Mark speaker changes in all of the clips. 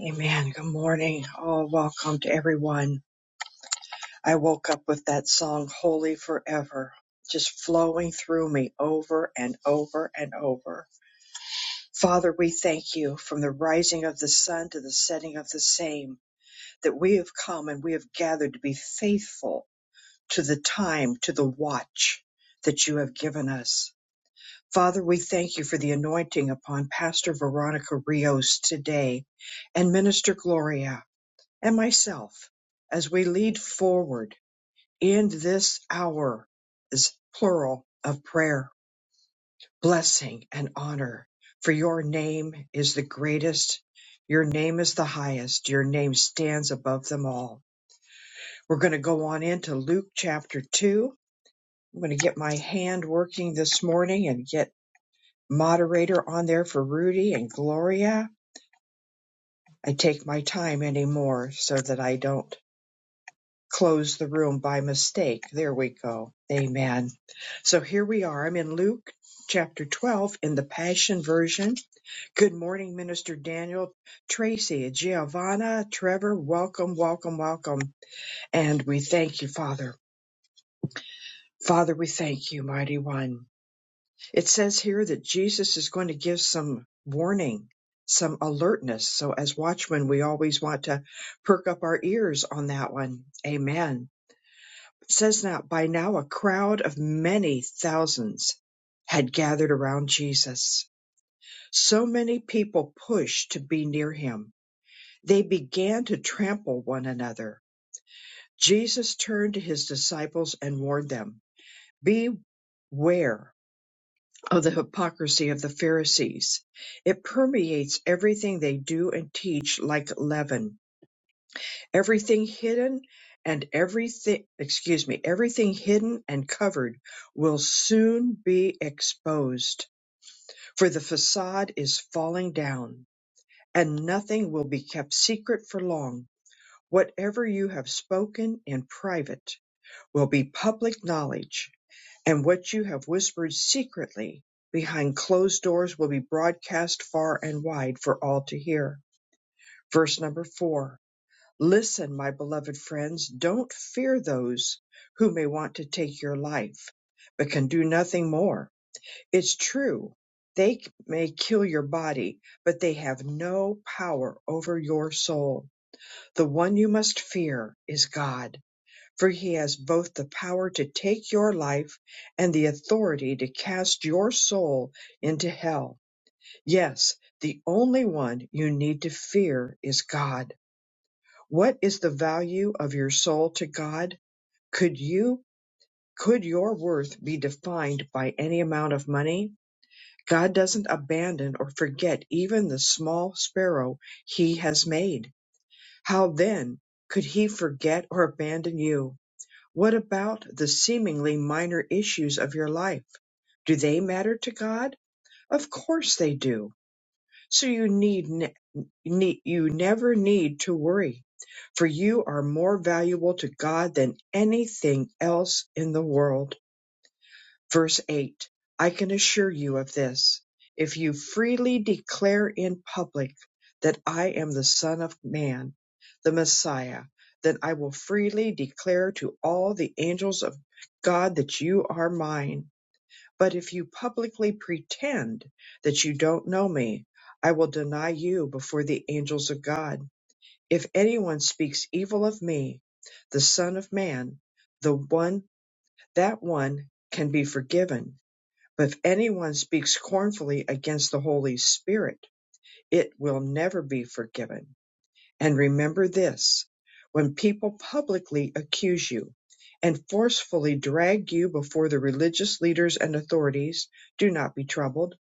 Speaker 1: Amen. Good morning. Oh, welcome to everyone. I woke up with that song, Holy Forever, just flowing through me over and over and over. Father, we thank you from the rising of the sun to the setting of the same that we have come and we have gathered to be faithful to the time, to the watch that you have given us. Father, we thank you for the anointing upon Pastor Veronica Rios today and Minister Gloria. and myself as we lead forward in this hour is plural of prayer, blessing and honor. For your name is the greatest. Your name is the highest. Your name stands above them all. We're going to go on into Luke chapter 2. I'm going to get my hand working this morning and get moderator on there for Rudy and Gloria. I take my time anymore so that I don't close the room by mistake. There we go. Amen. So here we are. I'm in Luke chapter 12 in the Passion Version. Good morning, Minister Daniel, Tracy, Giovanna, Trevor. Welcome, welcome, welcome. And we thank you, Father. Father, we thank you, Mighty One. It says here that Jesus is going to give some warning, some alertness. So, as watchmen, we always want to perk up our ears on that one. Amen. says now, by now a crowd of many thousands had gathered around Jesus. So many people pushed to be near him. They began to trample one another. Jesus turned to his disciples and warned them, Beware of the hypocrisy of the Pharisees. It permeates everything they do and teach like leaven. Everything hidden and everything, excuse me, everything hidden and covered will soon be exposed, for the facade is falling down, and nothing will be kept secret for long. Whatever you have spoken in private will be public knowledge, and what you have whispered secretly behind closed doors will be broadcast far and wide for all to hear. Verse number four. Listen, my beloved friends, don't fear those who may want to take your life, but can do nothing more. It's true, they c- may kill your body, but they have no power over your soul. The one you must fear is God, for he has both the power to take your life and the authority to cast your soul into hell. Yes, the only one you need to fear is God. What is the value of your soul to God? Could you could your worth be defined by any amount of money? God doesn't abandon or forget even the small sparrow he has made. How then could he forget or abandon you? What about the seemingly minor issues of your life? Do they matter to God? Of course they do so you need, ne- ne- you never need to worry, for you are more valuable to God than anything else in the world. Verse 8 I can assure you of this, if you freely declare in public that I am the Son of Man, the Messiah, then I will freely declare to all the angels of God that you are mine. But if you publicly pretend that you don't know me, I will deny you before the angels of God. If anyone speaks evil of me, the Son of Man, the one that one can be forgiven. But if anyone speaks scornfully against the Holy Spirit, it will never be forgiven and remember this when people publicly accuse you and forcefully drag you before the religious leaders and authorities, do not be troubled.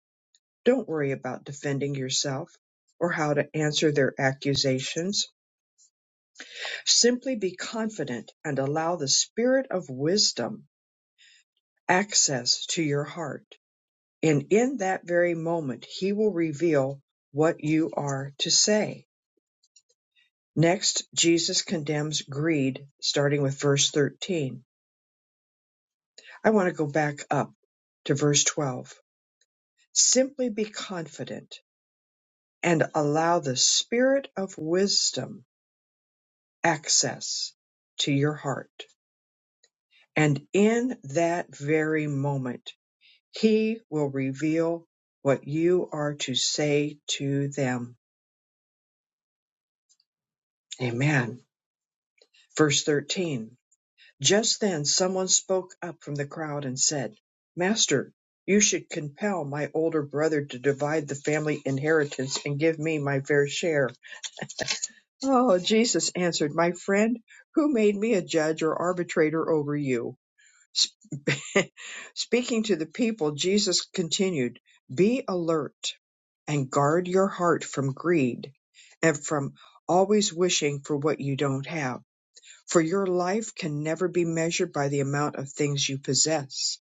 Speaker 1: Don't worry about defending yourself or how to answer their accusations. Simply be confident and allow the spirit of wisdom access to your heart. And in that very moment, he will reveal what you are to say. Next, Jesus condemns greed, starting with verse 13. I want to go back up to verse 12. Simply be confident and allow the spirit of wisdom access to your heart. And in that very moment, he will reveal what you are to say to them. Amen. Verse 13. Just then someone spoke up from the crowd and said, Master, you should compel my older brother to divide the family inheritance and give me my fair share. Oh, Jesus answered, My friend, who made me a judge or arbitrator over you? Speaking to the people, Jesus continued, Be alert and guard your heart from greed and from always wishing for what you don't have for your life can never be measured by the amount of things you possess.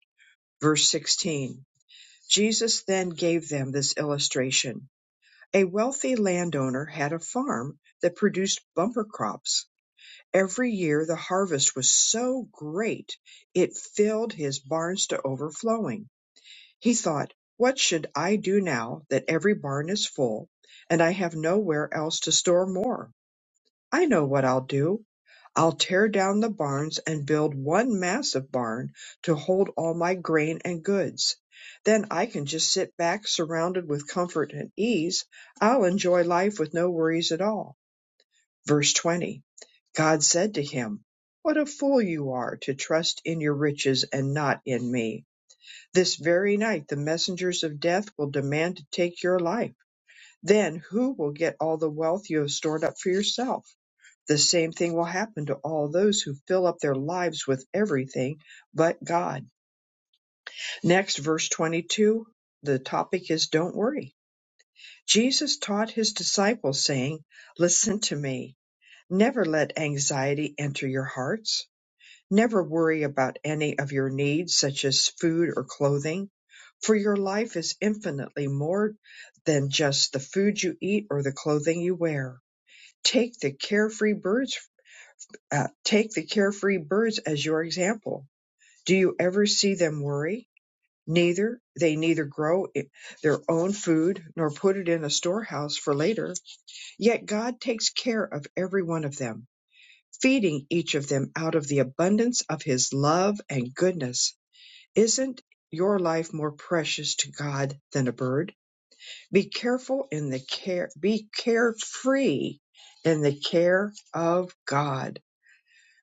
Speaker 1: Verse 16 Jesus then gave them this illustration. A wealthy landowner had a farm that produced bumper crops. Every year the harvest was so great it filled his barns to overflowing. He thought, What should I do now that every barn is full and I have nowhere else to store more? I know what I'll do. I'll tear down the barns and build one massive barn to hold all my grain and goods. Then I can just sit back surrounded with comfort and ease. I'll enjoy life with no worries at all. Verse 20 God said to him, What a fool you are to trust in your riches and not in me. This very night the messengers of death will demand to take your life. Then who will get all the wealth you have stored up for yourself? The same thing will happen to all those who fill up their lives with everything but God. Next, verse 22, the topic is Don't worry. Jesus taught his disciples, saying, Listen to me. Never let anxiety enter your hearts. Never worry about any of your needs, such as food or clothing, for your life is infinitely more than just the food you eat or the clothing you wear. Take the carefree birds uh, take the carefree birds as your example. Do you ever see them worry? Neither they neither grow i- their own food nor put it in a storehouse for later. Yet God takes care of every one of them, feeding each of them out of the abundance of his love and goodness. Isn't your life more precious to God than a bird? Be careful in the care be carefree in the care of God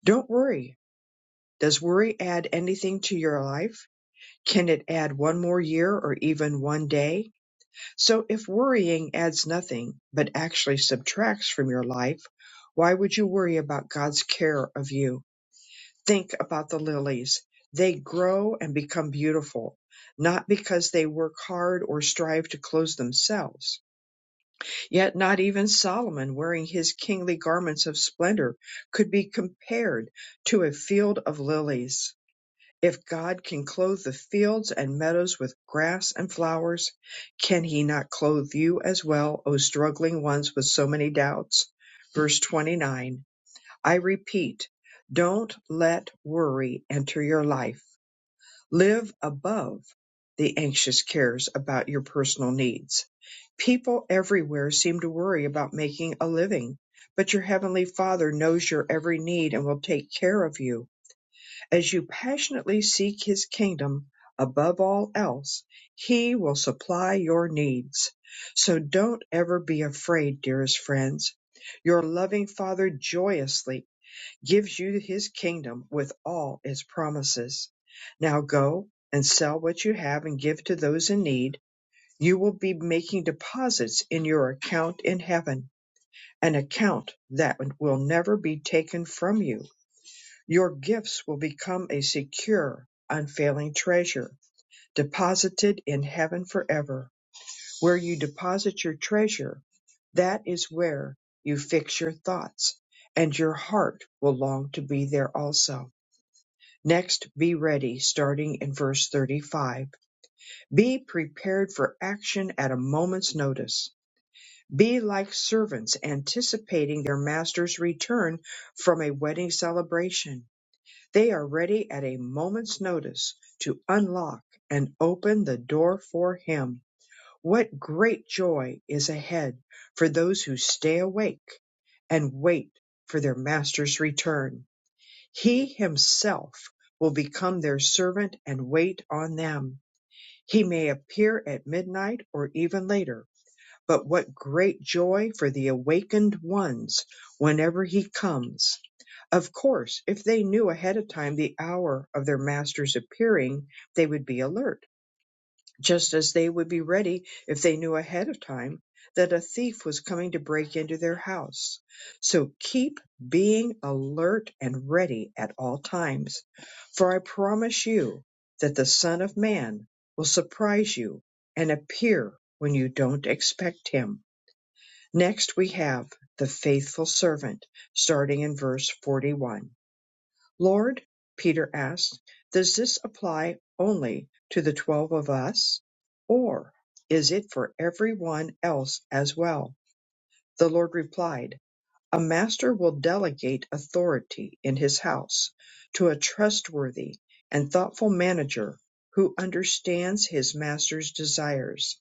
Speaker 1: Don't worry. Does worry add anything to your life? Can it add one more year or even one day? So if worrying adds nothing, but actually subtracts from your life, why would you worry about God's care of you? Think about the lilies. They grow and become beautiful, not because they work hard or strive to clothe themselves. Yet not even Solomon, wearing his kingly garments of splendor, could be compared to a field of lilies. If God can clothe the fields and meadows with grass and flowers, can he not clothe you as well, O struggling ones with so many doubts? Verse 29. I repeat, don't let worry enter your life. Live above the anxious cares about your personal needs. People everywhere seem to worry about making a living, but your heavenly Father knows your every need and will take care of you. As you passionately seek His kingdom above all else, He will supply your needs. So don't ever be afraid, dearest friends. Your loving Father joyously gives you His kingdom with all its promises. Now go and sell what you have and give to those in need. You will be making deposits in your account in heaven, an account that will never be taken from you your gifts will become a secure, unfailing treasure deposited in heaven forever. Where you deposit your treasure, that is where you fix your thoughts, and your heart will long to be there also. Next, be ready, starting in verse 35. Be prepared for action at a moment's notice. Be like servants anticipating their master's return from a wedding celebration They are ready at a moment's notice to unlock and open the door for Him. What great joy is ahead for those who stay awake and wait for their Master's return. He Himself will become their servant and wait on them. He may appear at midnight or even later but what great joy for the awakened ones whenever he comes! Of course, if they knew ahead of time the hour of their master's appearing, they would be alert, just as they would be ready if they knew ahead of time that a thief was coming to break into their house. So keep being alert and ready at all times, for I promise you that the Son of Man will surprise you and appear when you don't expect him. Next we have the faithful servant, starting in verse 41. Lord, Peter asked, does this apply only to the twelve of us, or is it for everyone else as well? The Lord replied, A master will delegate authority in his house to a trustworthy and thoughtful manager who understands his master's desires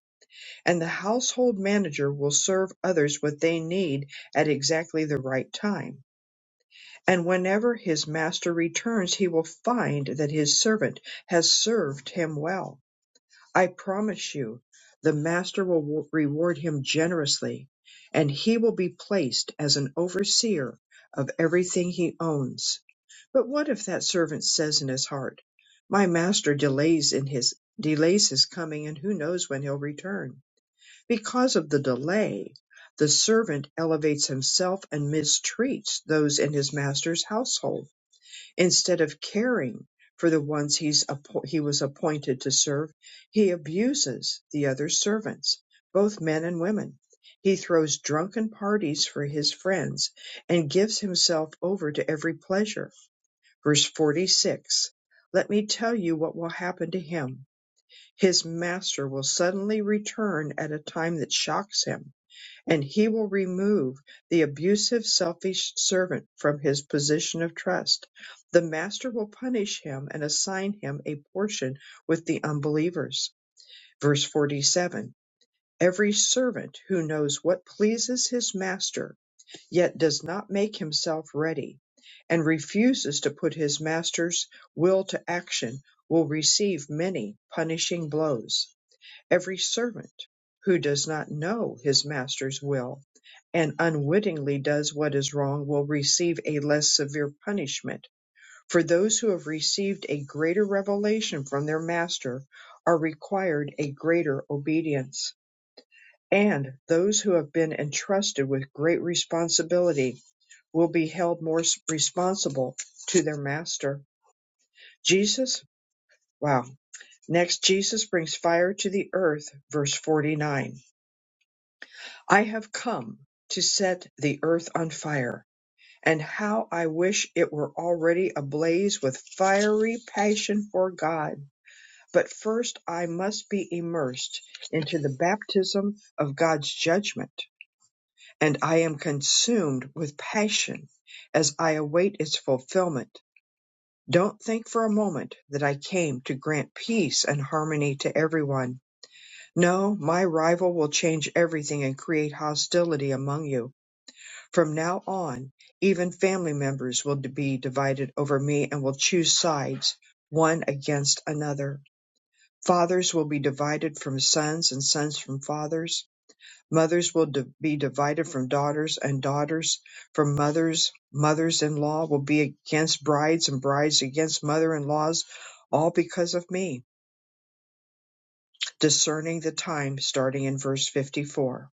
Speaker 1: and the household manager will serve others what they need at exactly the right time. And whenever his master returns, he will find that his servant has served him well. I promise you, the master will reward him generously, and he will be placed as an overseer of everything he owns. But what if that servant says in his heart, My master delays in his delays his coming, and who knows when he'll return? Because of the delay, the servant elevates himself and mistreats those in his master's household. Instead of caring for the ones he's appo- he was appointed to serve, he abuses the other servants, both men and women. He throws drunken parties for his friends and gives himself over to every pleasure. Verse 46 Let me tell you what will happen to him. His master will suddenly return at a time that shocks him and he will remove the abusive, selfish servant from his position of trust. The master will punish him and assign him a portion with the unbelievers. Verse 47 Every servant who knows what pleases his master, yet does not make himself ready, and refuses to put his master's will to action, will receive many punishing blows. Every servant who does not know his master's will and unwittingly does what is wrong will receive a less severe punishment. For those who have received a greater revelation from their master are required a greater obedience. And those who have been entrusted with great responsibility will be held more s- responsible to their master. Jesus, wow. Next, Jesus brings fire to the earth, verse 49. I have come to set the earth on fire, and how I wish it were already ablaze with fiery passion for God. But first I must be immersed into the baptism of God's judgment, and I am consumed with passion as I await its fulfillment. Don't think for a moment that I came to grant peace and harmony to everyone. No, my rival will change everything and create hostility among you From now on, even family members will be divided over me and will choose sides one against another. Fathers will be divided from sons and sons from fathers. Mothers will di- be divided from daughters and daughters from mothers. Mothers in law will be against brides and brides against mother in laws, all because of me. Discerning the time, starting in verse 54.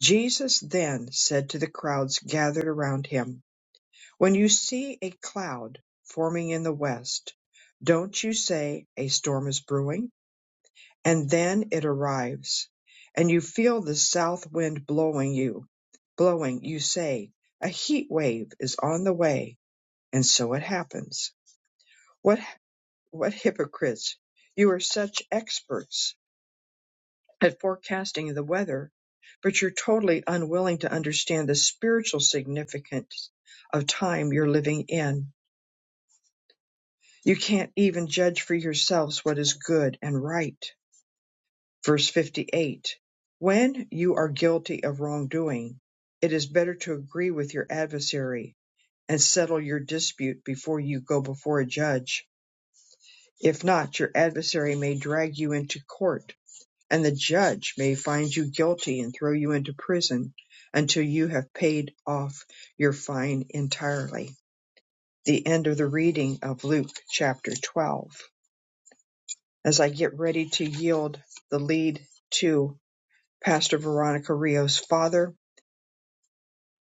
Speaker 1: Jesus then said to the crowds gathered around him, When you see a cloud forming in the west, don't you say a storm is brewing? And then it arrives, and you feel the south wind blowing you, blowing, you say a heat wave is on the way, and so it happens. What what hypocrites! You are such experts at forecasting the weather, but you're totally unwilling to understand the spiritual significance of time you're living in You can't even judge for yourselves what is good and right. Verse 58 When you are guilty of wrongdoing, it is better to agree with your adversary and settle your dispute before you go before a judge. If not, your adversary may drag you into court, and the judge may find you guilty and throw you into prison until you have paid off your fine entirely. The end of the reading of Luke chapter 12. as I get ready to yield the lead to Pastor Veronica Rios. Father,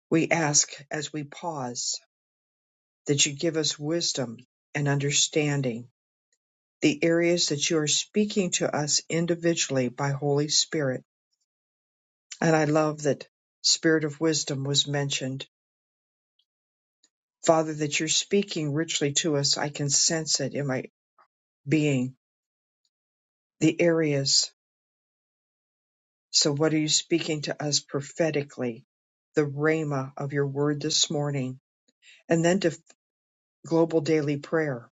Speaker 1: we ask as we pause that you give us wisdom and understanding, the areas that you are speaking to us individually by Holy Spirit. And I love that Spirit of Wisdom was mentioned. Father, that you're speaking richly to us. I can sense it in my being, the areas. So, what are you speaking to us prophetically? The rhema of your word this morning and then to global daily prayer.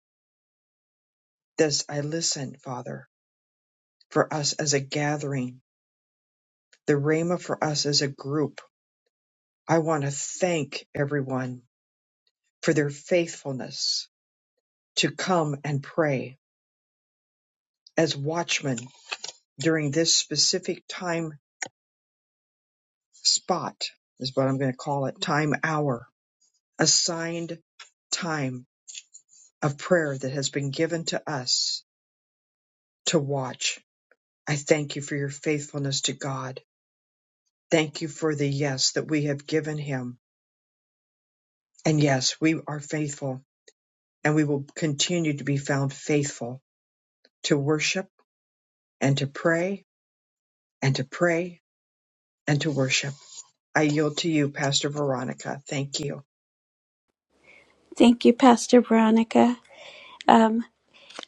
Speaker 1: This I listen, Father, for us as a gathering, the Rhema for us as a group. I want to thank everyone for their faithfulness to come and pray as watchmen during this specific time spot, is what I'm going to call it, time hour, assigned time of prayer that has been given to us to watch. I thank you for your faithfulness to God. Thank you for the yes that we have given him. And yes, we are faithful and we will continue to be found faithful to worship and to pray and to pray and to worship. I yield to you, Pastor Veronica. Thank you.
Speaker 2: Thank you, Pastor Veronica. Um,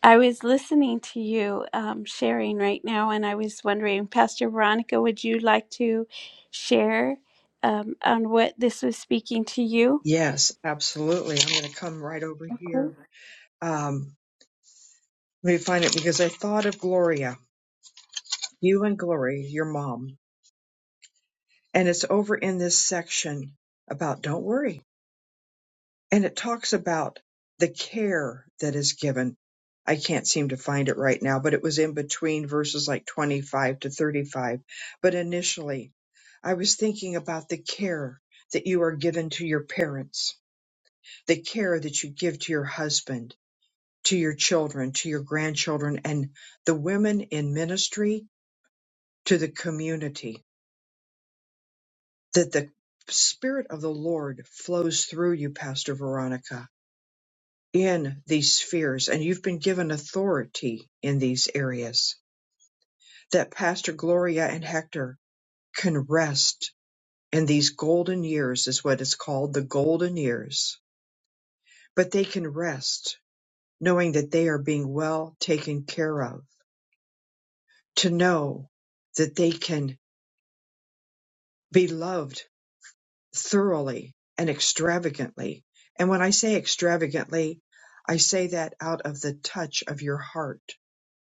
Speaker 2: I was listening to you um, sharing right now, and I was wondering, Pastor Veronica, would you like to share um, on what this was speaking to you?
Speaker 1: Yes, absolutely. I'm going to come right over here.
Speaker 2: Okay.
Speaker 1: Um, let me find it because I thought of Gloria, you and Gloria, your mom. And it's over in this section about don't worry and it talks about the care that is given. I can't seem to find it right now, but it was in between verses like 25 to 35. But initially, I was thinking about the care that you are given to your parents, the care that you give to your husband, to your children, to your grandchildren, and the women in ministry to the community, that the Spirit of the Lord flows through you, Pastor Veronica in these spheres, and you've been given authority in these areas, that Pastor Gloria and Hector can rest in these golden years, is what is called the golden years. But they can rest knowing that they are being well taken care of, to know that they can be loved thoroughly and extravagantly. And when I say extravagantly, I say that out of the touch of your heart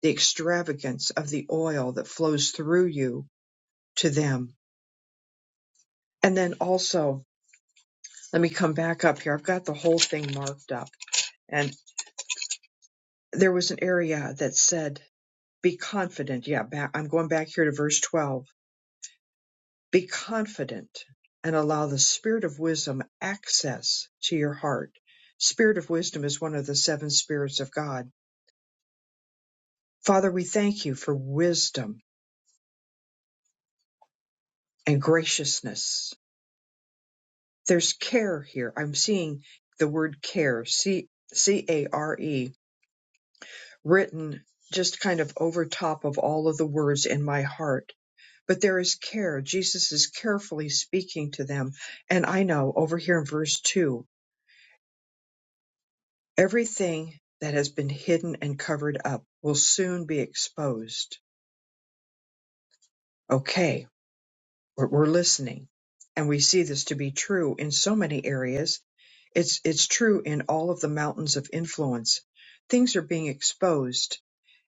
Speaker 1: the extravagance of the oil that flows through you to them. And then also, let me come back up here. I've got the whole thing marked up. And there was an area that said, be confident. Yeah, back, I'm going back here to verse 12. Be confident and allow the spirit of wisdom access to your heart. Spirit of wisdom is one of the seven spirits of God. Father, we thank you for wisdom and graciousness There's care here. I'm seeing the word care, C C A R E, written just kind of over top of all of the words in my heart. But there is care. Jesus is carefully speaking to them. And I know over here in verse 2, everything that has been hidden and covered up will soon be exposed. Okay We're, we're listening, and we see this to be true in so many areas. It's it's true in all of the mountains of influence. Things are being exposed,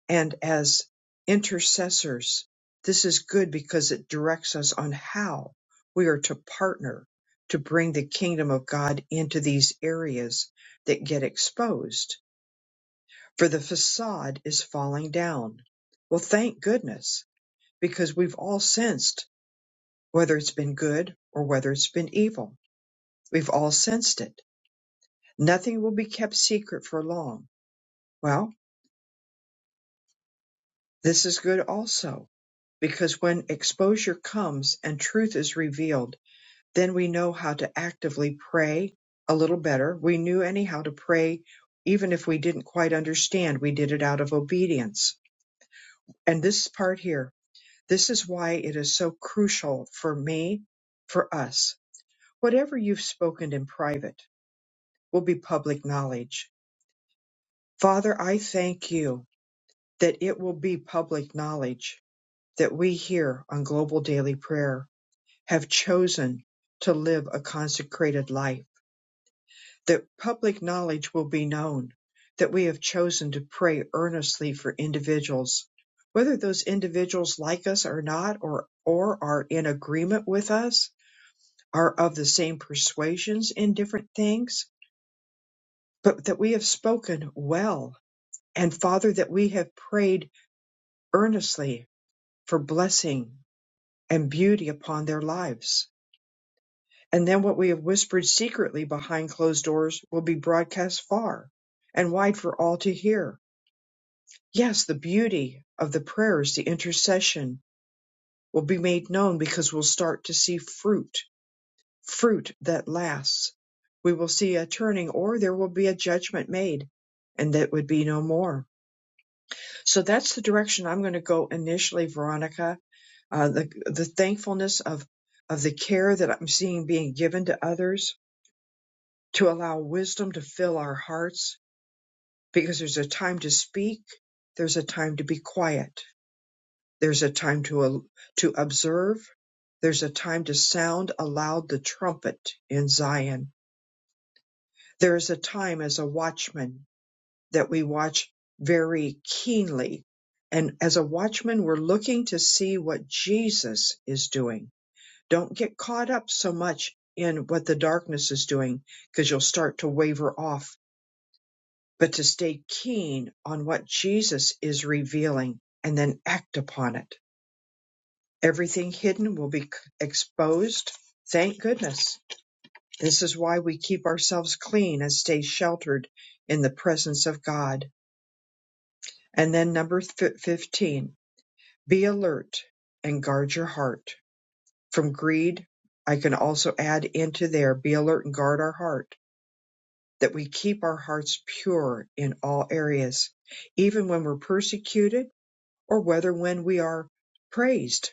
Speaker 1: and as intercessors, this is good because it directs us on how we are to partner to bring the kingdom of God into these areas that get exposed. For the facade is falling down. Well, thank goodness, because we've all sensed whether it's been good or whether it's been evil, we've all sensed it. Nothing will be kept secret for long. Well, this is good also, because when exposure comes and truth is revealed, then we know how to actively pray a little better. We knew anyhow to pray, even if we didn't quite understand, we did it out of obedience. And this part here, this is why it is so crucial for me, for us. Whatever you've spoken in private, will be public knowledge. Father, I thank you that it will be public knowledge that we here on Global Daily Prayer have chosen to live a consecrated life, that public knowledge will be known, that we have chosen to pray earnestly for individuals, whether those individuals like us or not, or, or are in agreement with us, are of the same persuasions in different things, but that we have spoken well And Father, that we have prayed earnestly for blessing and beauty upon their lives. And then what we have whispered secretly behind closed doors will be broadcast far and wide for all to hear. Yes, the beauty of the prayers, the intercession will be made known because we'll start to see fruit, fruit that lasts. We will see a turning or there will be a judgment made and that would be no more. So that's the direction I'm going to go initially, Veronica uh, the the thankfulness of of the care that I'm seeing being given to others, to allow wisdom to fill our hearts, because there's a time to speak, there's a time to be quiet, there's a time to al- to observe, there's a time to sound aloud the trumpet in Zion. There is a time as a watchman that we watch very keenly. And as a watchman, we're looking to see what Jesus is doing Don't get caught up so much in what the darkness is doing because you'll start to waver off, but to stay keen on what Jesus is revealing and then act upon it. Everything hidden will be c- exposed. Thank goodness. This is why we keep ourselves clean and stay sheltered in the presence of God. And then number fif- 15, be alert and guard your heart from greed. I can also add into there, be alert and guard our heart that we keep our hearts pure in all areas, even when we're persecuted or whether when we are praised,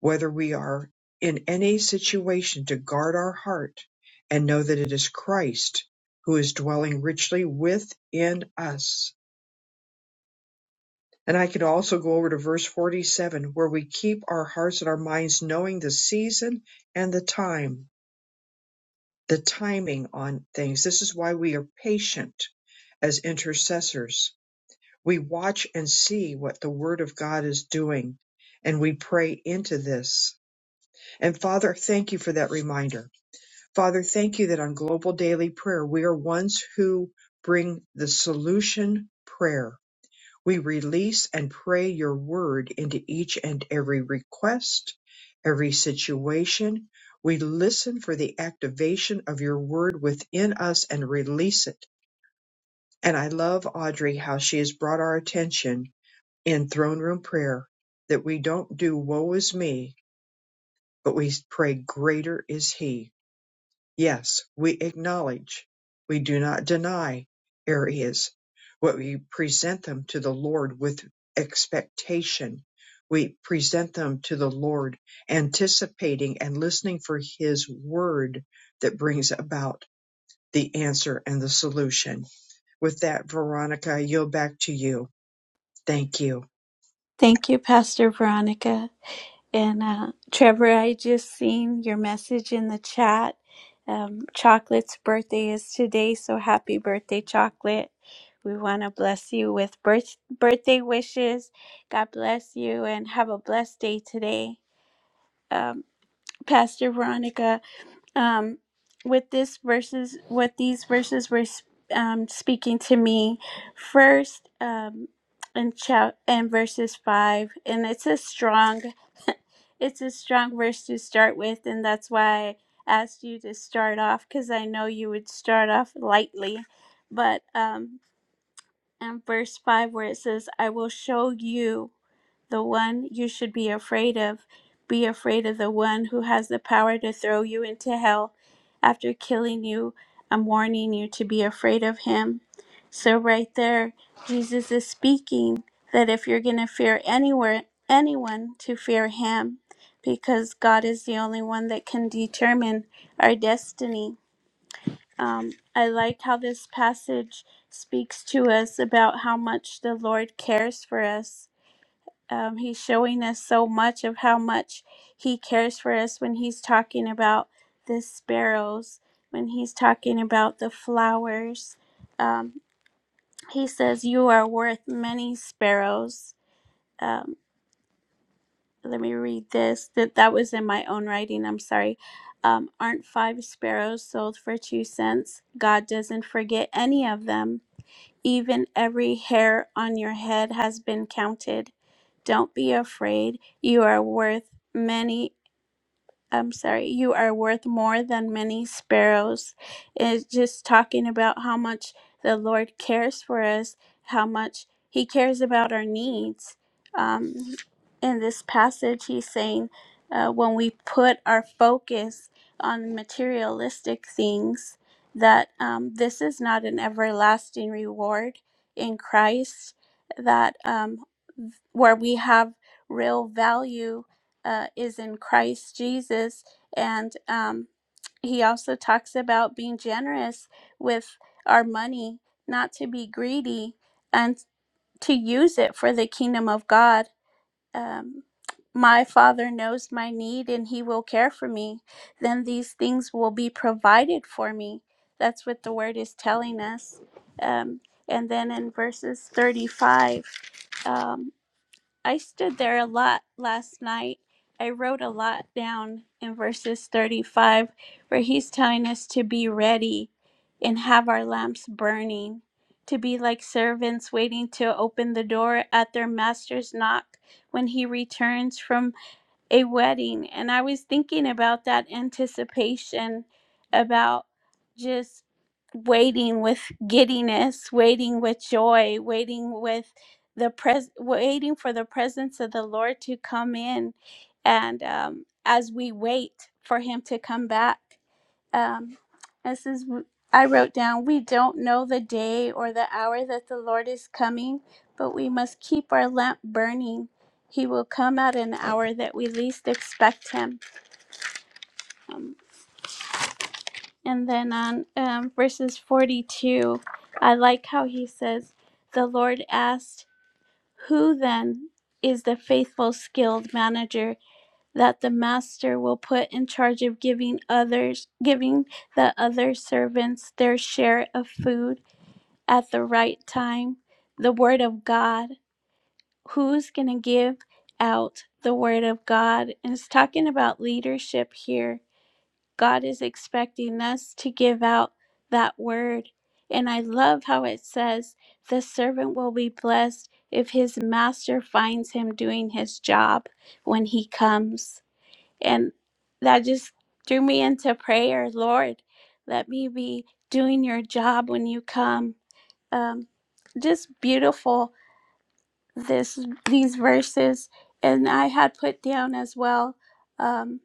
Speaker 1: whether we are in any situation to guard our heart and know that it is Christ who is dwelling richly within us. And I could also go over to verse 47 where we keep our hearts and our minds knowing the season and the time, the timing on things. This is why we are patient as intercessors We watch and see what the Word of God is doing, and we pray into this. And Father, thank you for that reminder. Father, thank you that on Global Daily Prayer, we are ones who bring the solution prayer. We release and pray your word into each and every request, every situation. We listen for the activation of your word within us and release it. And I love Audrey, how she has brought our attention in throne room prayer that we don't do woe is me, but we pray greater is he. Yes, we acknowledge, we do not deny areas, but we present them to the Lord with expectation. We present them to the Lord, anticipating and listening for his word that brings about the answer and the solution. With that, Veronica, I yield back to you. Thank you.
Speaker 2: Thank you, Pastor Veronica. And uh, Trevor, I just seen your message in the chat. Um, Chocolate's birthday is today, so happy birthday, Chocolate. We want to bless you with birth- birthday wishes. God bless you and have a blessed day today. Um, Pastor Veronica, um, with this verses, what these verses were um, speaking to me first um, in, chap- in verses 5, and it's a strong it's a strong verse to start with, and that's why I asked you to start off because I know you would start off lightly. But um, in verse 5, where it says, I will show you. The one you should be afraid of. Be afraid of the one who has the power to throw you into hell. After killing you, I'm warning you to be afraid of him. So, right there, Jesus is speaking that if you're going to fear anywhere, anyone, to fear him, because God is the only one that can determine our destiny. Um, I like how this passage speaks to us about how much the Lord cares for us um, he's showing us so much of how much he cares for us when he's talking about the sparrows, when he's talking about the flowers. Um, he says, You are worth many sparrows. Um, let me read this. That, that was in my own writing. I'm sorry. Um, aren't five sparrows sold for two cents? God doesn't forget any of them. Even every hair on your head has been counted. Don't be afraid. You are worth many I'm sorry, you are worth more than many sparrows. It's just talking about how much the Lord cares for us, how much He cares about our needs. Um, in this passage, He's saying uh, when we put our focus on materialistic things, that um, this is not an everlasting reward in Christ, that um, where we have real value uh, is in Christ Jesus. And um, he also talks about being generous with our money, not to be greedy, and to use it for the kingdom of God. Um, my father knows my need and he will care for me. Then these things will be provided for me. That's what the word is telling us. Um, and then in verses 35, um. I stood there a lot last night. I wrote a lot down in verses 35, where he's telling us to be ready and have our lamps burning, to be like servants waiting to open the door at their master's knock when he returns from a wedding. And I was thinking about that anticipation about just waiting with giddiness, waiting with joy, waiting with the pres waiting for the presence of the Lord to come in and um as we wait for him to come back um, this is I wrote down, we don't know the day or the hour that the Lord is coming, but we must keep our lamp burning. He will come at an hour that we least expect him. Um, and then on um, verses 42, I like how he says, The Lord asked, Who then is the faithful, skilled manager that the master will put in charge of giving others, giving the other servants their share of food? at the right time the word of God. Who's going to give out the word of God? And it's talking about leadership here. God is expecting us to give out that word. And I love how it says, the servant will be blessed if his master finds him doing his job when he comes. And that just threw me into prayer. Lord, let me be doing your job when you come um, just beautiful this these verses and i had put down as well um,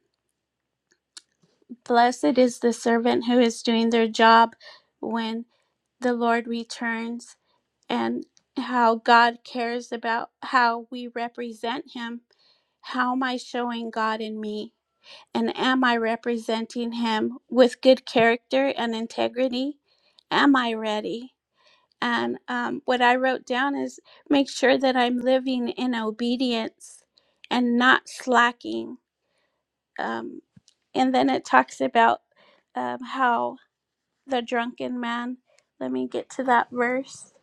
Speaker 2: blessed is the servant who is doing their job when the lord returns and how god cares about how we represent him how am i showing god in me and am i representing him with good character and integrity am i ready And um, what I wrote down is make sure that I'm living in obedience and not slacking. Um, and then it talks about um, how the drunken man, let me get to that verse.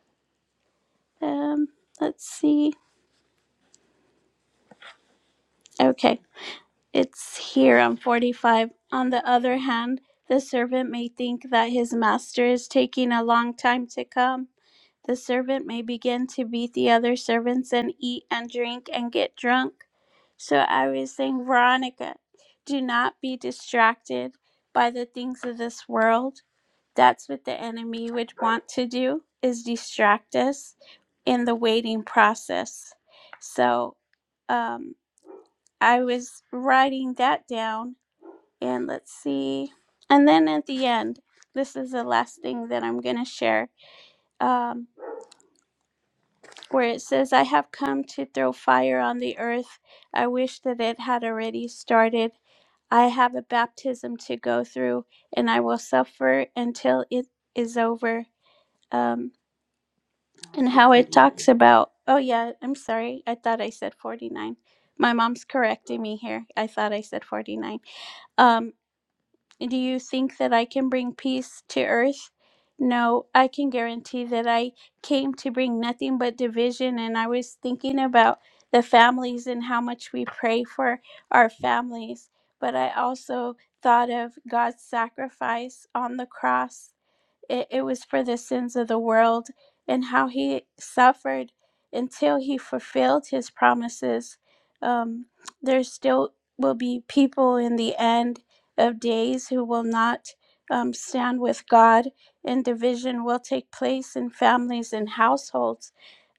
Speaker 2: Um, let's see. Okay, it's here on 45. On the other hand, the servant may think that his master is taking a long time to come. The servant may begin to beat the other servants and eat and drink and get drunk So I was saying, Veronica, do not be distracted by the things of this world. That's what the enemy would want to do is distract us in the waiting process. So um, I was writing that down and let's see. And then at the end, this is the last thing that I'm going to share, um, where it says, I have come to throw fire on the earth. I wish that it had already started. I have a baptism to go through, and I will suffer until it is over. Um, and how it talks about, oh, yeah, I'm sorry. I thought I said 49. My mom's correcting me here. I thought I said 49. Um, do you think that I can bring peace to earth? No, I can guarantee that I came to bring nothing but division. And I was thinking about the families and how much we pray for our families. But I also thought of God's sacrifice on the cross it, it was for the sins of the world, and how he suffered until he fulfilled his promises. Um, there still will be people in the end of days who will not um, stand with God, and division will take place in families and households.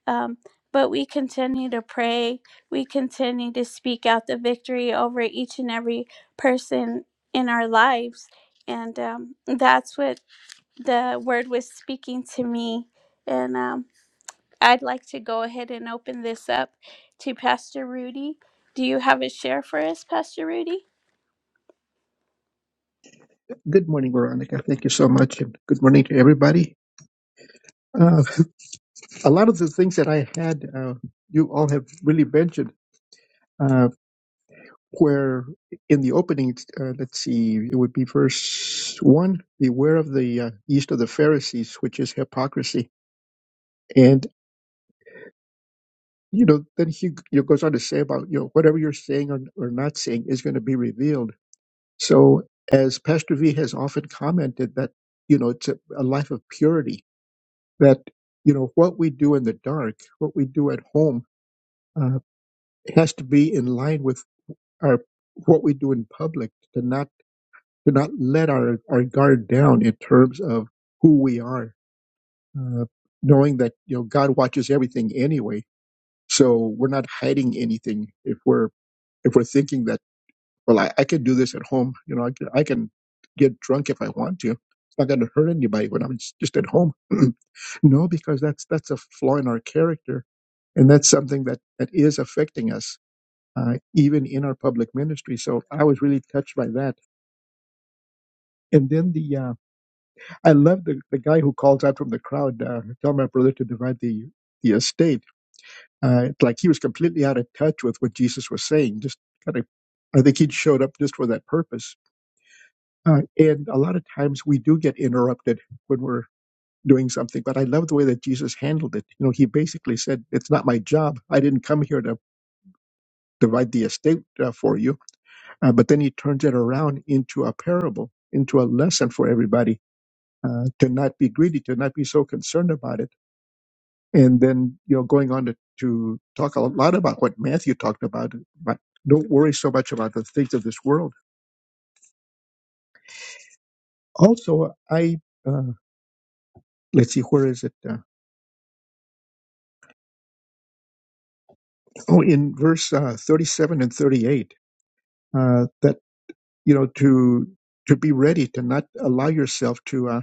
Speaker 2: Um, but we continue to pray. We continue to speak out the victory over each and every person in our lives. And um, that's what the word was speaking to me. And um, I'd like to go ahead and open this up to Pastor Rudy. Do you have a share for us, Pastor Rudy?
Speaker 3: Good morning, Veronica. Thank you so much, and good morning to everybody. Uh, a lot of the things that I had, uh, you all have really mentioned. Uh, where in the opening, uh, let's see, it would be verse one: "Beware of the uh, yeast of the Pharisees, which is hypocrisy." And you know, then he you know, goes on to say about you know whatever you're saying or, or not saying is going to be revealed. So, as Pastor V has often commented, that you know it's a, a life of purity that you know what we do in the dark, what we do at home, uh, has to be in line with our what we do in public. To not to not let our our guard down in terms of who we are, uh, knowing that you know God watches everything anyway. So we're not hiding anything if we're if we're thinking that. Well, I, I could do this at home. You know, I can, I can get drunk if I want to. It's not going to hurt anybody when I'm just, just at home. no, because that's that's a flaw in our character, and that's something that that is affecting us uh, even in our public ministry. So I was really touched by that. And then the uh, I love the the guy who calls out from the crowd, uh, tell my brother to divide the the estate. Uh, it's like he was completely out of touch with what Jesus was saying. Just kind of, I think he showed up just for that purpose Uh, and a lot of times we do get interrupted when we're doing something, but I love the way that Jesus handled it. You know, he basically said, It's not my job. I didn't come here to divide the estate uh, for you. Uh, but then he turns it around into a parable, into a lesson for everybody uh, to not be greedy, to not be so concerned about it. And then, you know, going on to, to talk a lot about what Matthew talked about, but don't worry so much about the things of this world. Also, I, uh, let's see, where is it? Uh, oh in verse uh, 37 and 38 uh, that you know to to be ready to not allow yourself to uh,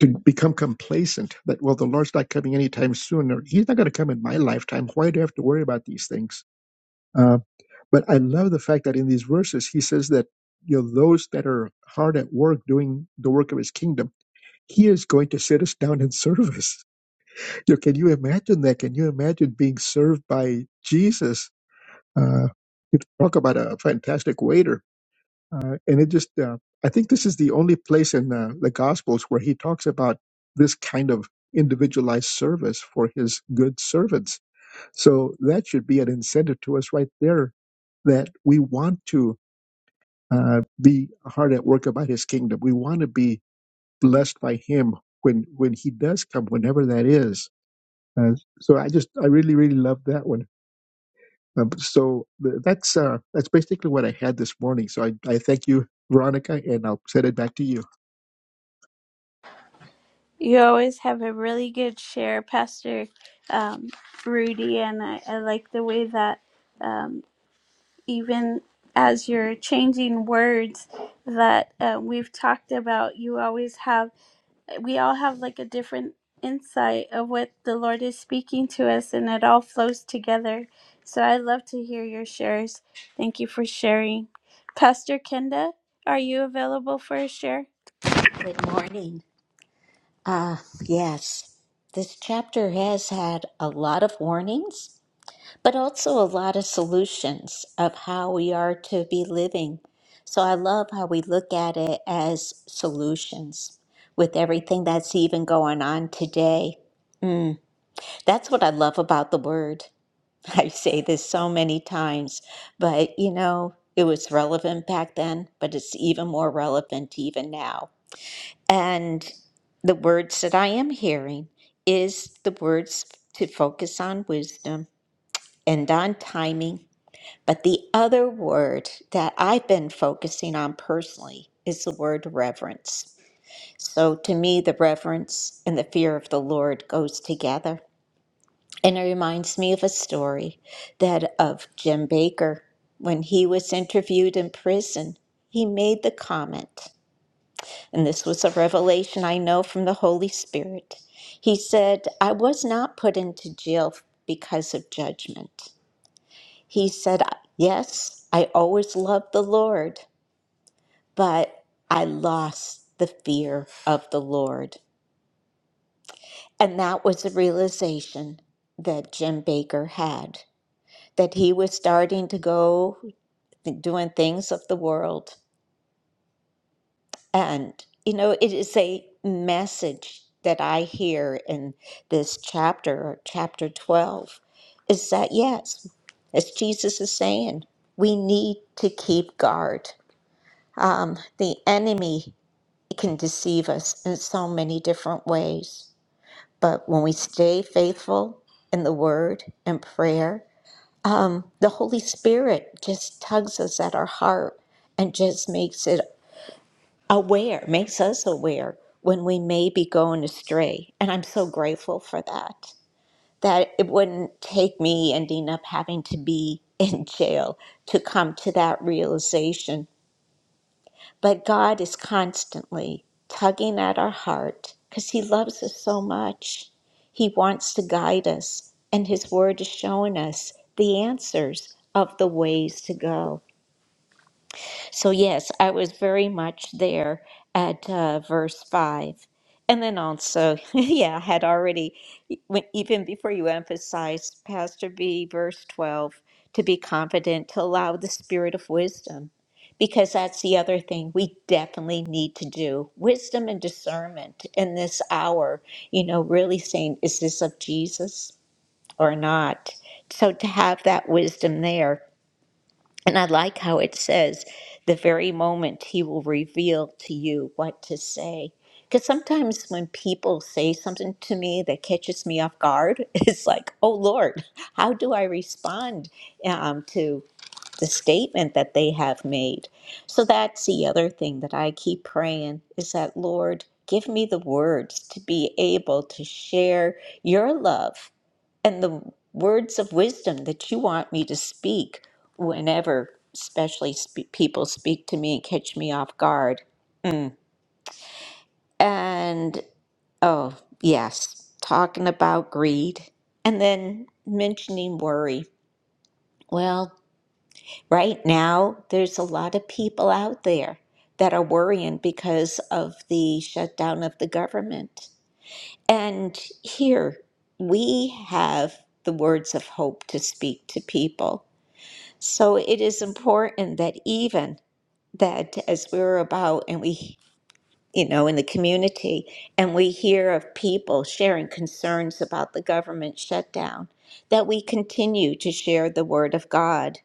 Speaker 3: to become complacent that well the lord's not coming anytime soon or he's not going to come in my lifetime why do i have to worry about these things uh, but i love the fact that in these verses he says that you know those that are hard at work doing the work of his kingdom he is going to sit us down in service you know, can you imagine that can you imagine being served by jesus Uh, you talk about a fantastic waiter, uh, and it just uh, I think this is the only place in uh, the Gospels where he talks about this kind of individualized service for his good servants. So that should be an incentive to us right there that we want to uh, be hard at work about his kingdom. We want to be blessed by him when when he does come, whenever that is. Uh, so I just I really really love that one. Um, so th- that's uh, that's basically what I had this morning. So I, I thank you, Veronica, and I'll send it back to you.
Speaker 2: You always have a really good share, Pastor um, Rudy. And I, I like the way that um, even as you're changing words that uh, we've talked about, you always have. we all have like a different insight of what the Lord is speaking to us, and it all flows together. So I love to hear your shares. Thank you for sharing. Pastor Kenda, are you available for a share?
Speaker 4: Good morning. Uh, yes, this chapter has had a lot of warnings, but also a lot of solutions of how we are to be living. So I love how we look at it as solutions with everything that's even going on today. That's what I love about the word. I say this so many times, but you know, it was relevant back then, but it's even more relevant even now. And the words that I am hearing is the words to focus on wisdom and on timing. But the other word that I've been focusing on personally is the word reverence. So to me, the reverence and the fear of the Lord goes together. And it reminds me of a story that of Jim Baker. When he was interviewed in prison, he made the comment. And this was a revelation I know from the Holy Spirit. He said, I was not put into jail because of judgment. He said, Yes, I always loved the Lord, but I lost the fear of the Lord. And that was a realization that Jim Baker had that he was starting to go doing things of the world And, you know, it is a message that I hear in this chapter, or chapter 12, is that yes, as Jesus is saying, we need to keep guard. Um, the enemy can deceive us in so many different ways, but when we stay faithful in the word and prayer, um, the Holy Spirit just tugs us at our heart and just makes it aware, makes us aware when we may be going astray. And I'm so grateful for that. That it wouldn't take me ending up having to be in jail to come to that realization. But God is constantly tugging at our heart because He loves us so much. He wants to guide us, and His Word is showing us the answers of the ways to go. So, yes, I was very much there at uh, verse 5. And then also, yeah, I had already, e, when- even before you emphasized, Pastor B, verse 12, to be confident, to allow the spirit of wisdom, because that's the other thing we definitely need to do wisdom and discernment in this hour, you know, really saying, is this of Jesus or not? So, to have that wisdom there. And I like how it says, the very moment he will reveal to you what to say. Because sometimes when people say something to me that catches me off guard, it's like, oh Lord, how do I respond um, to the statement that they have made? So that's the other thing that I keep praying is that, Lord, give me the words to be able to share your love and the words of wisdom that you want me to speak whenever, especially spe- people speak to me and catch me off guard. Mm. And oh, yes, talking about greed and then mentioning worry. Well, right now, there's a lot of people out there that are worrying because of the shutdown of the government. And here we have the words of hope to speak to people So it is important that even that as we're about and we, you know, in the community and we hear of people sharing concerns about the government shutdown, that we continue to share the word of God.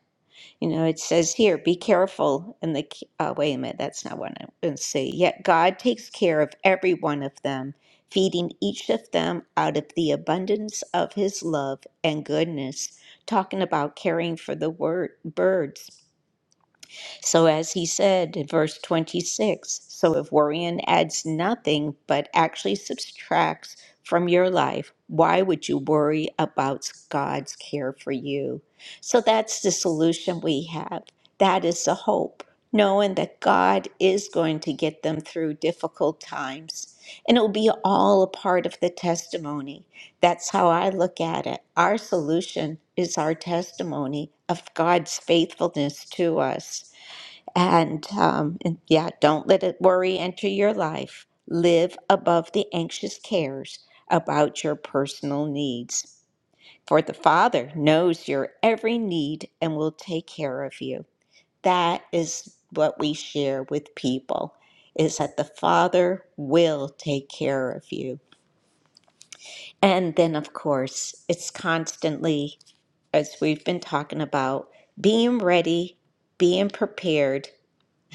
Speaker 4: You know, it says here, be careful. And the, uh, wait a minute, that's not what I to say. Yet God takes care of every one of them, feeding each of them out of the abundance of his love and goodness. Talking about caring for the word, birds so, as he said in verse 26, so if worrying adds nothing but actually subtracts from your life, why would you worry about God's care for you? So, that's the solution we have. That is the hope, knowing that God is going to get them through difficult times. And it will be all a part of the testimony. That's how I look at it. Our solution is our testimony of God's faithfulness to us. And, um, and yeah, don't let it worry enter your life. Live above the anxious cares about your personal needs. For the Father knows your every need and will take care of you. That is what we share with people is that the Father will take care of you. And then of course, it's constantly as we've been talking about being ready, being prepared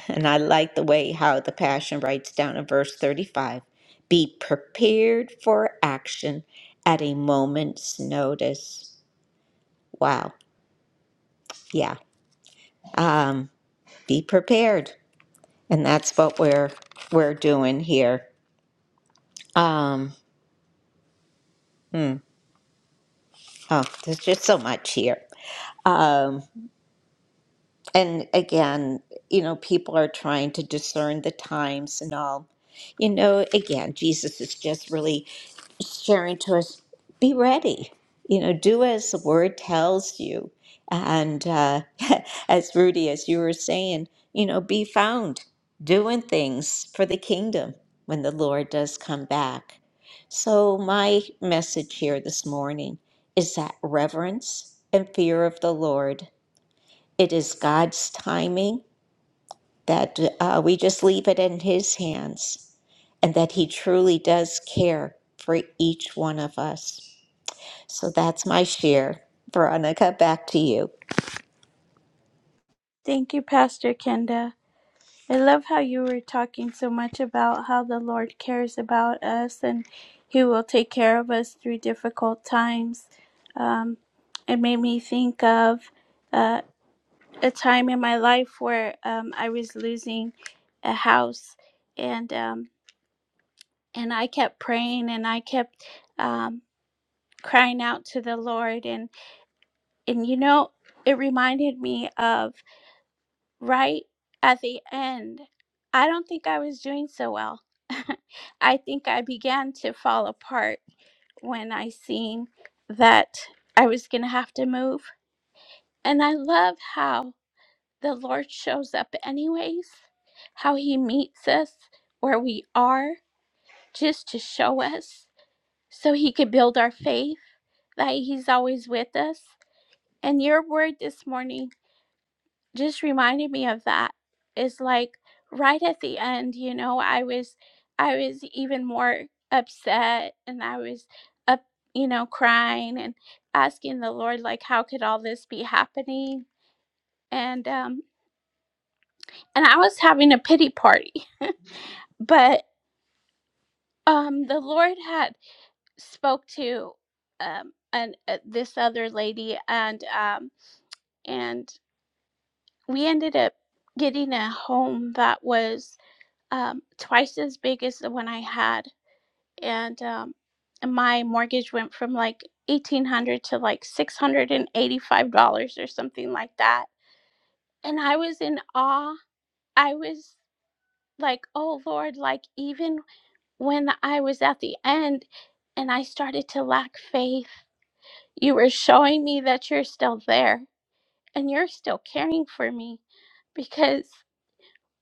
Speaker 4: and I like the way how the Passion writes down in verse 35 be prepared for action at a moment's notice. Wow. Yeah. Um, be prepared. And that's what we're we're doing here. Um, hmm. Oh, there's just so much here. Um, and again, you know, people are trying to discern the times and all. You know, again, Jesus is just really sharing to us be ready you know do as the word tells you and uh, as rudy as you were saying you know be found doing things for the kingdom when the lord does come back so my message here this morning is that reverence and fear of the lord it is god's timing that uh, we just leave it in his hands and that he truly does care for each one of us so that's my share. Veronica, back to you.
Speaker 2: Thank you, Pastor Kenda. I love how you were talking so much about how the Lord cares about us and He will take care of us through difficult times. Um, it made me think of. uh, a time in my life where um, I was losing a house, and um, and I kept praying and I kept um, crying out to the Lord, and and you know it reminded me of right at the end. I don't think I was doing so well. I think I began to fall apart when I seen that I was gonna have to move, and I love how the Lord shows up anyways, how he meets us where we are, just to show us so he could build our faith that he's always with us. And your word this morning just reminded me of that. Is like right at the end, you know, I was I was even more upset and I was up, you know, crying and asking the Lord like how could all this be happening? And um and I was having a pity party. But um the lord had spoke to um and uh, this other lady and um and we ended up getting a home that was um twice as big as the one i had and um and my mortgage went from like 1800 to like 685 dollars or something like that and i was in awe i was like oh lord like even when i was at the end and i started to lack faith You were showing me that you're still there and you're still caring for me because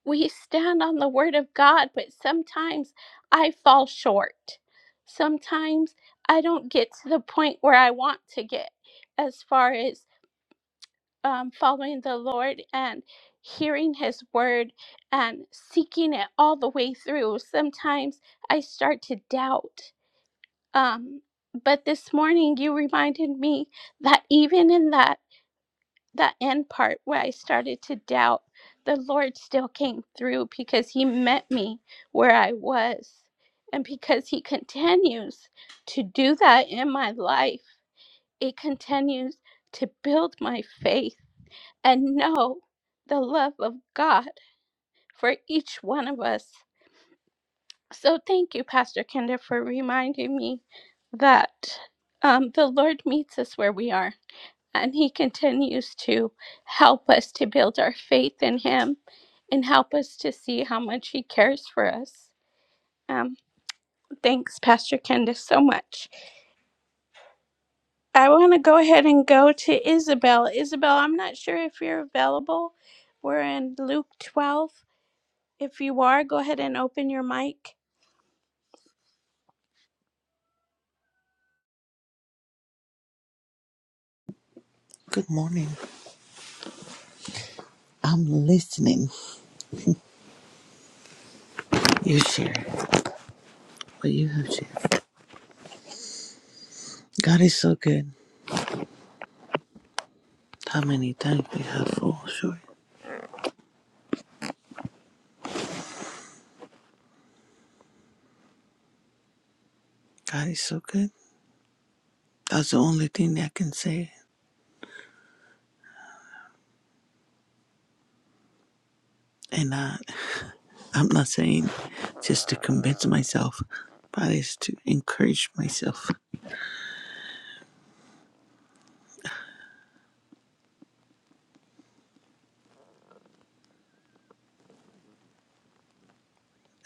Speaker 2: we stand on the word of God, but sometimes I fall short. Sometimes I don't get to the point where I want to get as far as um, following the Lord and hearing his word and seeking it all the way through. Sometimes I start to doubt. Um, but this morning you reminded me that even in that the end part where I started to doubt, the Lord still came through because He met me where I was. And because He continues to do that in my life, it continues to build my faith and know the love of God for each one of us. So thank you, Pastor Kenda, for reminding me that um, the Lord meets us where we are and He continues to help us to build our faith in Him and help us to see how much He cares for us. Um, thanks, Pastor Candace, so much. I want to go ahead and go to Isabel. Isabel, I'm not sure if you're available. We're in Luke 12. If you are, go ahead and open your mic.
Speaker 5: Good morning. I'm listening. You share what you have shared. God is so good. How many times we have fallen short. God is so good. That's the only thing I can say. And I, I'm not saying just to convince myself, but it's to encourage myself.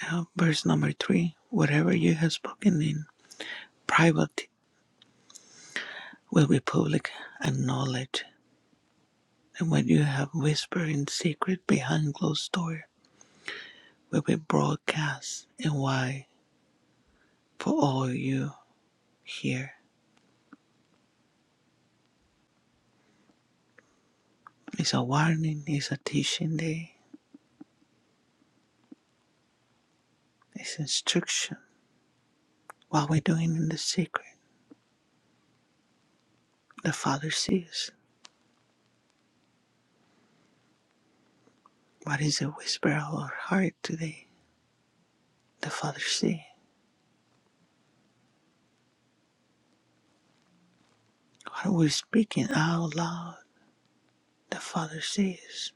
Speaker 5: Now, verse number three whatever you have spoken in private will be public and knowledge. And what you have whispered in secret behind closed door will be broadcast. And why? for all you here. It's a warning, it's a teaching day, it's instruction. What we're doing in the secret, the Father sees. What is the whisper of our heart today? The Father sees. What we're speaking out loud, the Father sees.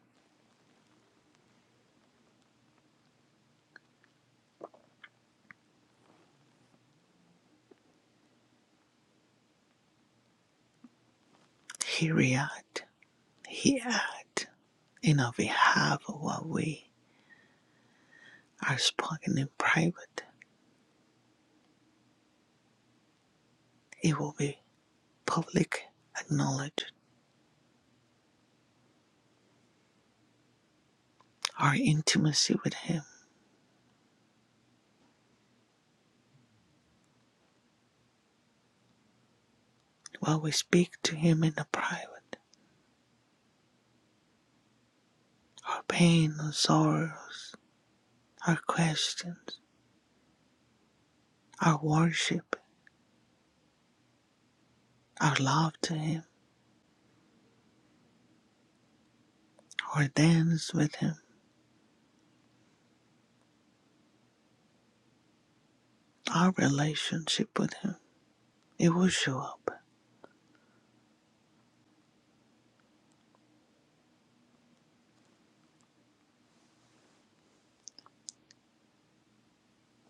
Speaker 5: He react, He act in our behalf of what we are spoken in private. It will be public acknowledged. Our intimacy with Him, what we speak to Him in the private. Our pain and sorrows, our questions, our worship, our love to Him, our dance with Him, our relationship with Him, it will show up.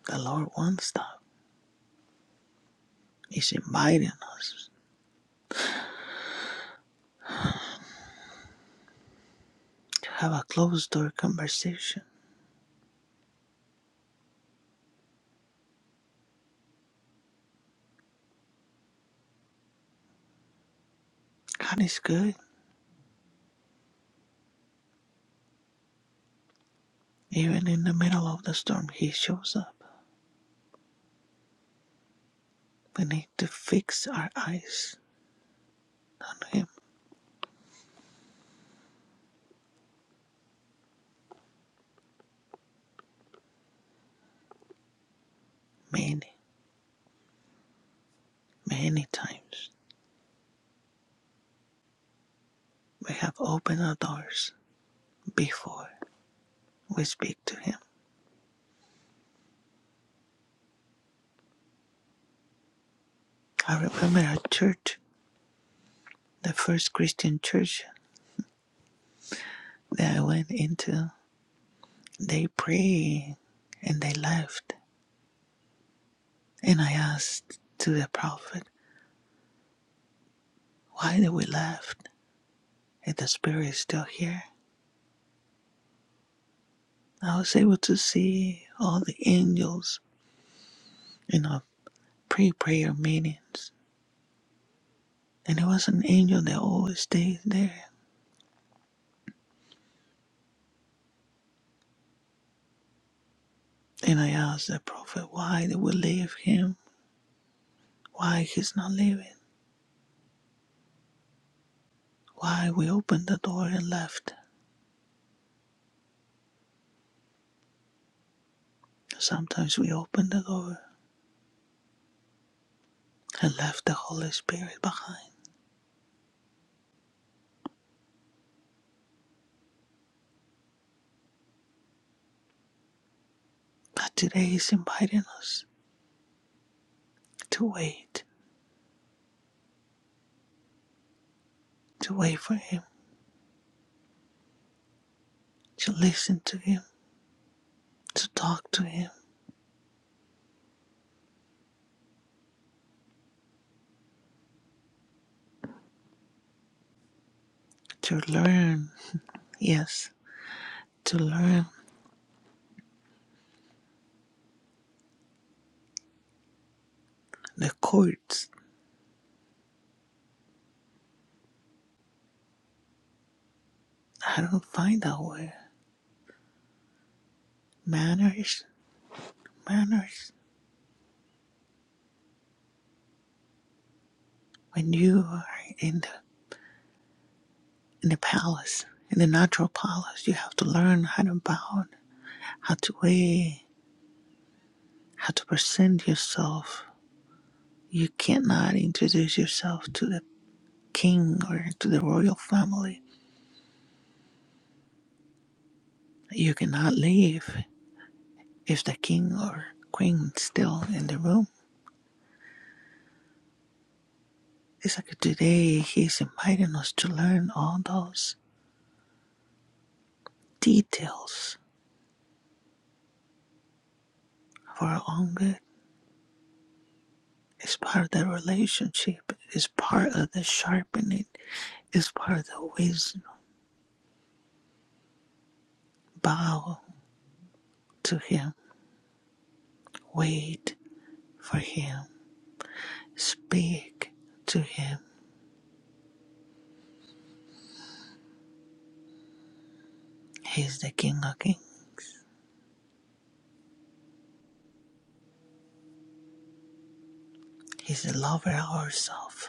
Speaker 5: The Lord wants that. He's inviting us to have a closed door conversation. God is good. Even in the middle of the storm, He shows up. We need to fix our eyes on Him many, many times. We have opened our doors before we speak to Him. I remember a church, the first Christian church that I went into. They prayed and they left. And I asked to the prophet, why did we left? If the spirit is still here. I was able to see all the angels in our pre-prayer meetings. And it was an angel that always stays there. And I asked the prophet, why did we leave him? Why he's not leaving? Why we opened the door and left? Sometimes we open the door and left the Holy Spirit behind. But today He's inviting us to wait, to wait for Him, to listen to Him, to talk to Him, to learn, yes, to learn the courts. I don't find that word. Manners, manners. When you are in the in the palace, in the natural palace, you have to learn how to bow, how to wait, how to present yourself. You cannot introduce yourself to the king or to the royal family. You cannot leave if the king or queen is still in the room. It's like today he's inviting us to learn all those details for our own good. It's part of the relationship, it's part of the sharpening, it's part of the wisdom. Bow to him, wait for him, speak to him. He's the King of Kings. He's the lover of ourselves.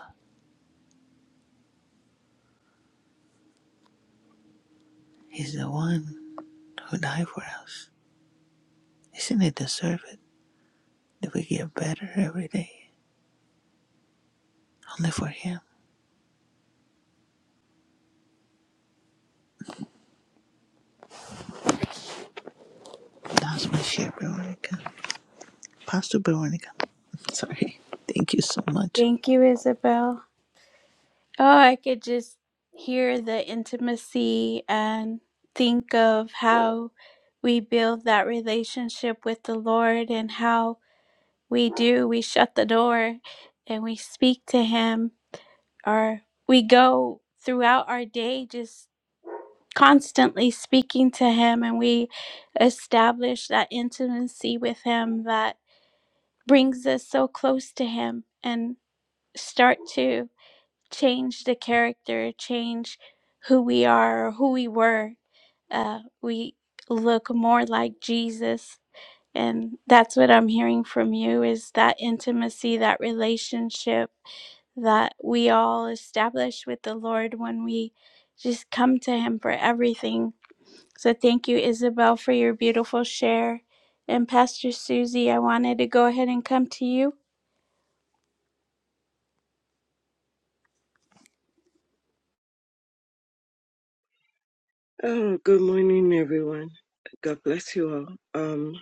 Speaker 5: He's the one who died for us. Isn't it deserved that we get better every day? Only for him. That's my share, Veronica. Pastor Veronica. Sorry. Thank you so much.
Speaker 2: Thank you, Isabel. Oh, I could just hear the intimacy and think of how we build that relationship with the Lord and how we do. We shut the door and we speak to Him, or we go throughout our day just constantly speaking to Him and we establish that intimacy with Him that brings us so close to Him and start to change the character, change who we are or who we were. Uh, we look more like Jesus. And that's what I'm hearing from you is that intimacy, that relationship that we all establish with the Lord when we just come to Him for everything. So thank you, Isabel, for your beautiful share. And Pastor Susie, I wanted to go ahead and come to you.
Speaker 6: Oh, good morning, everyone. God bless you all. Um,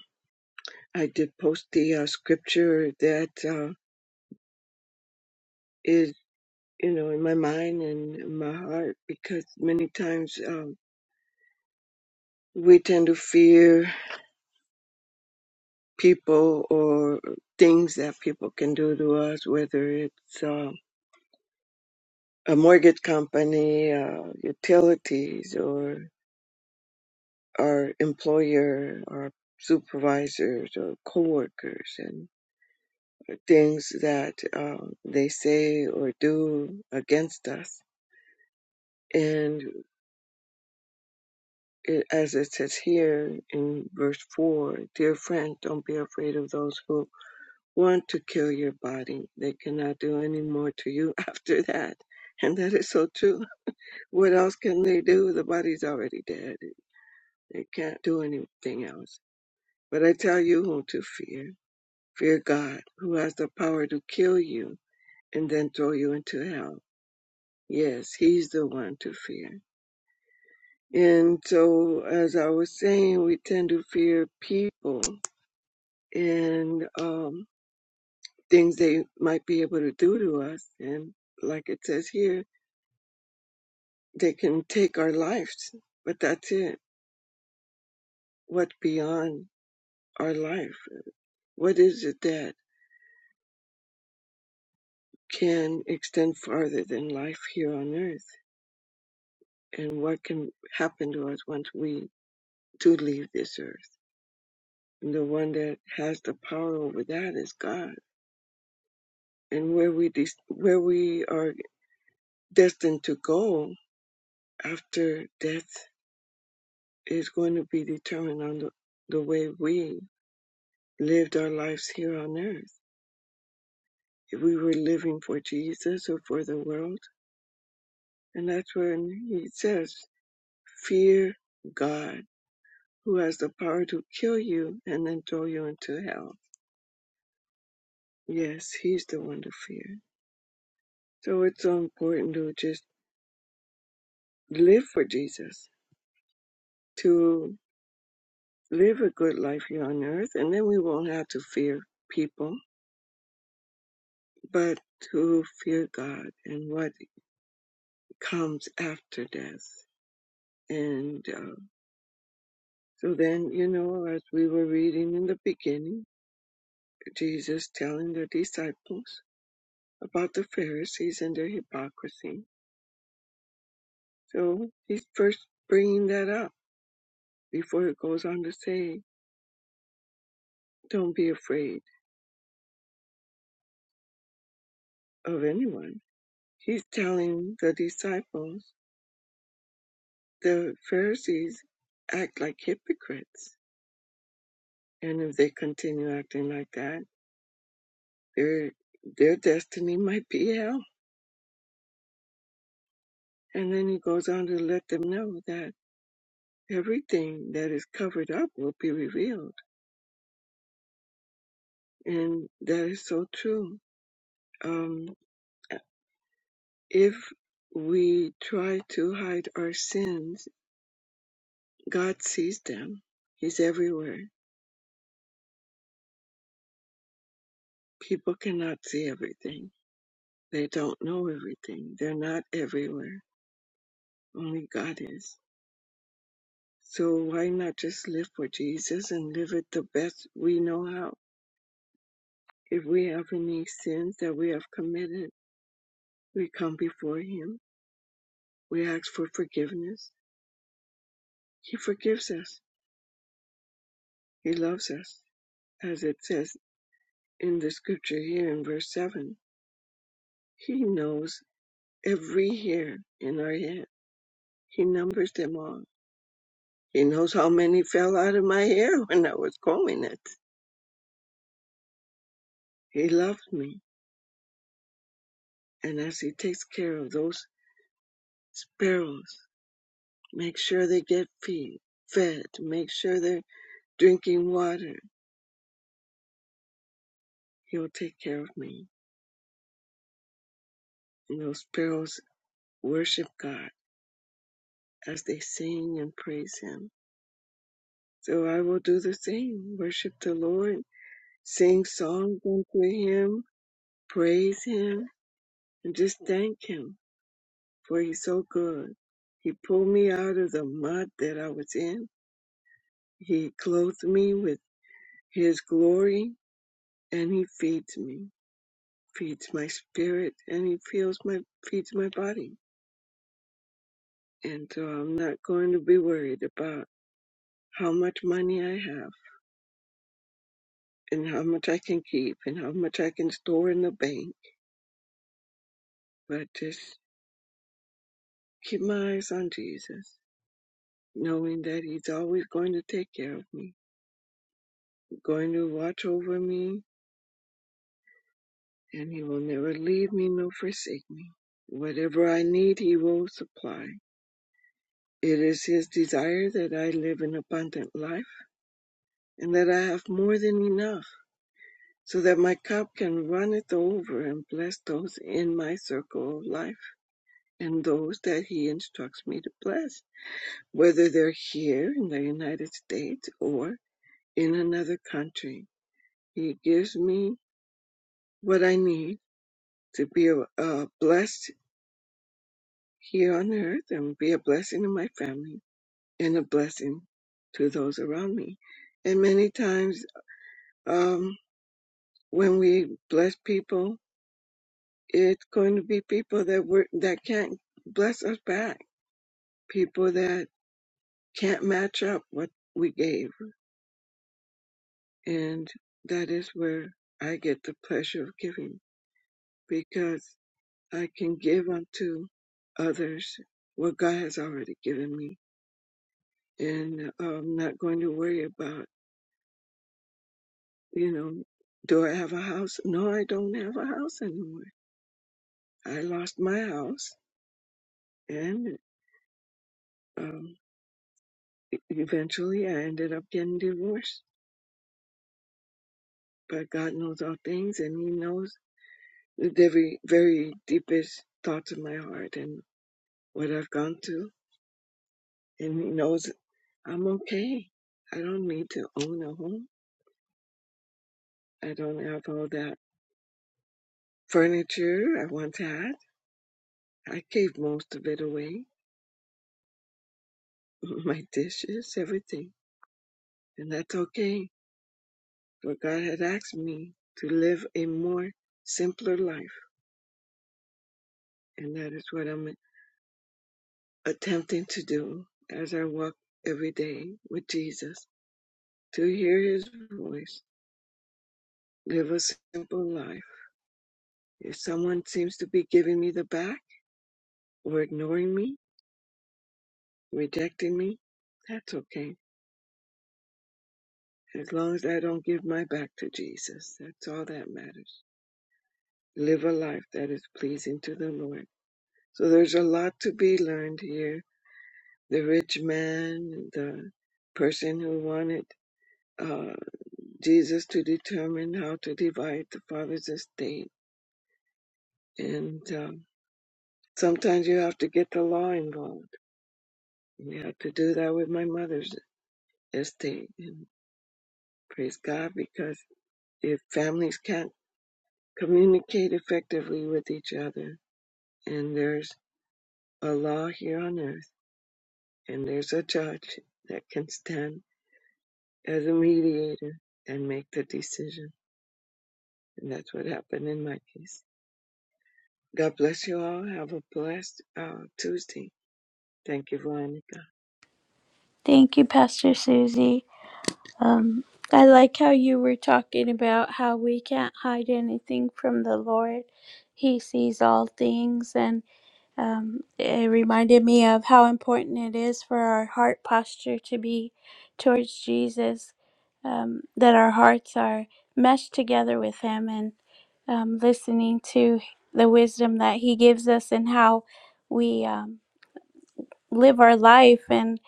Speaker 6: I did post the uh, scripture that uh, is, you know, in my mind and in my heart because many times um, we tend to fear people or things that people can do to us, whether it's uh, a mortgage company, uh, utilities, or our employer, our supervisors, or coworkers, things that um, they say or do against us. And it, as it says here in verse 4, dear friend, don't be afraid of those who want to kill your body. They cannot do any more to you after that. And that is so true. What else can they do? The body's already dead. They can't do anything else. But I tell you whom to fear. Fear God, who has the power to kill you and then throw you into hell Yes, he's the one to fear. And so, as I was saying, we tend to fear people and um, things they might be able to do to us. And like it says here, they can take our lives, but that's it. What beyond our life? What is it that can extend farther than life here on earth? And what can happen to us once we do leave this earth? And the one that has the power over that is God and where we des- where we are destined to go after death is going to be determined on the, the way we lived our lives here on earth. If we were living for Jesus or for the world, and that's when he says, "Fear God, who has the power to kill you and then throw you into hell." Yes, he's the one to fear. So it's so important to just live for Jesus, To live a good life here on earth, and then we won't have to fear people, but to fear God and what comes after death. And uh, so then, you know, as we were reading in the beginning, Jesus telling the disciples about the Pharisees and their hypocrisy. So he's first bringing that up before it goes on to say, don't be afraid of anyone. He's telling the disciples the Pharisees act like hypocrites, and if they continue acting like that, their their destiny might be hell. And then he goes on to let them know that everything that is covered up will be revealed, and that is so true. Um, if we try to hide our sins, God sees them. He's everywhere. People cannot see everything. They don't know everything. They're not everywhere. Only God is. So why not just live for Jesus and live it the best we know how? If we have any sins that we have committed, we come before Him. We ask for forgiveness. He forgives us. He loves us. As it says in the scripture here in verse 7, He knows every hair in our head. He numbers them all. He knows how many fell out of my hair when I was combing it. He loved me. And as He takes care of those sparrows, Make sure they get feed, fed. Make sure they're drinking water. He'll take care of me. And those sparrows worship God as they sing and praise Him. So I will do the same. Worship the Lord, sing songs unto Him, praise Him, and just thank Him for He's so good. He pulled me out of the mud that I was in. He clothed me with His glory, and He feeds me. feeds my spirit and he feels my feeds my body and so i'm not going to be worried about how much money i have and how much i can keep and how much i can store in the bank but just keep my eyes on jesus knowing that he's always going to take care of me going to watch over me and he will never leave me nor forsake me whatever i need he will supply it is his desire that i live an abundant life and that i have more than enough so that my cup can runneth over and bless those in my circle of life and those that he instructs me to bless, whether they're here in the United States or in another country. He gives me what I need to be a, a blessed here on earth and be a blessing to my family and a blessing to those around me. And many times, um, when we bless people, it's going to be people that were that can't bless us back, people that can't match up what we gave, and that is where I get the pleasure of giving because I can give unto others what God has already given me, and I'm not going to worry about you know. Do I have a house? No, I don't have a house anymore. I lost my house, and um, eventually I ended up getting divorced But God knows all things and He knows the very, very deepest thoughts of my heart and what I've gone through. And He knows I'm okay. I don't need to own a home. I don't have all that furniture I once had. I gave most of it away, my dishes, everything. And that's okay. For God had asked me to live a more simpler life. And that is what I'm attempting to do as I walk every day with Jesus. to hear his voice, live a simple life. If someone seems to be giving me the back or ignoring me, rejecting me, that's okay. As long as I don't give my back to Jesus, that's all that matters. Live a life that is pleasing to the Lord. So there's a lot to be learned here. The rich man, the person who wanted uh, Jesus to determine how to divide the father's estate, and um, sometimes you have to get the law involved Yeah, to do that with my mother's estate. And praise God, because if families can't communicate effectively with each other, and there's a law here on earth, and there's a judge that can stand as a mediator and make the decision. And that's what happened in my case. God bless you all. Have a blessed uh, Tuesday. Thank you, Veronica.
Speaker 2: Thank you, Pastor Susie. Um, I like how you were talking about how we can't hide anything from the Lord. He sees all things, and um, it reminded me of how important it is for our heart posture to be towards Jesus, um, that our hearts are meshed together with Him and um, listening to the wisdom that He gives us and how we um, live our life. And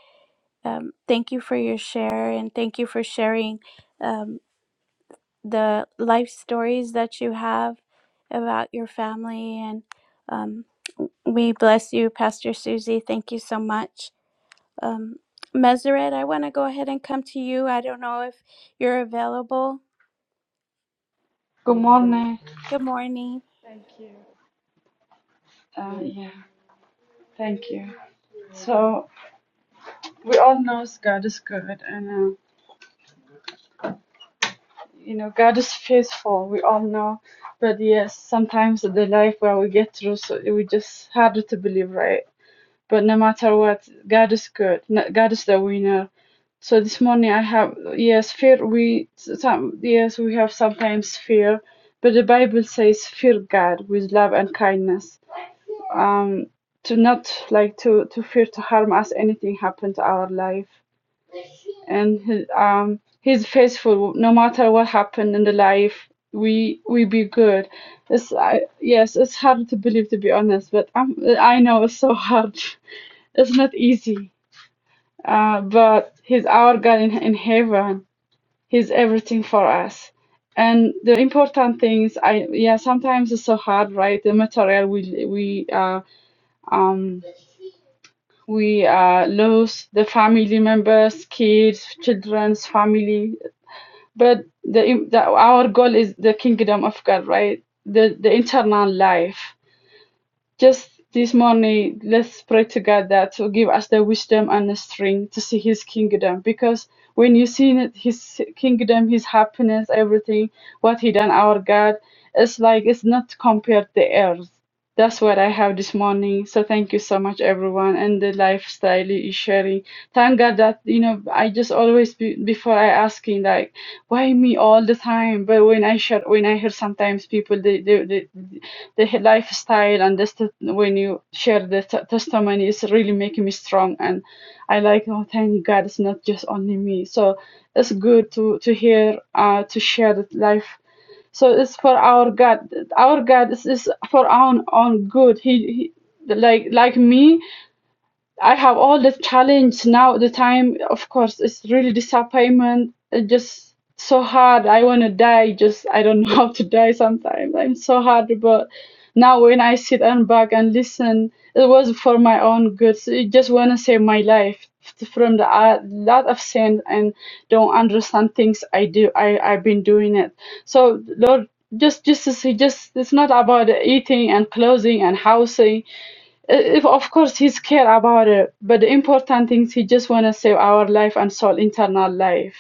Speaker 2: um, thank you for your share, and thank you for sharing. Um, the life stories that you have about your family. And um, we bless you, Pastor Susie. Thank you so much. Um, Meseret, I want to go ahead and come to you. I don't know if you're available.
Speaker 7: Good morning.
Speaker 2: Good morning.
Speaker 7: Thank you. Uh, yeah, thank you. So we all know God is good, and uh, you know God is faithful. We all know, but yes, sometimes the life where we get through, so it we just harder to believe, right? But no matter what, God is good. N- God is the winner. So this morning I have yes fear. We some yes we have sometimes fear, but the Bible says fear God with love and kindness. um, to not like to to fear to harm us anything happen to our life and he, um, he's faithful no matter what happened in the life we we be good it's I, yes it's hard to believe to be honest but I'm, i know it's so hard it's not easy uh, but he's our god in, in heaven he's everything for us and the important things i yeah sometimes it's so hard right the material we we uh, um we uh, lose the family members, kids, children's family. But the, the our goal is the kingdom of God, right? The the internal life. Just this morning, let's pray to God that to give us the wisdom and the strength to see His kingdom. Because when you see His kingdom, His happiness, everything, what He done, our God, it's like it's not compared to the earth. That's what I have this morning. So thank you so much, everyone, and the lifestyle is sharing. Thank God that you know I just always be, before I asking like why me all the time, but when I share when I hear sometimes people they they, they the he- lifestyle and this t- when you share the t- testimony it's really making me strong and i like oh thank god it's not just only me so it's good to to hear uh to share the life so it's for our god our god is, is for our own good he, he like like me I have all the challenge now. at The time, of course, it's really disappointment. It's just so hard. I want to die. Just I don't know how to die. Sometimes I'm so hard, but now when I sit and back and listen, it was for my own good. So I just want to save my life from the uh, lot of sin and don't understand things I do. I I've been doing it. So Lord, just just to see, just it's not about eating and clothing and housing uh, If of course he's care about it, but the important things he just want to save our life and soul internal life.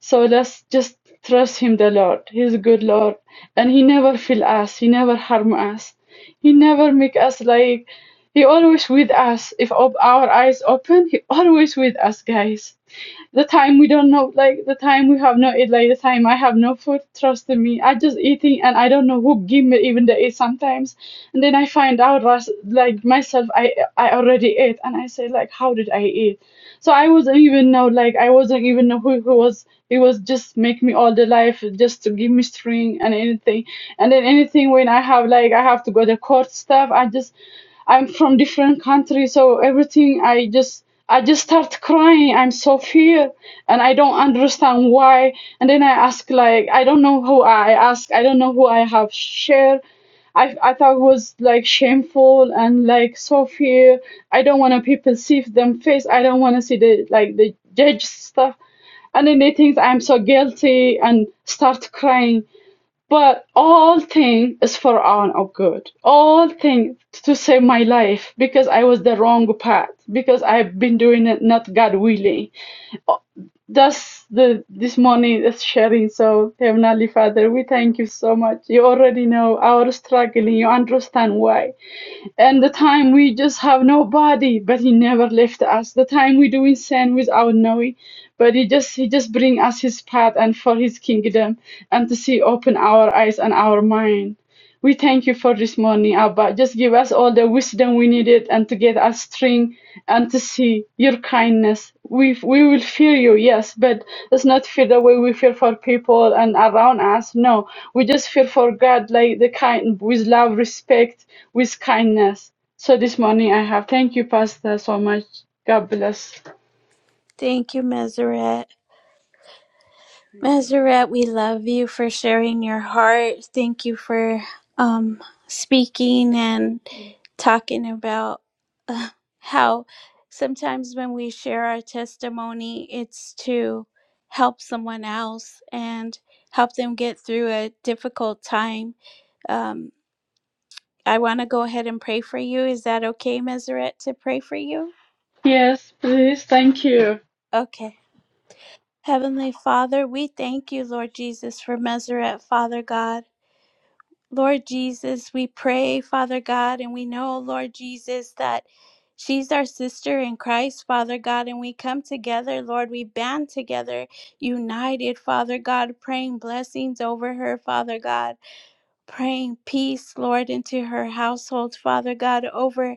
Speaker 7: So let's just trust him, the Lord. He's a good Lord, and he never fail us. He never harm us. He never make us like. He always with us. If op- our eyes open, he always with us, guys the time we don't know like the time we have no eat like the time I have no food trust in me I just eating and I don't know who give me even the eat sometimes and then I find out ras- like myself I I already ate and I say like how did I eat so I wasn't even know like I wasn't even know who, who was it was just make me all the life just to give me string and anything and then anything when I have like I have to go to court stuff I just I'm from different country, so everything I just I just start crying. I'm so fear and I don't understand why. And then I ask like I don't know who I ask. I don't know who I have shared. I I thought it was like shameful and like so fear. I don't want to people see them face. I don't want to see the like the judge stuff. And then they think I'm so guilty and start crying but all thing is for our of good. All thing to save my life because I was the wrong path because I've been doing it not God willing. That's the this morning is sharing. So Heavenly Father, we thank you so much. You already know our struggling. You understand why and the time we just have nobody but he never left us the time we doing sin without knowing but he just he just bring us his path and for his kingdom and to see open our eyes and our mind we thank you for this morning, Abba. Just give us all the wisdom we needed and to get us strength and to see your kindness. We, we will fear you, yes, but it's not fear the way we fear for people and around us. No, we just fear for God, like the kind, with love, respect, with kindness. So this morning I have. Thank you, Pastor, so much. God bless.
Speaker 2: Thank you, Meseret. Meseret, we love you for sharing your heart. Thank you for um, speaking and talking about uh, how sometimes when we share our testimony, it's to help someone else and help them get through a difficult time. Um, I want to go ahead and pray for you. Is that okay, Meseret, to pray for you?
Speaker 7: Yes, please. Thank you.
Speaker 2: Okay. Heavenly Father, we thank you, Lord Jesus, for Meseret, Father God. Lord Jesus, we pray, Father God, and we know, Lord Jesus, that she's our sister in Christ, Father God, and we come together, Lord, we band together, united, Father God, praying blessings over her, Father God, praying peace, Lord, into her household, Father God, over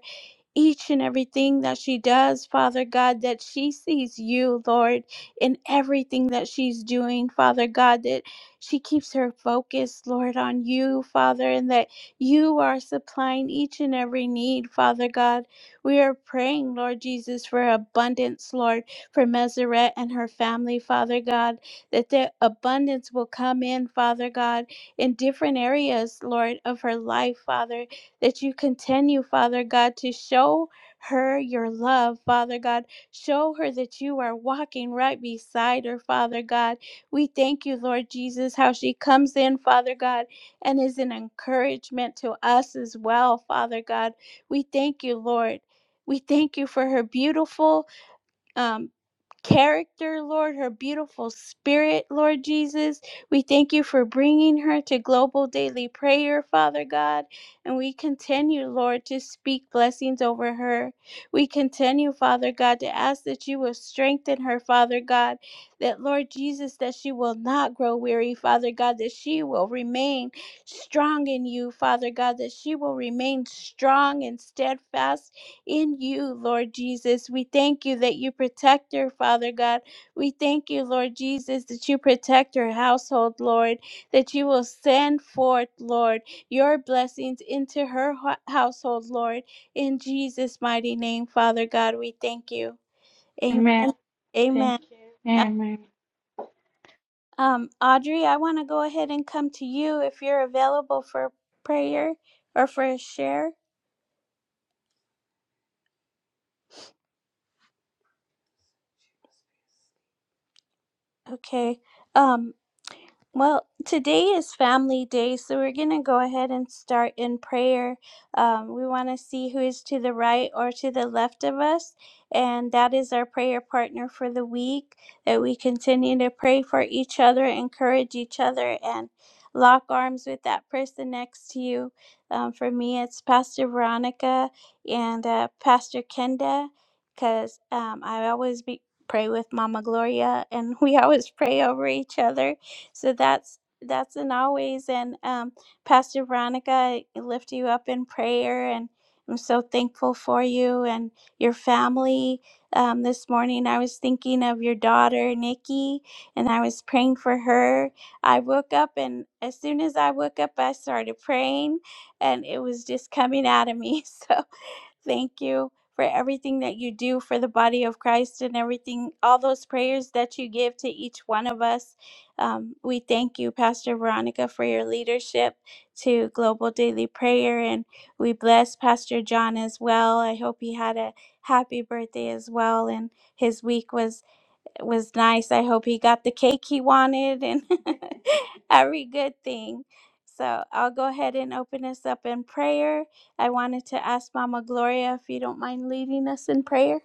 Speaker 2: each and everything that she does, Father God, that she sees you, Lord, in everything that she's doing, Father God, that she keeps her focus, Lord, on you, Father, and that you are supplying each and every need, Father God. We are praying, Lord Jesus, for abundance, Lord, for Meseret and her family, Father God, that the abundance will come in, Father God, in different areas, Lord, of her life, Father that you continue, Father God, to show her your love, Father God. Show her that you are walking right beside her, Father God. We thank you, Lord Jesus, how she comes in, Father God, and is an encouragement to us as well, Father God. We thank you, Lord. We thank you for her beautiful, um character, Lord, her beautiful spirit, Lord Jesus. We thank you for bringing her to global daily prayer, Father God. And we continue, Lord, to speak blessings over her. We continue, Father God, to ask that you will strengthen her, Father God. That, Lord Jesus, that she will not grow weary, Father God, that she will remain strong in you, Father God, that she will remain strong and steadfast in you, Lord Jesus. We thank you that you protect her, Father God. We thank you, Lord Jesus, that you protect her household, Lord, that you will send forth, Lord, your blessings into her ho- household, Lord. In Jesus' mighty name, Father God, we thank you.
Speaker 7: Amen.
Speaker 2: Amen.
Speaker 7: Thank
Speaker 2: Amen.
Speaker 7: you.
Speaker 2: Uh,
Speaker 7: Amen.
Speaker 2: Um, Audrey, I want to go ahead and come to you if you're available for prayer or for a share. Okay. Um, Well, today is family day, so we're going to go ahead and start in prayer. Um, we want to see who is to the right or to the left of us, and that is our prayer partner for the week. That we continue to pray for each other, encourage each other, and lock arms with that person next to you. Um, for me, it's Pastor Veronica and uh, Pastor Kenda, because um, I always be. Pray with Mama Gloria, and we always pray over each other so that's that's an always. And um, Pastor Veronica, I lift you up in prayer, and I'm so thankful for you and your family. Um, this morning, I was thinking of your daughter Nikki, and I was praying for her. I woke up, and as soon as I woke up, I started praying, and it was just coming out of me. So. Thank you for everything that you do for the body of Christ and everything, all those prayers that you give to each one of us. Um, we thank you, Pastor Veronica, for your leadership to Global Daily Prayer. And we bless Pastor John as well. I hope he had a happy birthday as well. And his week was it was nice. I hope he got the cake he wanted and every good thing. So I'll go ahead and open us up in prayer. I wanted to ask Mama Gloria if you don't mind leading us in prayer.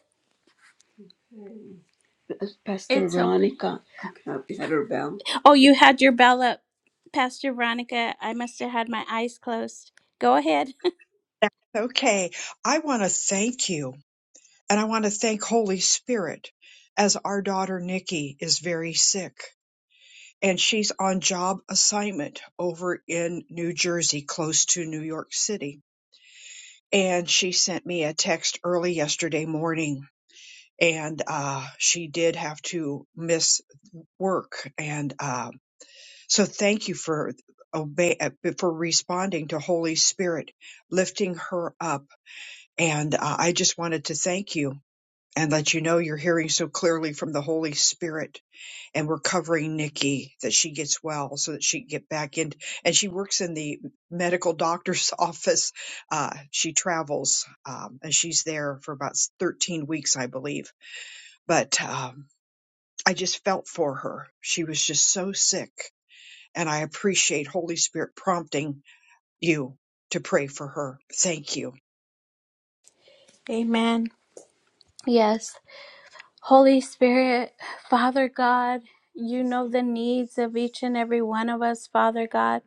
Speaker 2: Pastor It's okay. Veronica. uh, Is that her bell? Oh, you had your bell up, Pastor Veronica. I must have had my eyes closed. Go ahead.
Speaker 1: okay. I want to thank you. And I want to thank Holy Spirit as our daughter Nikki is very sick and she's on job assignment over in New Jersey, close to New York City. And she sent me a text early yesterday morning and uh, she did have to miss work. And uh, so thank you for obey uh, for responding to Holy Spirit, lifting her up. And uh, I just wanted to thank you and that you know you're hearing so clearly from the Holy Spirit. And we're covering Nikki that she gets well so that she can get back in. And she works in the medical doctor's office. Uh, she travels um, and she's there for about 13 weeks, I believe. But um, I just felt for her. She was just so sick. And I appreciate Holy Spirit prompting you to pray for her. Thank you.
Speaker 2: Amen. Yes. Holy Spirit, Father God, you know the needs of each and every one of us, Father God.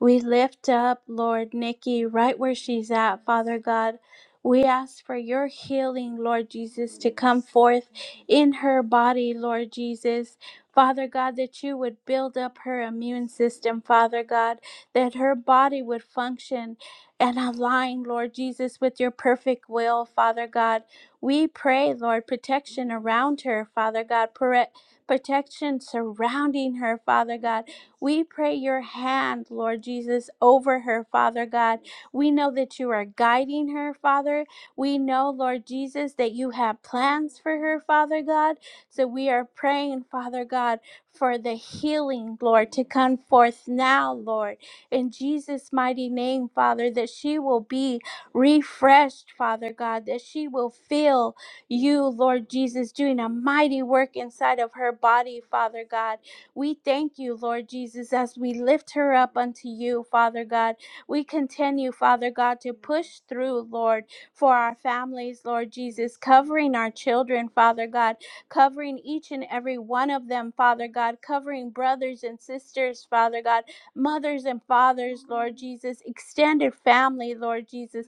Speaker 2: We lift up, Lord, Nikki, right where she's at, Father God. We ask for your healing, Lord Jesus, to come forth in her body, Lord Jesus. Father God, that you would build up her immune system, Father God, that her body would function and align, Lord Jesus, with your perfect will, Father God. We pray, Lord, protection around her, Father God, pre- protection surrounding her, Father God. We pray your hand, Lord Jesus, over her, Father God. We know that you are guiding her, Father. We know, Lord Jesus, that you have plans for her, Father God. So we are praying, Father God, for the healing, Lord, to come forth now, Lord. In Jesus' mighty name, Father, that she will be refreshed, Father God, that she will feel you, Lord Jesus, doing a mighty work inside of her body, Father God. We thank you, Lord Jesus, as we lift her up unto you, Father God. We continue, Father God, to push through, Lord, for our families, Lord Jesus, covering our children, Father God, covering each and every one of them, Father God, covering brothers and sisters, Father God, mothers and fathers, Lord Jesus, extended family, Lord Jesus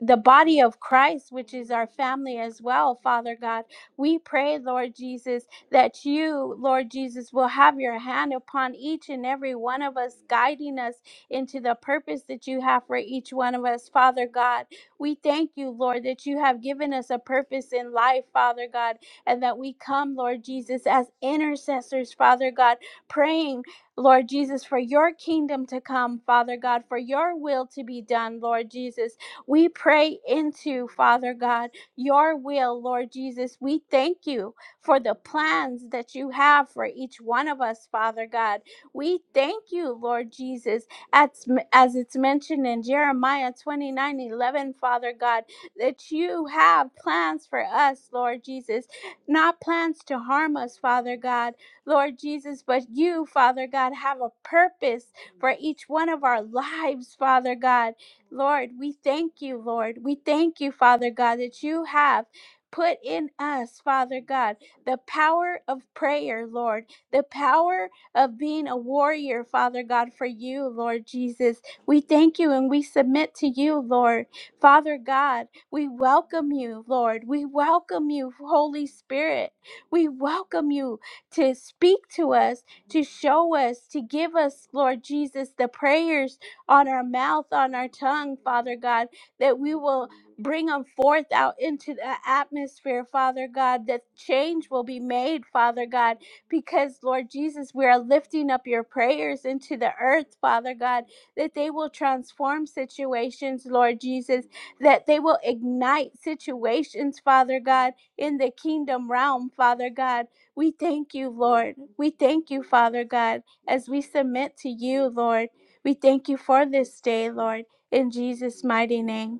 Speaker 2: the body of Christ, which is our family as well, Father God. We pray, Lord Jesus, that you, Lord Jesus, will have your hand upon each and every one of us, guiding us into the purpose that you have for each one of us, Father God. We thank you, Lord, that you have given us a purpose in life, Father God, and that we come, Lord Jesus, as intercessors, Father God, praying, Lord Jesus, for your kingdom to come, Father God, for your will to be done, Lord Jesus. We pray into, Father God, your will, Lord Jesus. We thank you for the plans that you have for each one of us, Father God. We thank you, Lord Jesus, as, as it's mentioned in Jeremiah 29 11, Father God, that you have plans for us, Lord Jesus, not plans to harm us, Father God, Lord Jesus, but you, Father God, have a purpose for each one of our lives, Father God. Lord, we thank you, Lord. We thank you, Father God, that you have put in us, Father God, the power of prayer, Lord, the power of being a warrior, Father God, for you, Lord Jesus. We thank you and we submit to you, Lord. Father God, we welcome you, Lord. We welcome you, Holy Spirit. We welcome you to speak to us, to show us, to give us, Lord Jesus, the prayers on our mouth, on our tongue, Father God, that we will bring them forth out into the atmosphere, Father God, that change will be made, Father God, because, Lord Jesus, we are lifting up your prayers into the earth, Father God, that they will transform situations, Lord Jesus, that they will ignite situations, Father God, in the kingdom realm, Father God. We thank you, Lord. We thank you, Father God, as we submit to you, Lord. We thank you for this day, Lord, in Jesus' mighty name.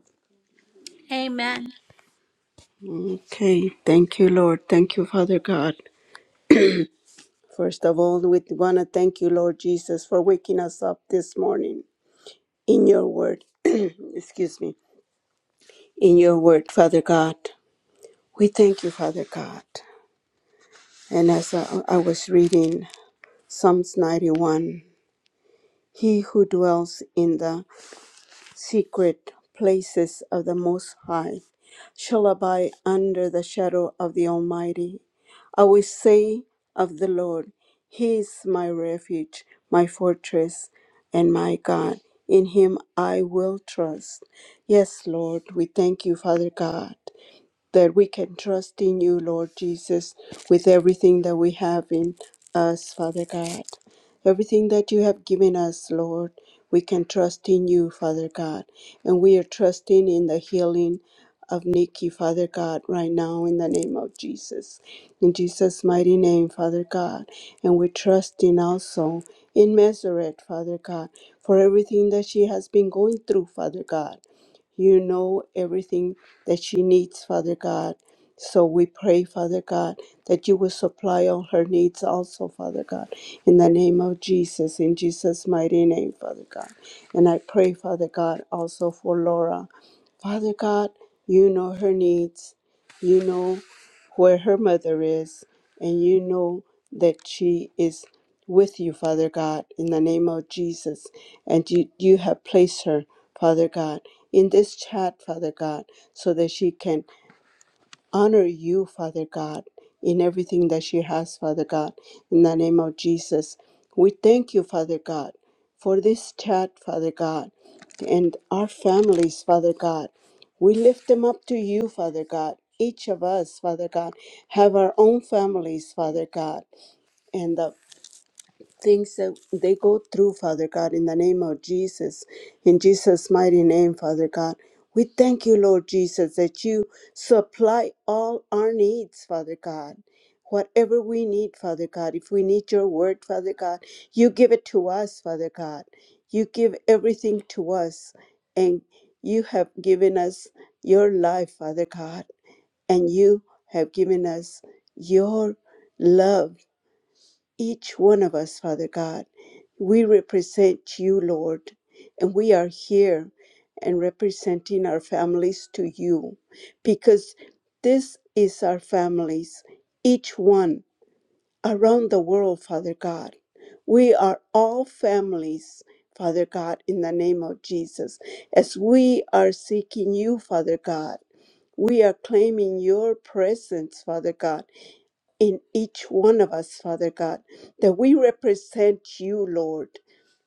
Speaker 2: Amen. Okay, thank you, Lord. Thank you, Father God. First of all, we want to thank you, Lord Jesus, for waking us up this morning in your word. Excuse me. In your word, Father God. We thank you, Father God. And as I, I was reading Psalms 91, he who dwells in the secret places of the Most High shall abide under the shadow of the Almighty. I will say of the Lord, He is my refuge, my fortress, and my God. In Him I will trust. Yes, Lord, we thank you, Father God that we can trust in you, Lord Jesus, with everything that we have in us, Father God. Everything that you have given us, Lord, we can trust in you, Father God. And we are trusting in the healing of Nikki, Father God, right now in the name of Jesus. In Jesus' mighty name, Father God. And we're trusting also in Meseret, Father God, for everything that she has been going through, Father God. You know everything that she needs, Father God. So we pray, Father God, that you will supply all her needs also, Father God, in the name of Jesus, in Jesus' mighty name, Father God. And I pray, Father God, also for Laura. Father God, you know her needs. You know where her mother is, and you know that she is with you, Father God, in the name of Jesus. And you, you have placed her, Father God in this chat, Father God, so that she can honor you, Father God, in everything that she has, Father God, in the name of Jesus. We thank you, Father God, for this chat, Father God, and our families, Father God. We lift them up to you, Father God. Each of us, Father God, have our own families, Father God, and the things that they go through, Father God, in the name of Jesus, in Jesus' mighty name, Father God. We thank you, Lord Jesus, that you supply all our needs, Father God. Whatever we need, Father God, if we need your word, Father God, you give it to us, Father God. You give everything to us, and you have given us your life, Father God, and you have given us your love each one of us, Father God. We represent you, Lord, and we are here and representing our families to you because this is our families, each one around the world, Father God. We are all families, Father God, in the name of Jesus. As we are seeking you, Father God, we are claiming your presence, Father God in each one of us, Father God, that we represent you, Lord.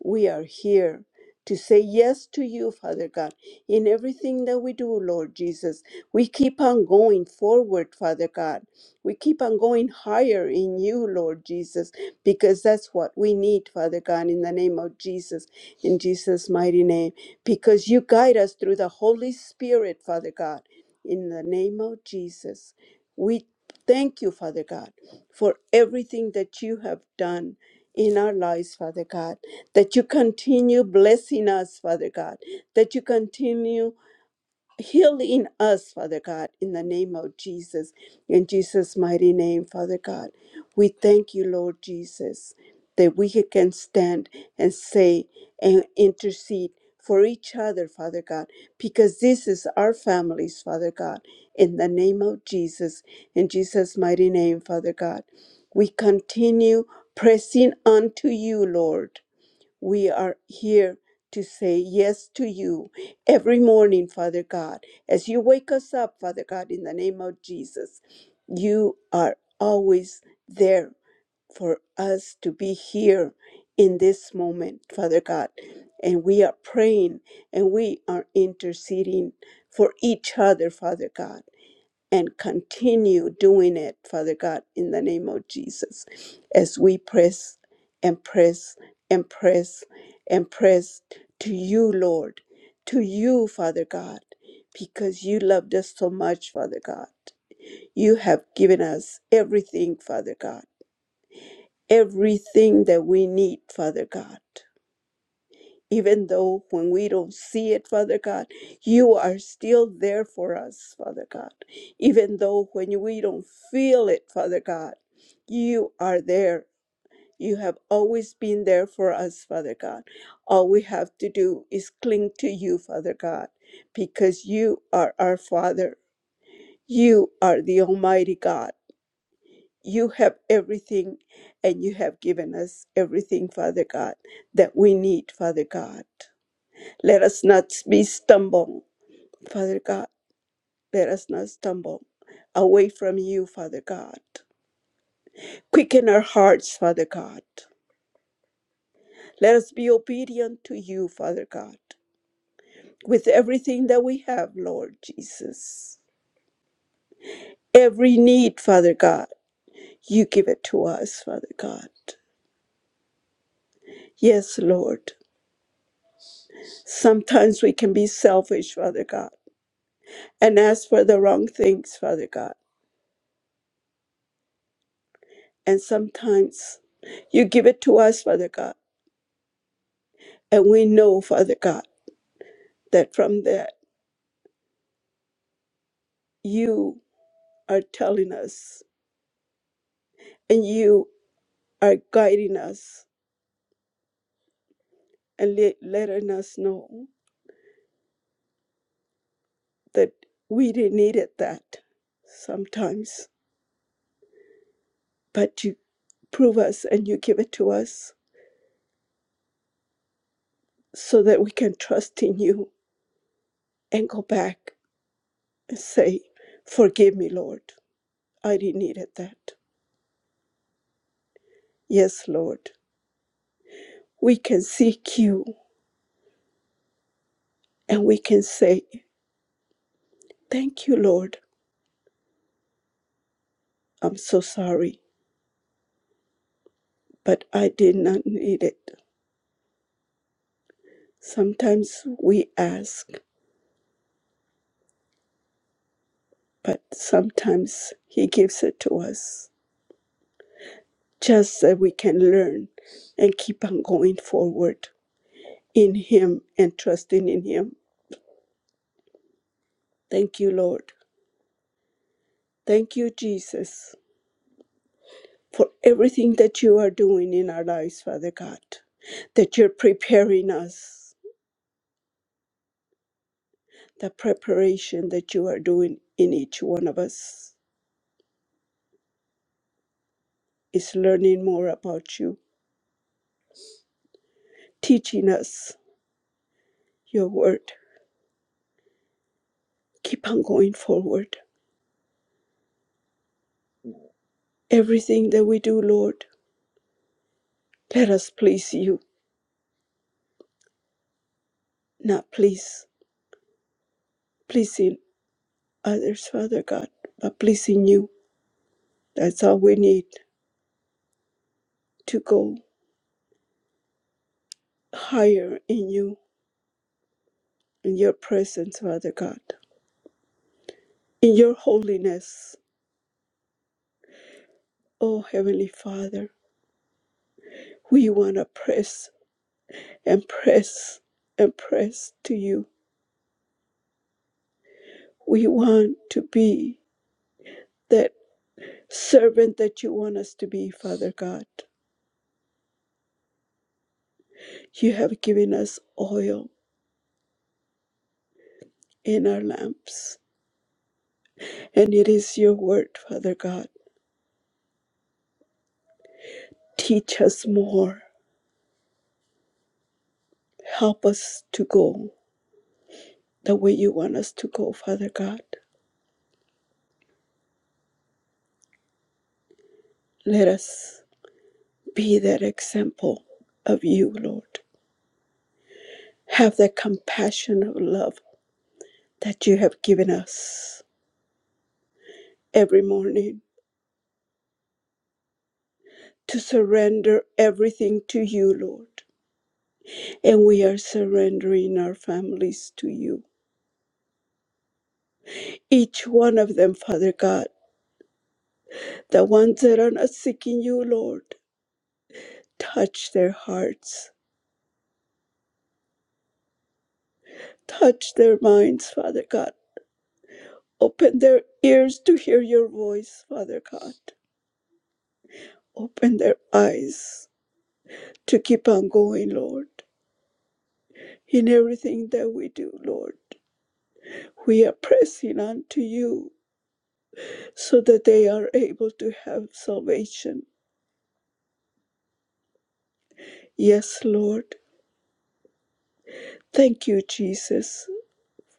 Speaker 2: We are here to say yes to you, Father God, in everything that we do, Lord Jesus. We keep on going forward, Father God. We keep on going higher in you, Lord Jesus, because that's what we need, Father God, in the name of Jesus, in Jesus' mighty name, because you guide us through the Holy Spirit, Father God, in the name of Jesus. We Thank you, Father God, for everything that you have done in our lives, Father God, that you continue blessing us, Father God, that you continue Heal in us, Father God, in the name of Jesus, in Jesus' mighty name, Father God. We thank you, Lord Jesus, that we can stand and say and intercede for each other, Father God, because this is our families, Father God, in the name of Jesus, in Jesus' mighty name, Father God. We continue pressing unto you, Lord we are here to say yes to you every morning, Father God. As you wake us up, Father God, in the name of Jesus, you are always there for us to be here in this moment, Father God. And we are praying and we are interceding for each other, Father God and continue doing it, Father God, in the name of Jesus, as we press and press and press and press to you, Lord, to you, Father God, because you loved us so much, Father God. You have given us everything, Father God, everything that we need, Father God even though when we don't see it, Father God, you are still there for us, Father God. Even though when we don't feel it, Father God, you are there. You have always been there for us, Father God. All we have to do is cling to you, Father God, because you are our Father. You are the Almighty God. You have everything, and you have given us everything, Father God, that we need, Father God. Let us not be stumbled, Father God. Let us not stumble away from you, Father God. Quicken our hearts, Father God. Let us be obedient to you, Father God, with everything that we have, Lord Jesus. Every need, Father God, you give it to us, Father God. Yes, Lord. Sometimes we can be selfish, Father God, and ask for the wrong things, Father God. And sometimes you give it to us, Father God And we know, Father God, that from that you are telling us and you are guiding us and le- letting us know that we didn't need it that sometimes, but you prove us and you give it to us so that we can trust in you and go back and say, Forgive me, Lord. I didn't need it that. Yes, Lord. We can seek you and we can say, Thank you, Lord. I'm so sorry. but I did not need it. Sometimes we ask, but sometimes He gives it to us just that we can learn and keep on going forward in Him and trusting in Him. Thank you, Lord. Thank you, Jesus, for everything that you are doing in our lives, Father God, that you're preparing us. The preparation that you are doing in each one of us is learning more about you, teaching us your word. Keep on going forward. Everything that we do, Lord, let us please you, not please pleasing others, Father God, but pleasing you. That's all we need to go higher in you, in your presence, Father God, in your holiness. Oh, Heavenly Father, we want to press and press and press to you. We want to be that servant that you want us to be, Father God. You have given us oil in our lamps, and it is your word, Father God. Teach us more. Help us to go the way you want us to go, Father God. Let us be that example of you, Lord. Have that compassion of love that you have given us every morning to surrender everything to you, Lord. And we are surrendering our families to you, each one of them, Father God The ones that are not seeking you, Lord, touch their hearts, touch their minds, Father God. Open their ears to hear your voice, Father God. Open their eyes to keep on going, Lord. In everything that we do, Lord, we are pressing on to you so that they are able to have salvation. Yes, Lord. Thank you, Jesus,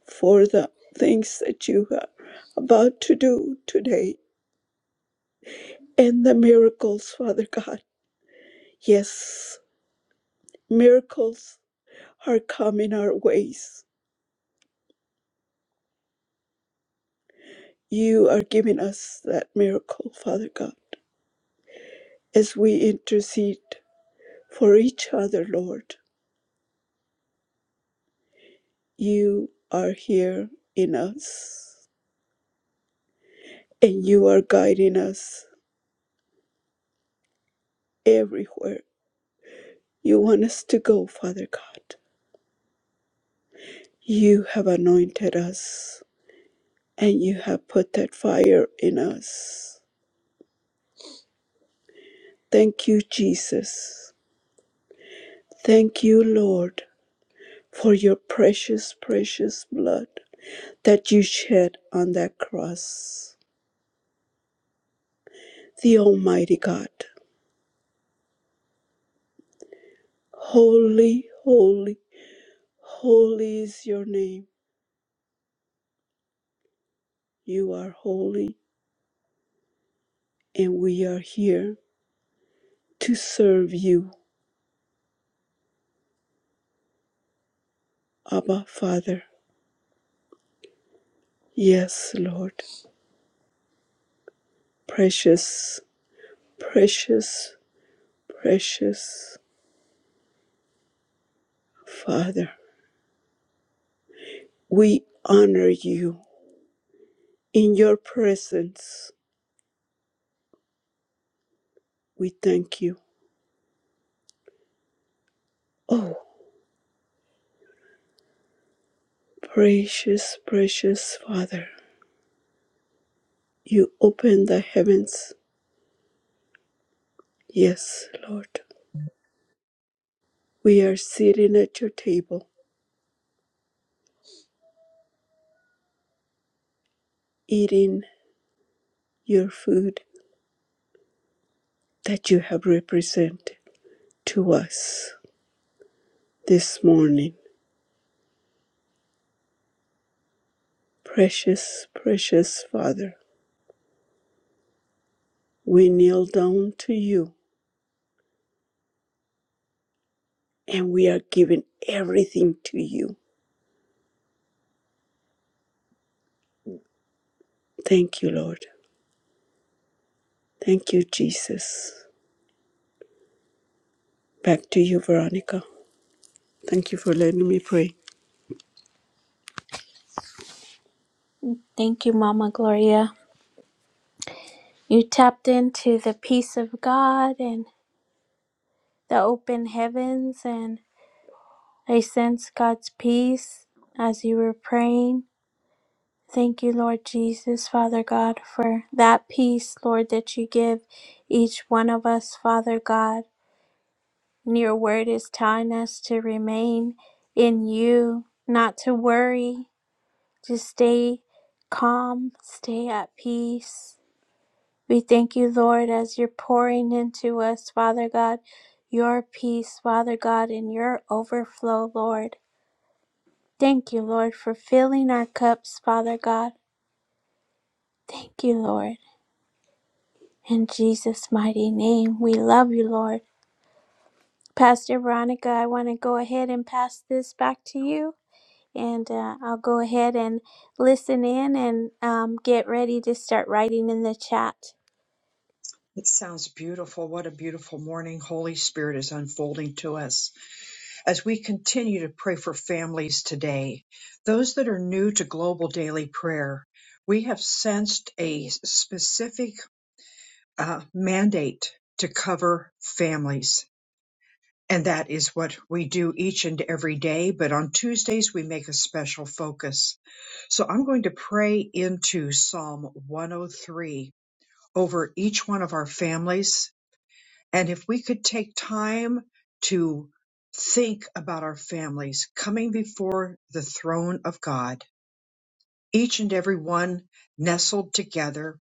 Speaker 2: for the things that you are about to do today and the miracles, Father God. Yes, miracles are coming our ways. You are giving us that miracle, Father God. As we intercede for each other, Lord, you are here in us and you are guiding us everywhere you want us to go, Father God. You have anointed us and you have put that fire in us. Thank you, Jesus. Thank you, Lord for your precious, precious blood that you shed on that cross. The Almighty God, holy, holy, holy is your name. You are holy, and we are here to serve you, Abba Father. Yes, Lord, precious, precious, precious Father, we honor you in your presence. We thank you. Oh, Precious, precious Father, you open the heavens. Yes, Lord. We are sitting at your table, eating your food that you have represented to us this morning. Precious, precious Father, we kneel down to you and we are giving everything to you. Thank you, Lord. Thank you, Jesus. Back to you, Veronica. Thank you for letting me pray. Thank you, Mama Gloria. You tapped into the peace of God and the open heavens, and I sense God's peace as you were praying. Thank you, Lord Jesus, Father God, for that peace, Lord, that you give each one of us, Father God. And your word is telling us to remain in you, not to worry, to stay calm, stay at peace. We thank you, Lord, as you're pouring into us, Father God, your peace, Father God, and your overflow, Lord. Thank you, Lord, for filling our cups, Father God. Thank you, Lord. In Jesus' mighty name, we love you, Lord. Pastor Veronica, I want to go ahead and pass this back to you, and uh, I'll go ahead and listen in and um, get ready to start writing in the chat.
Speaker 1: It sounds beautiful. What a beautiful morning Holy Spirit is unfolding to us. as we continue to pray for families today, those that are new to global daily prayer, we have sensed a specific uh, mandate to cover families. And that is what we do each and every day. But on Tuesdays, we make a special focus. So I'm going to pray into Psalm 103 over each one of our families and if we could take time to think about our families coming before the throne of God, each and every one nestled together,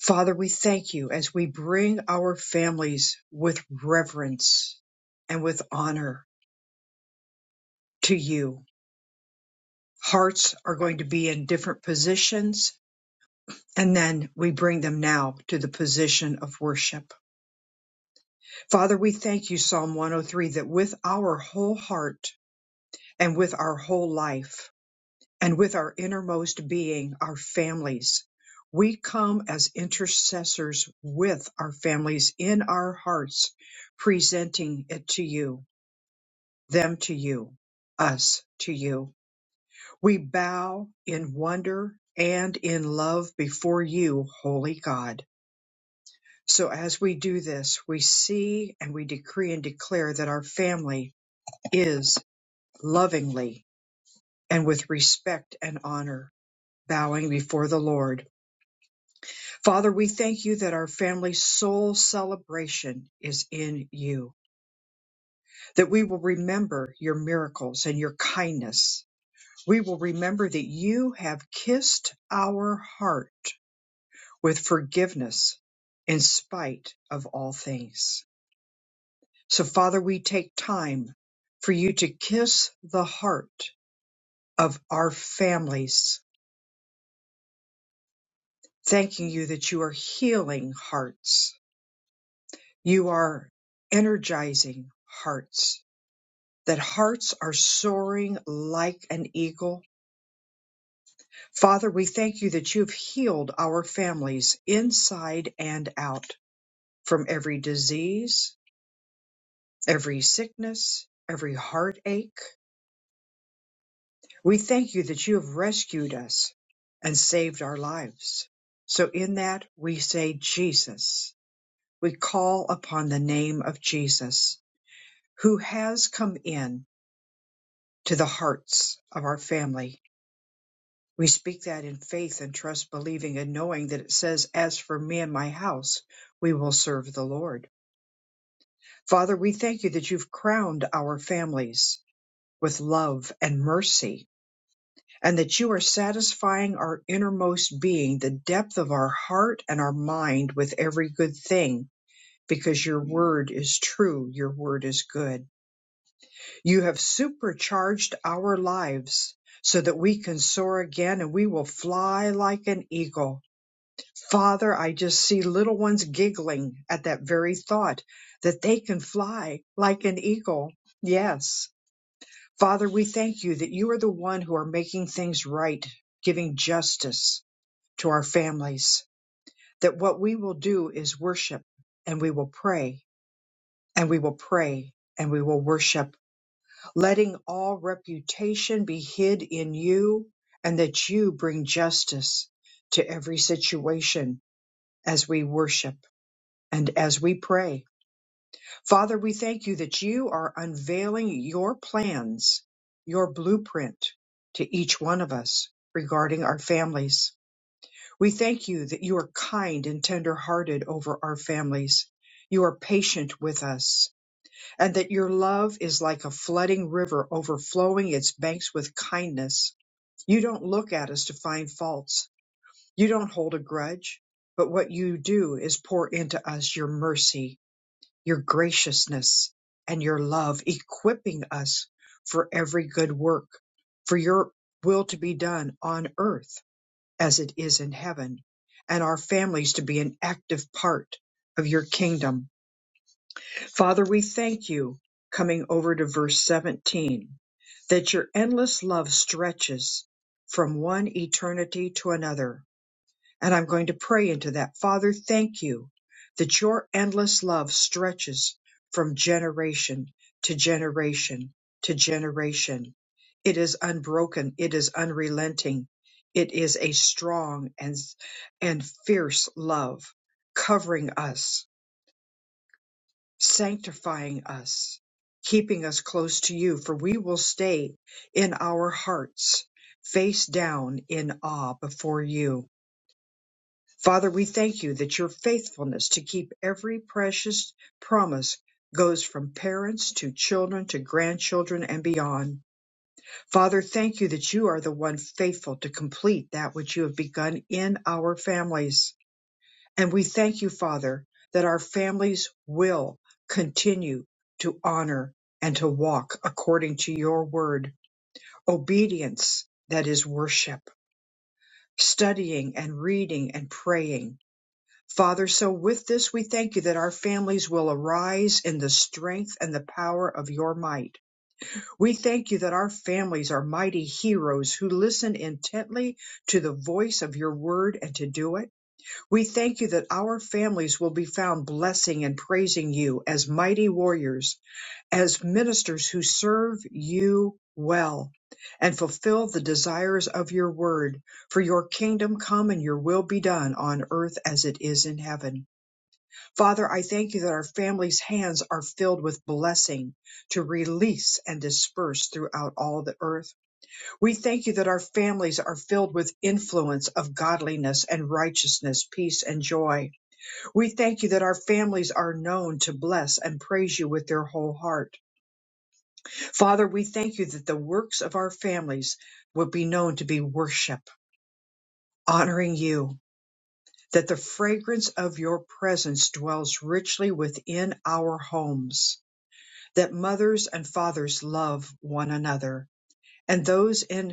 Speaker 1: Father, we thank you as we bring our families with reverence and with honor to you. Hearts are going to be in different positions. And then we bring them now to the position of worship. Father, we thank you, Psalm 103, that with our whole heart and with our whole life and with our innermost being, our families. We come as intercessors with our families in our hearts, presenting it to you, them to you, us to you. We bow in wonder and in love before you, holy God. So as we do this, we see and we decree and declare that our family is lovingly and with respect and honor bowing before the Lord. Father, we thank you that our family soul celebration is in you, that we will remember your miracles and your kindness. We will remember that you have kissed our heart with forgiveness in spite of all things. So, Father, we take time for you to kiss the heart of our families, thanking you that you are healing hearts You are energizing hearts, that hearts are soaring like an eagle. Father, we thank you that you've healed our families inside and out from every disease, every sickness, every heartache. We thank you that you have rescued us and saved our lives. So in that we say Jesus. We call upon the name of Jesus who has come in to the hearts of our family. We speak that in faith and trust, believing and knowing that it says, As for me and my house, we will serve the Lord. Father, we thank you that you've crowned our families with love and mercy, and that you are satisfying our innermost being, the depth of our heart and our mind with every good thing, because your word is true, your word is good. You have supercharged our lives so that we can soar again and we will fly like an eagle. Father, I just see little ones giggling at that very thought that they can fly like an eagle. Yes. Father, we thank you that you are the one who are making things right, giving justice to our families, that what we will do is worship and we will pray and we will pray and we will worship letting all reputation be hid in you, and that you bring justice to every situation as we worship and as we pray. Father, we thank you that you are unveiling your plans, your blueprint to each one of us regarding our families. We thank you that you are kind and tender hearted over our families. You are patient with us and that your love is like a flooding river overflowing its banks with kindness. You don't look at us to find faults. You don't hold a grudge, but what you do is pour into us your mercy, your graciousness, and your love, equipping us for every good work, for your will to be done on earth as it is in heaven, and our families to be an active part of your kingdom Father, we thank you, coming over to verse 17, that your endless love stretches from one eternity to another. And I'm going to pray into that. Father, thank you that your endless love stretches from generation to generation to generation. It is unbroken. It is unrelenting. It is a strong and, and fierce love covering us sanctifying us, keeping us close to you, for we will stay in our hearts, face down in awe before you. Father, we thank you that your faithfulness to keep every precious promise goes from parents to children to grandchildren and beyond. Father, thank you that you are the one faithful to complete that which you have begun in our families. And we thank you, Father, that our families will continue to honor and to walk according to your word, obedience that is worship, studying and reading and praying. Father, so with this, we thank you that our families will arise in the strength and the power of your might. We thank you that our families are mighty heroes who listen intently to the voice of your word and to do it. We thank you that our families will be found blessing and praising you as mighty warriors, as ministers who serve you well and fulfill the desires of your word. For your kingdom come and your will be done on earth as it is in heaven. Father, I thank you that our families' hands are filled with blessing to release and disperse throughout all the earth. We thank you that our families are filled with influence of godliness and righteousness, peace and joy. We thank you that our families are known to bless and praise you with their whole heart. Father, we thank you that the works of our families will be known to be worship, honoring you, that the fragrance of your presence dwells richly within our homes, that mothers and fathers love one another, and those in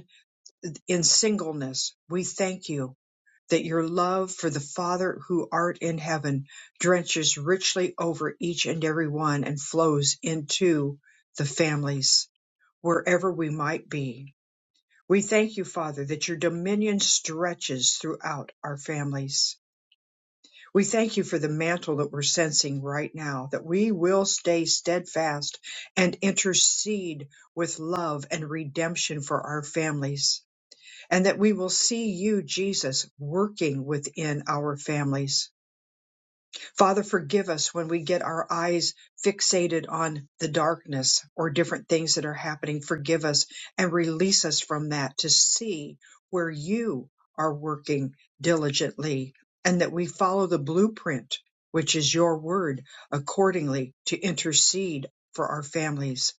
Speaker 1: in singleness, we thank you that your love for the Father who art in heaven drenches richly over each and every one and flows into the families wherever we might be. We thank you, Father, that your dominion stretches throughout our families. We thank you for the mantle that we're sensing right now, that we will stay steadfast and intercede with love and redemption for our families and that we will see you, Jesus, working within our families. Father, forgive us when we get our eyes fixated on the darkness or different things that are happening. Forgive us and release us from that to see where you are working diligently and that we follow the blueprint, which is your word, accordingly to intercede for our families.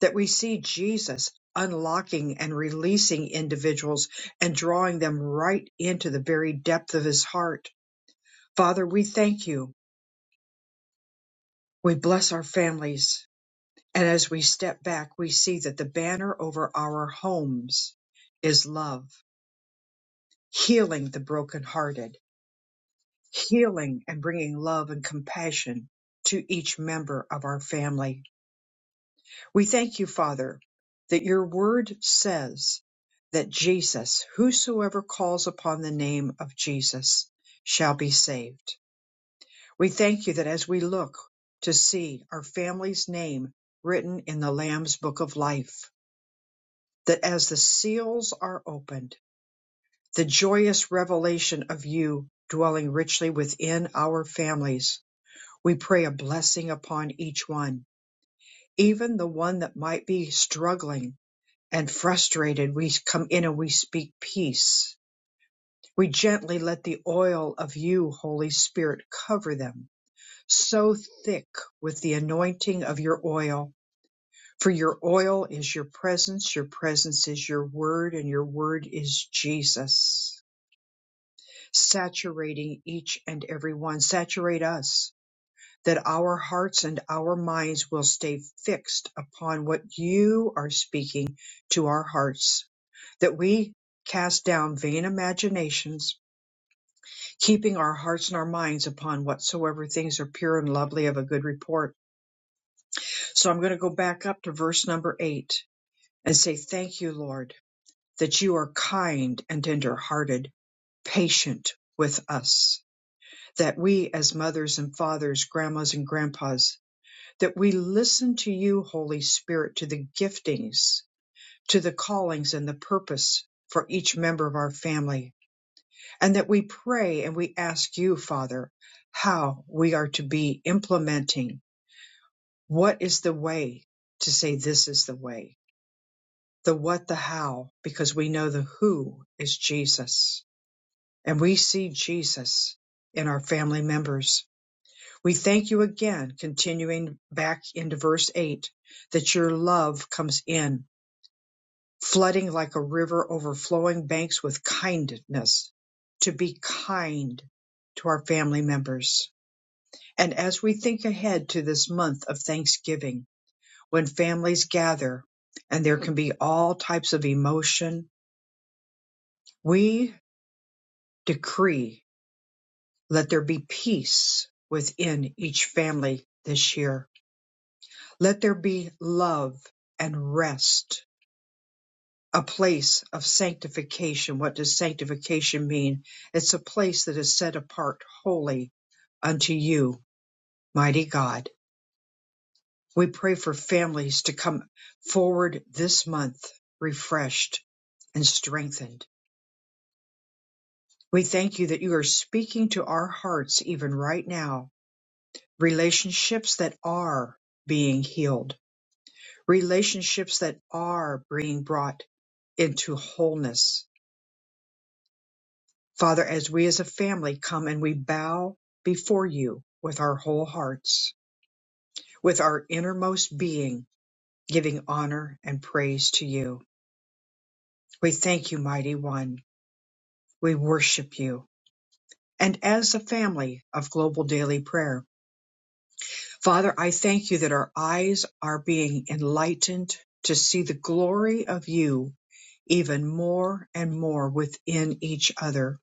Speaker 1: That we see Jesus unlocking and releasing individuals and drawing them right into the very depth of his heart. Father, we thank you we bless our families. And as we step back, we see that the banner over our homes is love, healing the brokenhearted, healing and bringing love and compassion to each member of our family. We thank you, Father, that your word says that Jesus, whosoever calls upon the name of Jesus, shall be saved. We thank you that as we look to see our family's name written in the Lamb's Book of Life, that as the seals are opened, the joyous revelation of you dwelling richly within our families, we pray a blessing upon each one, even the one that might be struggling and frustrated. We come in and we speak peace. We gently let the oil of you, Holy Spirit, cover them so thick with the anointing of your oil. For your oil is your presence, your presence is your word, and your word is Jesus. Saturating each and every one, saturate us that our hearts and our minds will stay fixed upon what you are speaking to our hearts, that we cast down vain imaginations, keeping our hearts and our minds upon whatsoever things are pure and lovely of a good report So I'm going to go back up to verse number eight and say, Thank you, Lord, that you are kind and tender hearted, patient with us, that we as mothers and fathers, grandmas and grandpas, that we listen to you, Holy Spirit, to the giftings, to the callings and the purpose for each member of our family, and that we pray and we ask you, Father, how we are to be implementing what is the way to say this is the way the what, the how, because we know the who is Jesus. And we see Jesus in our family members. We thank you again, continuing back into verse 8, that your love comes in, flooding like a river overflowing banks with kindness, to be kind to our family members. And as we think ahead to this month of Thanksgiving, when families gather and there can be all types of emotion, we decree, let there be peace within each family this year. Let there be love and rest, a place of sanctification. What does sanctification mean? It's a place that is set apart wholly unto you, mighty God. We pray for families to come forward this month refreshed and strengthened. We thank you that you are speaking to our hearts even right now relationships that are being healed, relationships that are being brought into wholeness. Father, as we as a family come and we bow before you with our whole hearts, with our innermost being, giving honor and praise to you. We thank you, mighty one. We worship you. And as a family of global daily prayer, Father, I thank you that our eyes are being enlightened to see the glory of you even more and more within each other,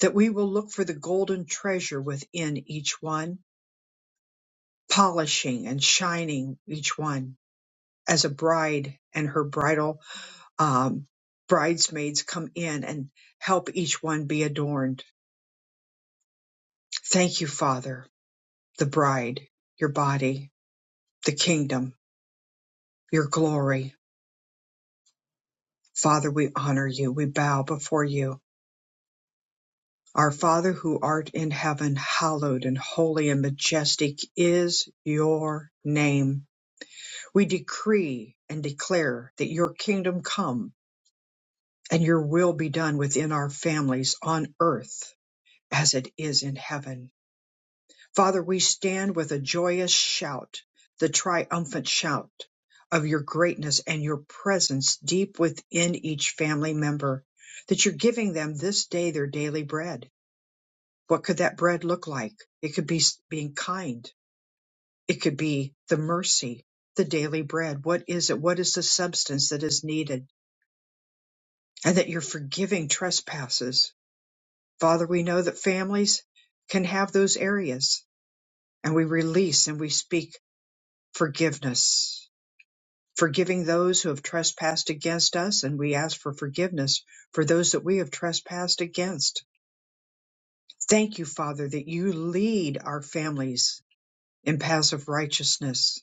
Speaker 1: that we will look for the golden treasure within each one, polishing and shining each one as a bride and her bridal um, bridesmaids come in and help each one be adorned. Thank you, Father, the bride, your body, the kingdom, your glory. Father, we honor you. We bow before you. Our Father who art in heaven, hallowed and holy and majestic is your name. We decree and declare that your kingdom come and your will be done within our families on earth as it is in heaven. Father, we stand with a joyous shout, the triumphant shout of your greatness and your presence deep within each family member, that you're giving them this day their daily bread What could that bread look like? It could be being kind. It could be the mercy, the daily bread. What is it? What is the substance that is needed? And that you're forgiving trespasses. Father, we know that families can have those areas and we release and we speak forgiveness, forgiving those who have trespassed against us. And we ask for forgiveness for those that we have trespassed against. Thank you, Father, that you lead our families in paths of righteousness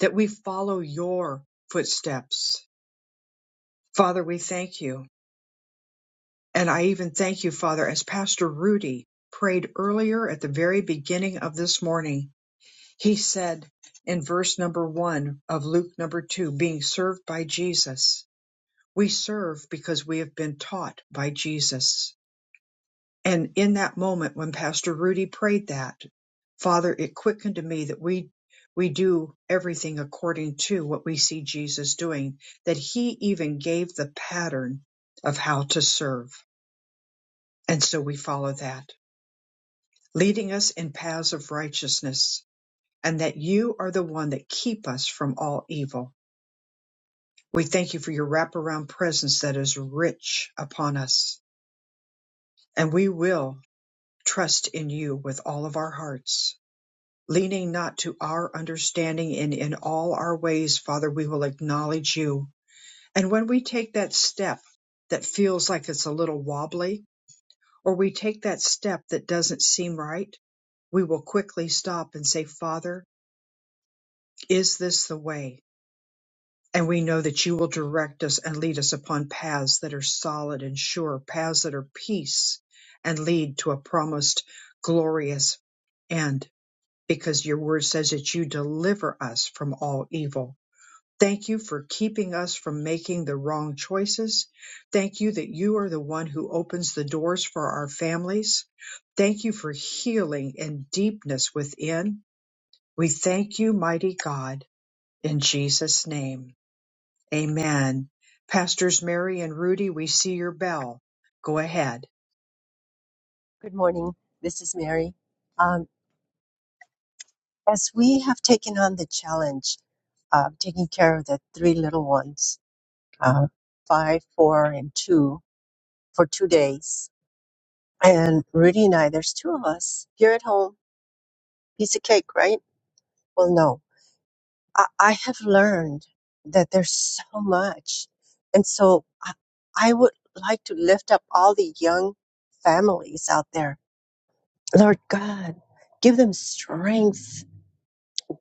Speaker 1: that we follow your footsteps. Father, we thank you. And I even thank you, Father, as Pastor Rudy prayed earlier at the very beginning of this morning. He said in verse number one of Luke number two, being served by Jesus. We serve because we have been taught by Jesus. And in that moment when Pastor Rudy prayed that, Father, it quickened to me that we we do everything according to what we see Jesus doing, that he even gave the pattern of how to serve. And so we follow that, leading us in paths of righteousness, and that you are the one that keep us from all evil. We thank you for your wraparound presence that is rich upon us, and we will trust in you with all of our hearts leaning not to our understanding and in all our ways, Father, we will acknowledge you. And when we take that step that feels like it's a little wobbly, or we take that step that doesn't seem right, we will quickly stop and say, Father, is this the way? And we know that you will direct us and lead us upon paths that are solid and sure, paths that are peace and lead to a promised glorious end, because your word says that you deliver us from all evil. Thank you for keeping us from making the wrong choices. Thank you that you are the one who opens the doors for our families. Thank you for healing and deepness within. We thank you, mighty God, in Jesus' name. Amen. Pastors Mary and Rudy, we see your bell. Go ahead.
Speaker 3: Good morning. This is Mary. Um, as we have taken on the challenge of taking care of the three little ones, uh, five, four, and two, for two days, and Rudy and I, there's two of us here at home. Piece of cake, right? Well, no. I, I have learned that there's so much. And so I, I would like to lift up all the young families out there. Lord God, give them strength,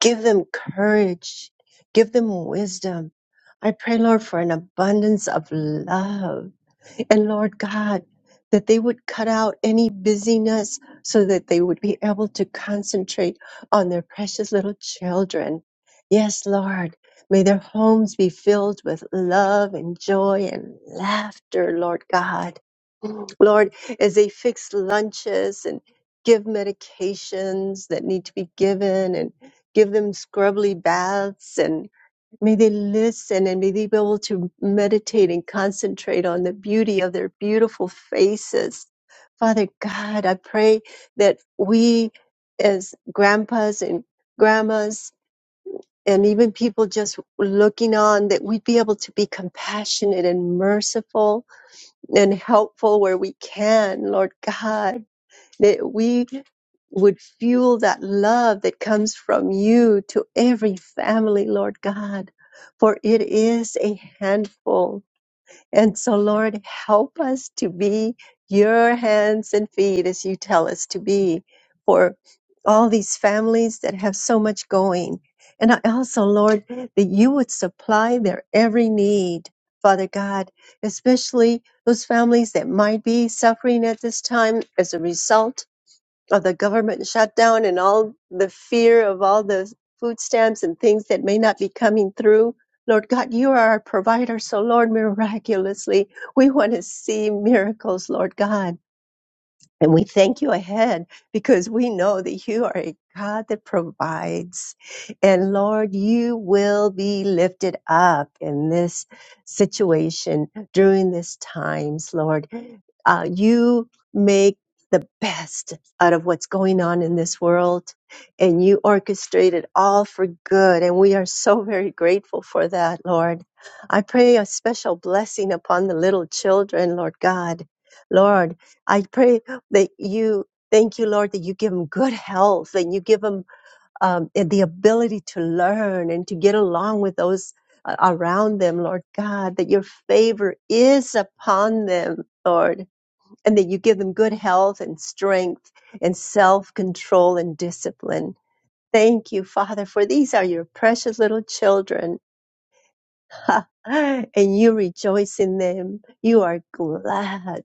Speaker 3: give them courage, give them wisdom. I pray, Lord, for an abundance of love and Lord God, that they would cut out any busyness so that they would be able to concentrate on their precious little children. Yes, Lord, may their homes be filled with love and joy and laughter, Lord God. Lord, as they fix lunches and give medications that need to be given and give them scrubbly baths and. May they listen and may they be able to meditate and concentrate on the beauty of their beautiful faces. Father God, I pray that we as grandpas and grandmas and even people just looking on, that we'd be able to be compassionate and merciful and helpful where we can, Lord God that we would fuel that love that comes from you to every family, Lord God, for it is a handful. And so, Lord, help us to be your hands and feet as you tell us to be for all these families that have so much going. And I also, Lord, that you would supply their every need, Father God, especially those families that might be suffering at this time as a result of the government shutdown and all the fear of all the food stamps and things that may not be coming through. Lord God, you are our provider. So, Lord, miraculously, we want to see miracles, Lord God. And we thank you ahead because we know that you are a God that provides. And Lord, you will be lifted up in this situation during this times, Lord. Uh, you make the best out of what's going on in this world and you orchestrate it all for good. And we are so very grateful for that, Lord. I pray a special blessing upon the little children, Lord God. Lord, I pray that you thank you lord that you give them good health and you give them um, the ability to learn and to get along with those uh, around them lord god that your favor is upon them lord and that you give them good health and strength and self-control and discipline thank you father for these are your precious little children and you rejoice in them you are glad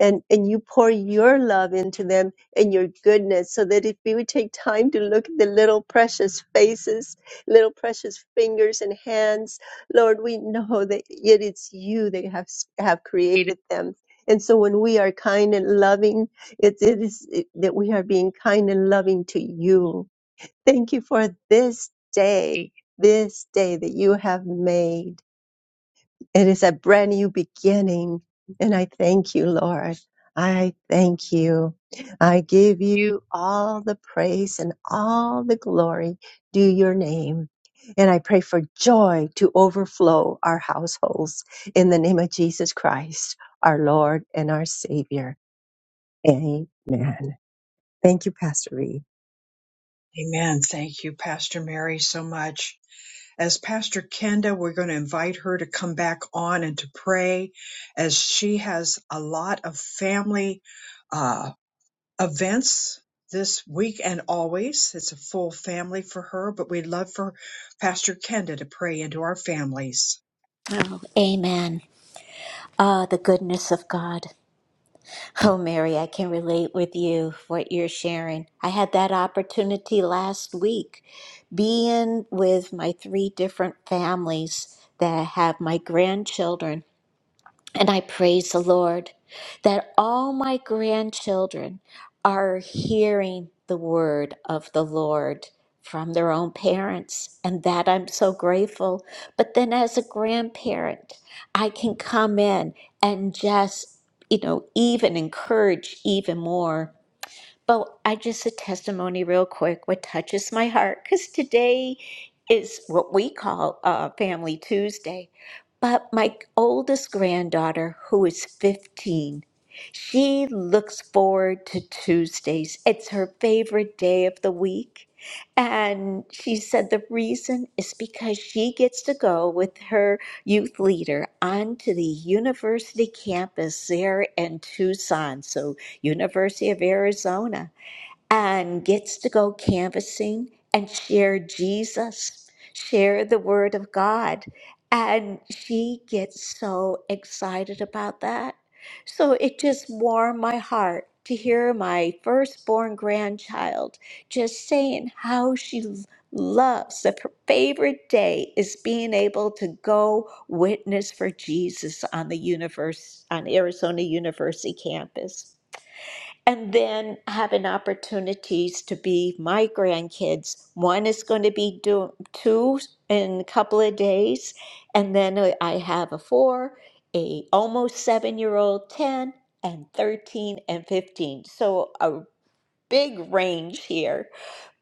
Speaker 3: and and you pour your love into them and your goodness so that if we would take time to look at the little precious faces little precious fingers and hands lord we know that it is you that have have created them and so when we are kind and loving it, it is that we are being kind and loving to you thank you for this day this day that you have made it is a brand new beginning. And I thank you, Lord. I thank you. I give you all the praise and all the glory due your name. And I pray for joy to overflow our households in the name of Jesus Christ, our Lord and our Savior. Amen. Thank you, Pastor Reed.
Speaker 1: Amen. Thank you, Pastor Mary, so much. as Pastor Kenda, we're going to invite her to come back on and to pray as she has a lot of family uh, events this week and always. It's a full family for her, but we'd love for Pastor Kenda to pray into our families.
Speaker 4: Oh, amen. Ah, the goodness of God. Oh, Mary, I can relate with you what you're sharing. I had that opportunity last week being with my three different families that have my grandchildren And I praise the Lord that all my grandchildren are hearing the word of the Lord from their own parents, and that I'm so grateful. But then, as a grandparent, I can come in and just, you know, even encourage even more. But I just a testimony real quick what touches my heart because today is what we call uh, Family Tuesday. But my oldest granddaughter, who is 15, she looks forward to Tuesdays. It's her favorite day of the week. And she said the reason is because she gets to go with her youth leader onto the university campus there in Tucson. So University of Arizona, and gets to go canvassing and share Jesus, share the Word of God. And she gets so excited about that. So it just warmed my heart to hear my firstborn grandchild just saying how she loves that her favorite day is being able to go witness for Jesus on the universe on Arizona University campus and then having opportunities to be my grandkids. One is going to be do, two in a couple of days, and then I have a four, a almost seven year old, ten, and thirteen and fifteen. So a big range here.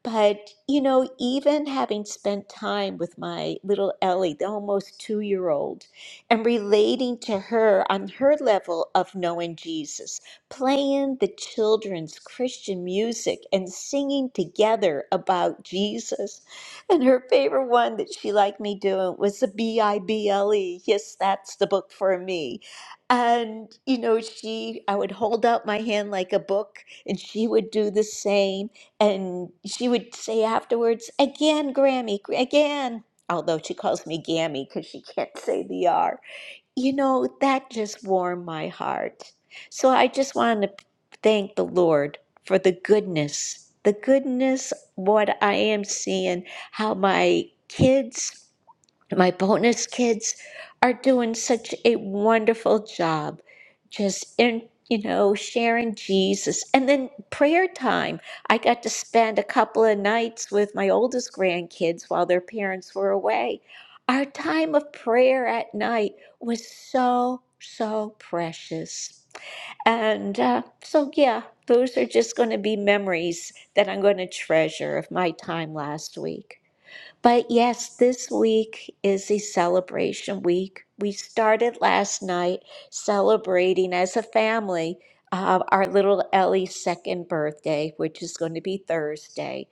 Speaker 4: But, you know, even having spent time with my little Ellie, the almost two year old, and relating to her on her level of knowing Jesus, playing the children's Christian music and singing together about Jesus. And her favorite one that she liked me doing was the B I B L E. Yes, that's the book for me. And, you know, she, I would hold out my hand like a book and she would do the same. And she would say afterwards, again, Grammy, again. Although she calls me Gammy because she can't say the R. You know, that just warmed my heart. So I just wanted to thank the Lord for the goodness, the goodness, what I am seeing, how my kids my bonus kids are doing such a wonderful job just in, you know, sharing Jesus. And then prayer time. I got to spend a couple of nights with my oldest grandkids while their parents were away. Our time of prayer at night was so, so precious. And uh, so, yeah, those are just going to be memories that I'm going to treasure of my time last week. But yes, this week is a celebration week. We started last night celebrating as a family uh, our little Ellie's second birthday, which is going to be Thursday.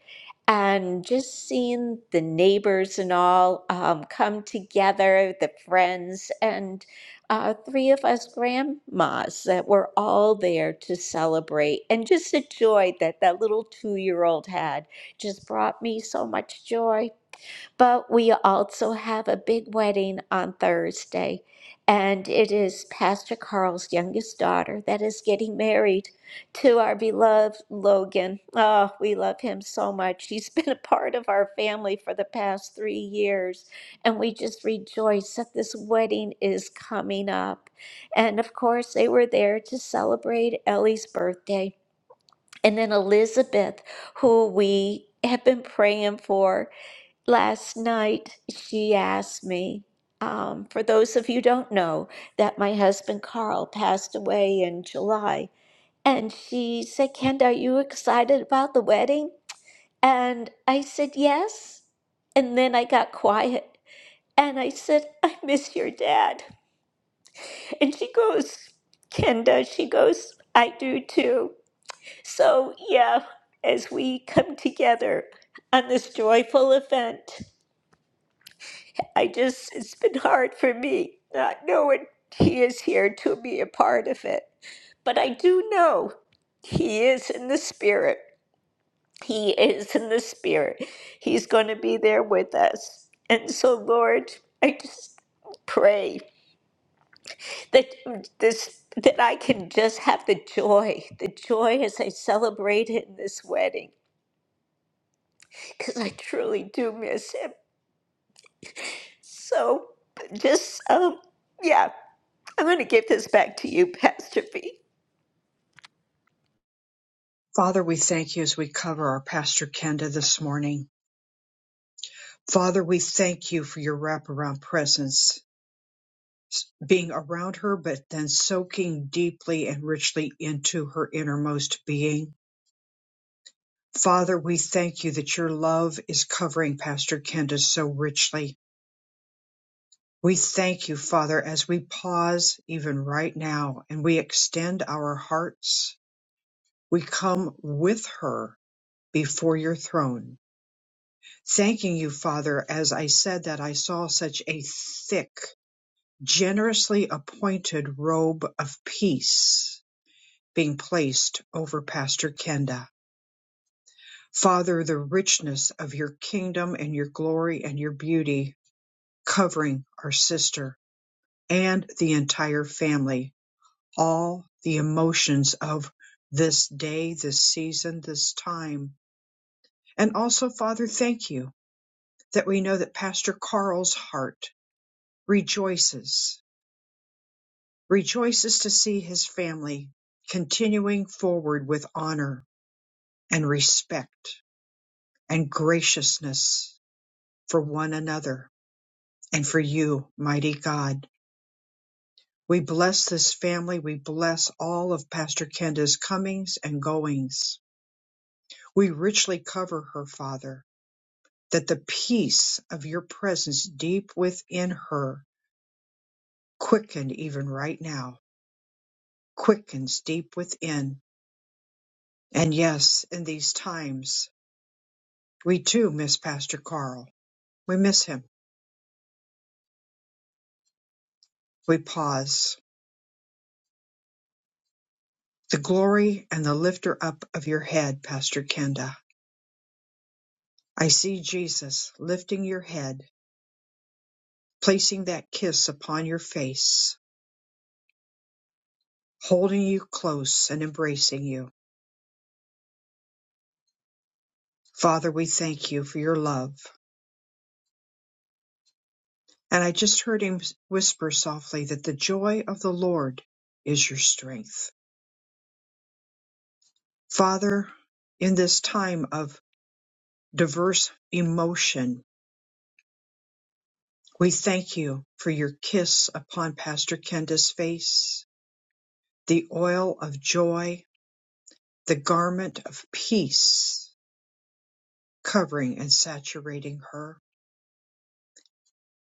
Speaker 4: And just seeing the neighbors and all um, come together, the friends, and uh, three of us grandmas that were all there to celebrate. And just the joy that that little two year old had just brought me so much joy. But we also have a big wedding on Thursday, and it is Pastor Carl's youngest daughter that is getting married to our beloved Logan. Oh, we love him so much. He's been a part of our family for the past three years, and we just rejoice that this wedding is coming up. And of course, they were there to celebrate Ellie's birthday. And then Elizabeth, who we have been praying for, Last night, she asked me, um, for those of you who don't know, that my husband Carl passed away in July. And she said, Kenda, are you excited about the wedding? And I said, yes. And then I got quiet. And I said, I miss your dad. And she goes, Kenda, she goes, I do too. So, yeah, as we come together on this joyful event. I just, it's been hard for me not knowing He is here to be a part of it. But I do know He is in the Spirit. He is in the Spirit. He's going to be there with us. And so, Lord, I just pray that mm, this that I can just have the joy, the joy as I celebrate it in this wedding, because I truly do miss him. So just um yeah, I'm going to give this back to you, Pastor V.
Speaker 1: Father, we thank you as we cover our Pastor Kenda this morning. Father, we thank you for your wraparound presence being around her, but then soaking deeply and richly into her innermost being. Father, we thank you that your love is covering Pastor Kenda so richly. We thank you, Father, as we pause even right now and we extend our hearts. We come with her before your throne. Thanking you, Father, as I said that I saw such a thick, generously appointed robe of peace being placed over Pastor Kenda. Father, the richness of your kingdom and your glory and your beauty covering our sister and the entire family, all the emotions of this day, this season, this time. And also, Father, thank you that we know that Pastor Carl's heart rejoices, rejoices to see his family continuing forward with honor and respect and graciousness for one another and for you, mighty God. We bless this family. We bless all of Pastor Kenda's comings and goings. We richly cover her, Father, that the peace of your presence deep within her quicken even right now, quickens deep within. And yes, in these times, we too miss Pastor Carl. We miss him. We pause. The glory and the lifter up of your head, Pastor Kenda. I see Jesus lifting your head placing that kiss upon your face, holding you close and embracing you. Father, we thank you for your love. And I just heard him whisper softly that the joy of the Lord is your strength. Father, in this time of diverse emotion, we thank you for your kiss upon Pastor Kenda's face, the oil of joy, the garment of peace covering and saturating her.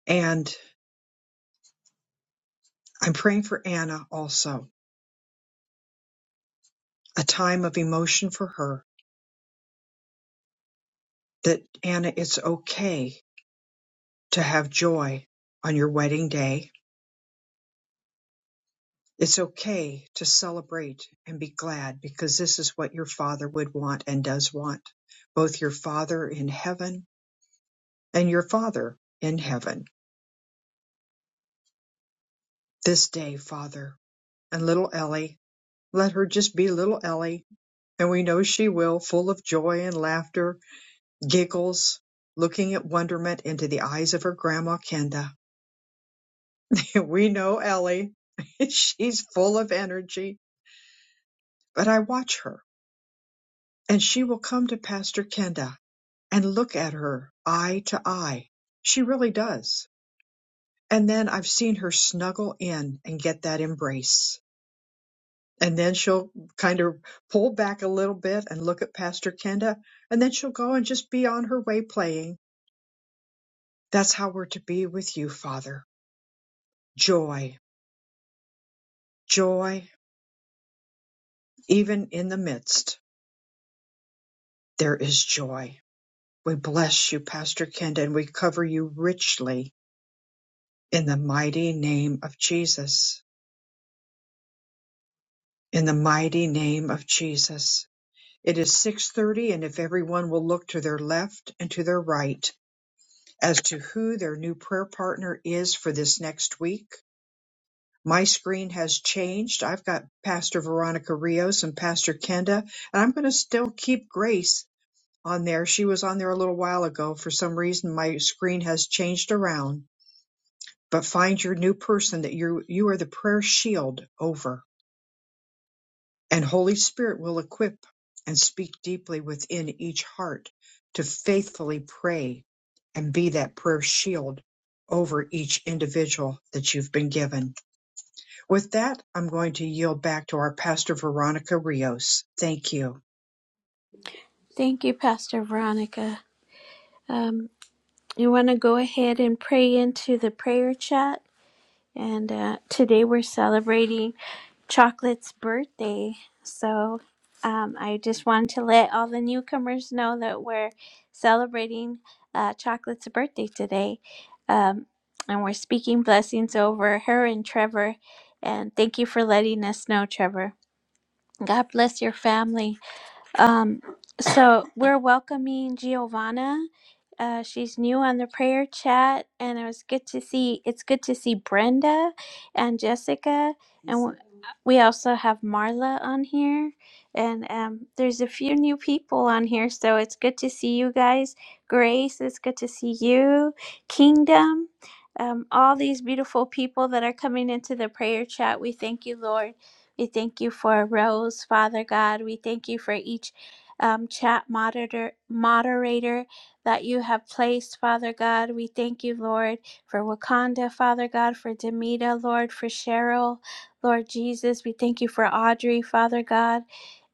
Speaker 1: and. I'm praying for Anna also, a time of emotion for her. That Anna, it's okay to have joy on your wedding day. It's okay to celebrate and be glad because this is what your father would want and does want. Both your father in heaven and your father in heaven. This day, Father, and little Ellie, let her just be little Ellie, and we know she will, full of joy and laughter giggles, looking at wonderment into the eyes of her grandma Kenda. We know Ellie. She's full of energy, but I watch her, and she will come to Pastor Kenda and look at her eye to eye. She really does. And then I've seen her snuggle in and get that embrace. And then she'll kind of pull back a little bit and look at Pastor Kenda, and then she'll go and just be on her way playing. That's how we're to be with you, Father. Joy, joy, Even in the midst, there is joy. We bless you, Pastor Kent, and we cover you richly in the mighty name of Jesus. In the mighty name of Jesus. It is 6:30 and if everyone will look to their left and to their right as to who their new prayer partner is for this next week. My screen has changed. I've got Pastor Veronica Rios and Pastor Kenda, and I'm going to still keep Grace on there. She was on there a little while ago. For some reason, my screen has changed around. But find your new person that you you are the prayer shield over, and Holy Spirit will equip and speak deeply within each heart to faithfully pray and be that prayer shield over each individual that you've been given. With that, I'm going to yield back to our pastor Veronica Rios. Thank you.
Speaker 2: Thank you, Pastor Veronica. Um, You want to go ahead and pray into the prayer chat. And uh, today we're celebrating Chocolate's birthday. So um, I just wanted to let all the newcomers know that we're celebrating uh, Chocolate's birthday today. Um, and we're speaking blessings over her and Trevor. And thank you for letting us know, Trevor. God bless your family. Um, so we're welcoming Giovanna. Uh, she's new on the prayer chat, and it was good to see. It's good to see Brenda and Jessica, and w- we also have Marla on here. And um, there's a few new people on here, so it's good to see you guys. Grace, it's good to see you. Kingdom, um, all these beautiful people that are coming into the prayer chat. We thank you, Lord. We thank you for Rose, Father God. We thank you for each um, chat moderator, moderator that you have placed, Father God. We thank you, Lord, for Wakanda, Father God, for Demita, Lord, for Cheryl, Lord Jesus. We thank you for Audrey, Father God.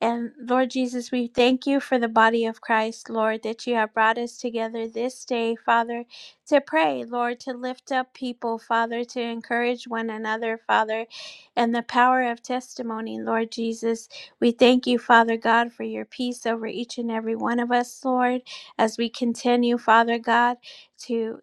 Speaker 2: And Lord Jesus, we thank you for the body of Christ, Lord, that you have brought us together this day, Father, to pray, Lord, to lift up people, Father, to encourage one another, Father and the power of testimony, Lord Jesus. We thank you, Father God, for your peace over each and every one of us, Lord, as we continue, Father God, to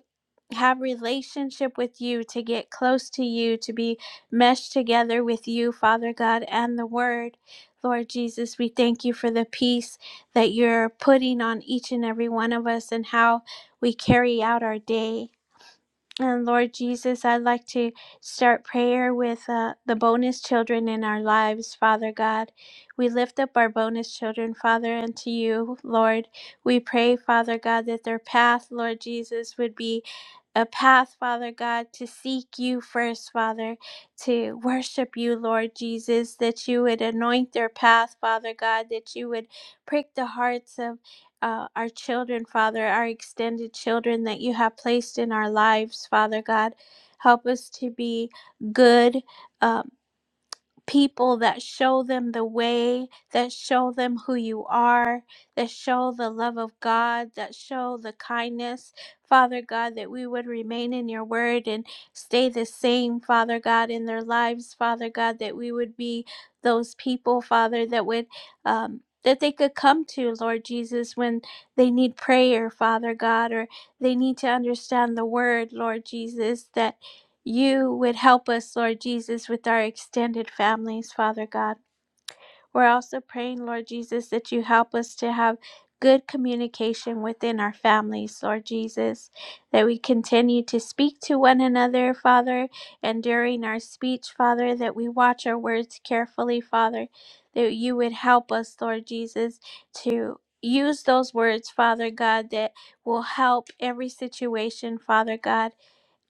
Speaker 2: have relationship with you to get close to you to be meshed together with you father god and the word lord jesus we thank you for the peace that you're putting on each and every one of us and how we carry out our day and Lord Jesus, I'd like to start prayer with uh, the bonus children in our lives, Father God. We lift up our bonus children, Father, unto you, Lord. We pray, Father God, that their path, Lord Jesus, would be a path, Father God, to seek you first, Father, to worship you, Lord Jesus, that you would anoint their path, Father God, that you would prick the hearts of uh, our children, Father, our extended children that you have placed in our lives, Father God. Help us to be good. uh, people that show them the way, that show them who you are, that show the love of God, that show the kindness. Father God, that we would remain in your word and stay the same, Father God, in their lives. Father God, that we would be those people, Father, that would. Um, that they could come to, Lord Jesus, when they need prayer, Father God, or they need to understand the word, Lord Jesus, that you would help us, Lord Jesus, with our extended families, Father God. We're also praying, Lord Jesus, that you help us to have good communication within our families, Lord Jesus, that we continue to speak to one another, Father, and during our speech, Father, that we watch our words carefully, Father, that you would help us, Lord Jesus, to use those words, Father God, that will help every situation, Father God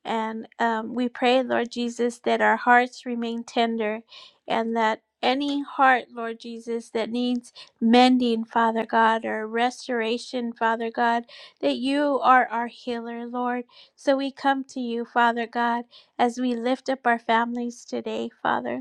Speaker 2: and um, we pray, Lord Jesus, that our hearts remain tender and that any heart, Lord Jesus, that needs mending, Father God, or restoration, Father God, that you are our healer, Lord. So we come to you, Father God, as we lift up our families today, Father.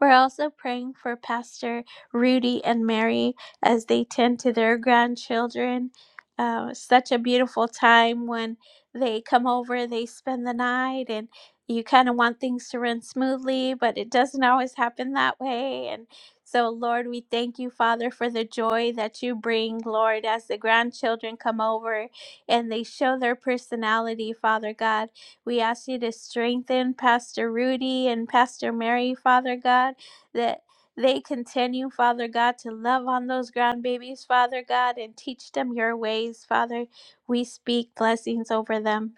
Speaker 2: We're also praying for Pastor Rudy and Mary as they tend to their grandchildren. Uh, such a beautiful time when they come over, they spend the night, and you kind of want things to run smoothly, but it doesn't always happen that way. And so, Lord, we thank you, Father, for the joy that you bring, Lord, as the grandchildren come over and they show their personality, Father God. We ask you to strengthen Pastor Rudy and Pastor Mary, Father God, that they continue, Father God, to love on those ground babies, Father God, and teach them your ways, Father. We speak blessings over them.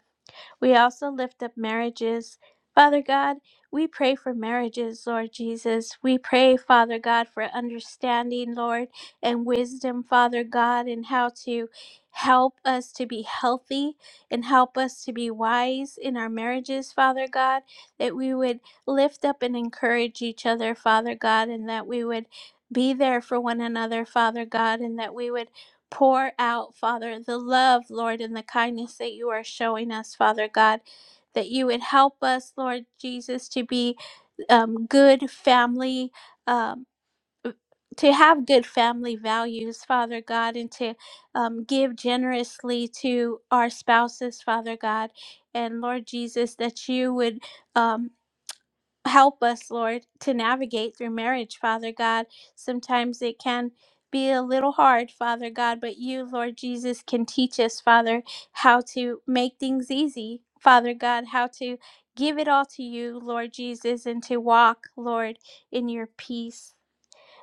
Speaker 2: We also lift up marriages. Father God, we pray for marriages, Lord Jesus. We pray, Father God, for understanding, Lord, and wisdom, Father God, and how to help us to be healthy and help us to be wise in our marriages, Father God, that we would lift up and encourage each other, Father God, and that we would be there for one another, Father God, and that we would pour out, Father, the love, Lord, and the kindness that you are showing us, Father God, that you would help us, Lord Jesus, to be um, good family. Um, to have good family values, Father God, and to um, give generously to our spouses, Father God. And Lord Jesus, that you would. um help us, Lord, to navigate through marriage, Father God. Sometimes it can be a little hard, Father God, but you, Lord Jesus, can teach us, Father, how to make things easy, Father God, how to give it all to you, Lord Jesus, and to walk, Lord, in your peace.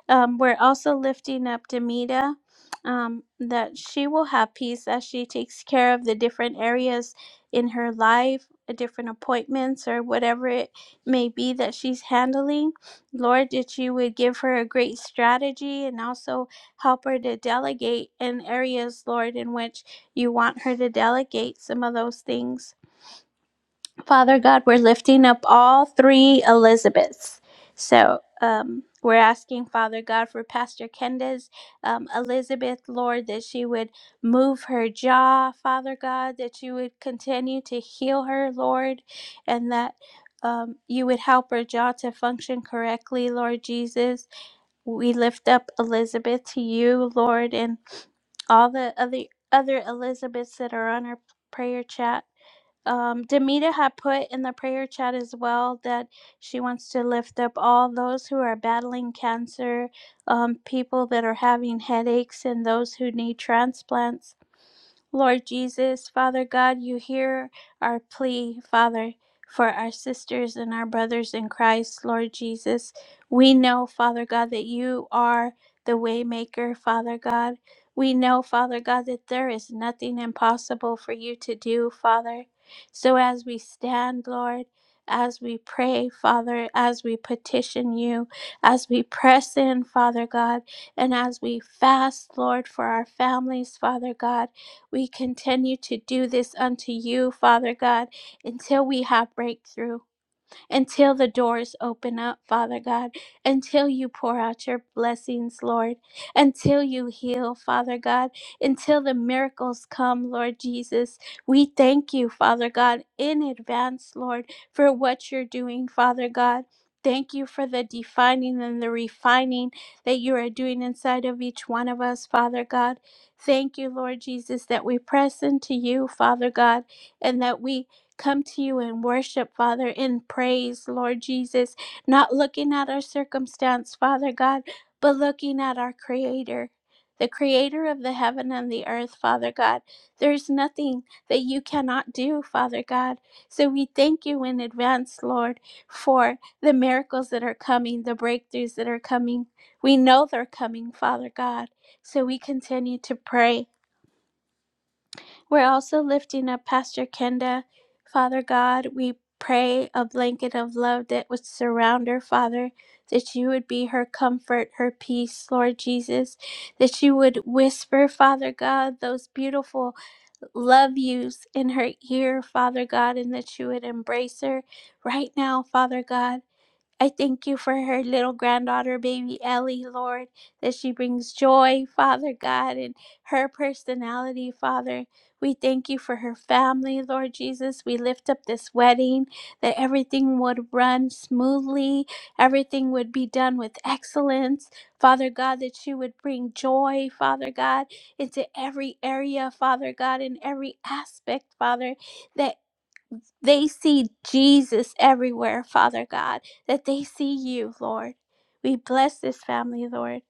Speaker 2: Um, we're also lifting up Demita um, that she will have peace as she takes care of the different areas in her life, uh, different appointments, or whatever it may be that she's handling. Lord, that you would give her a great strategy and also help her to delegate in areas, Lord, in which you want her to delegate some of those things. Father God, we're lifting up all three Elizabeths. So um, we're asking, Father God, for Pastor Kenda's um, Elizabeth, Lord, that she would move her jaw, Father God, that you would continue to heal her, Lord, and that um, you would help her jaw to function correctly, Lord Jesus. We lift up Elizabeth to you, Lord, and all the other other Elizabeths that are on our prayer chat um, Demita had put in the prayer chat as well that she wants to lift up all those who are battling cancer, um, people that are having headaches, and those who need transplants. Lord Jesus, Father God, you hear our plea, Father, for our sisters and our brothers in Christ, Lord Jesus. We know, Father God, that you are the waymaker, Father God. We know, Father God, that there is nothing impossible for you to do, Father. So as we stand, Lord, as we pray, Father, as we petition you, as we press in, Father God, and as we fast, Lord, for our families, Father God. We continue to do this unto you, Father God, until we have breakthrough until the doors open up, Father God, until you pour out your blessings, Lord, until you heal, Father God, until the miracles come, Lord Jesus. We thank you, Father God, in advance, Lord, for what you're doing, Father God. Thank you for the defining and the refining that you are doing inside of each one of us, Father God. Thank you, Lord Jesus, that we press into you, Father God, and that we come to you and worship, Father, in praise, Lord Jesus, not looking at our circumstance, Father God, but looking at our Creator, the Creator of the heaven and the earth, Father God. There is nothing that you cannot do, Father God. So we thank you in advance, Lord, for the miracles that are coming, the breakthroughs that are coming. We know they're coming, Father God. So we continue to pray we're also lifting up Pastor Kenda. Father God, we pray a blanket of love that would surround her, Father, that you would be her comfort, her peace, Lord Jesus, that you would whisper, Father God, those beautiful love yous in her ear, Father God, and that you would embrace her right now, Father God. I thank you for her little granddaughter, baby Ellie, Lord, that she brings joy, Father God, and her personality, Father. We thank you for her family, Lord Jesus. We lift up this wedding, that everything would run smoothly, everything would be done with excellence, Father God, that you would bring joy, Father God, into every area, Father God, in every aspect, Father. that they see Jesus everywhere, Father God, that they see you, Lord. We bless this family, Lord.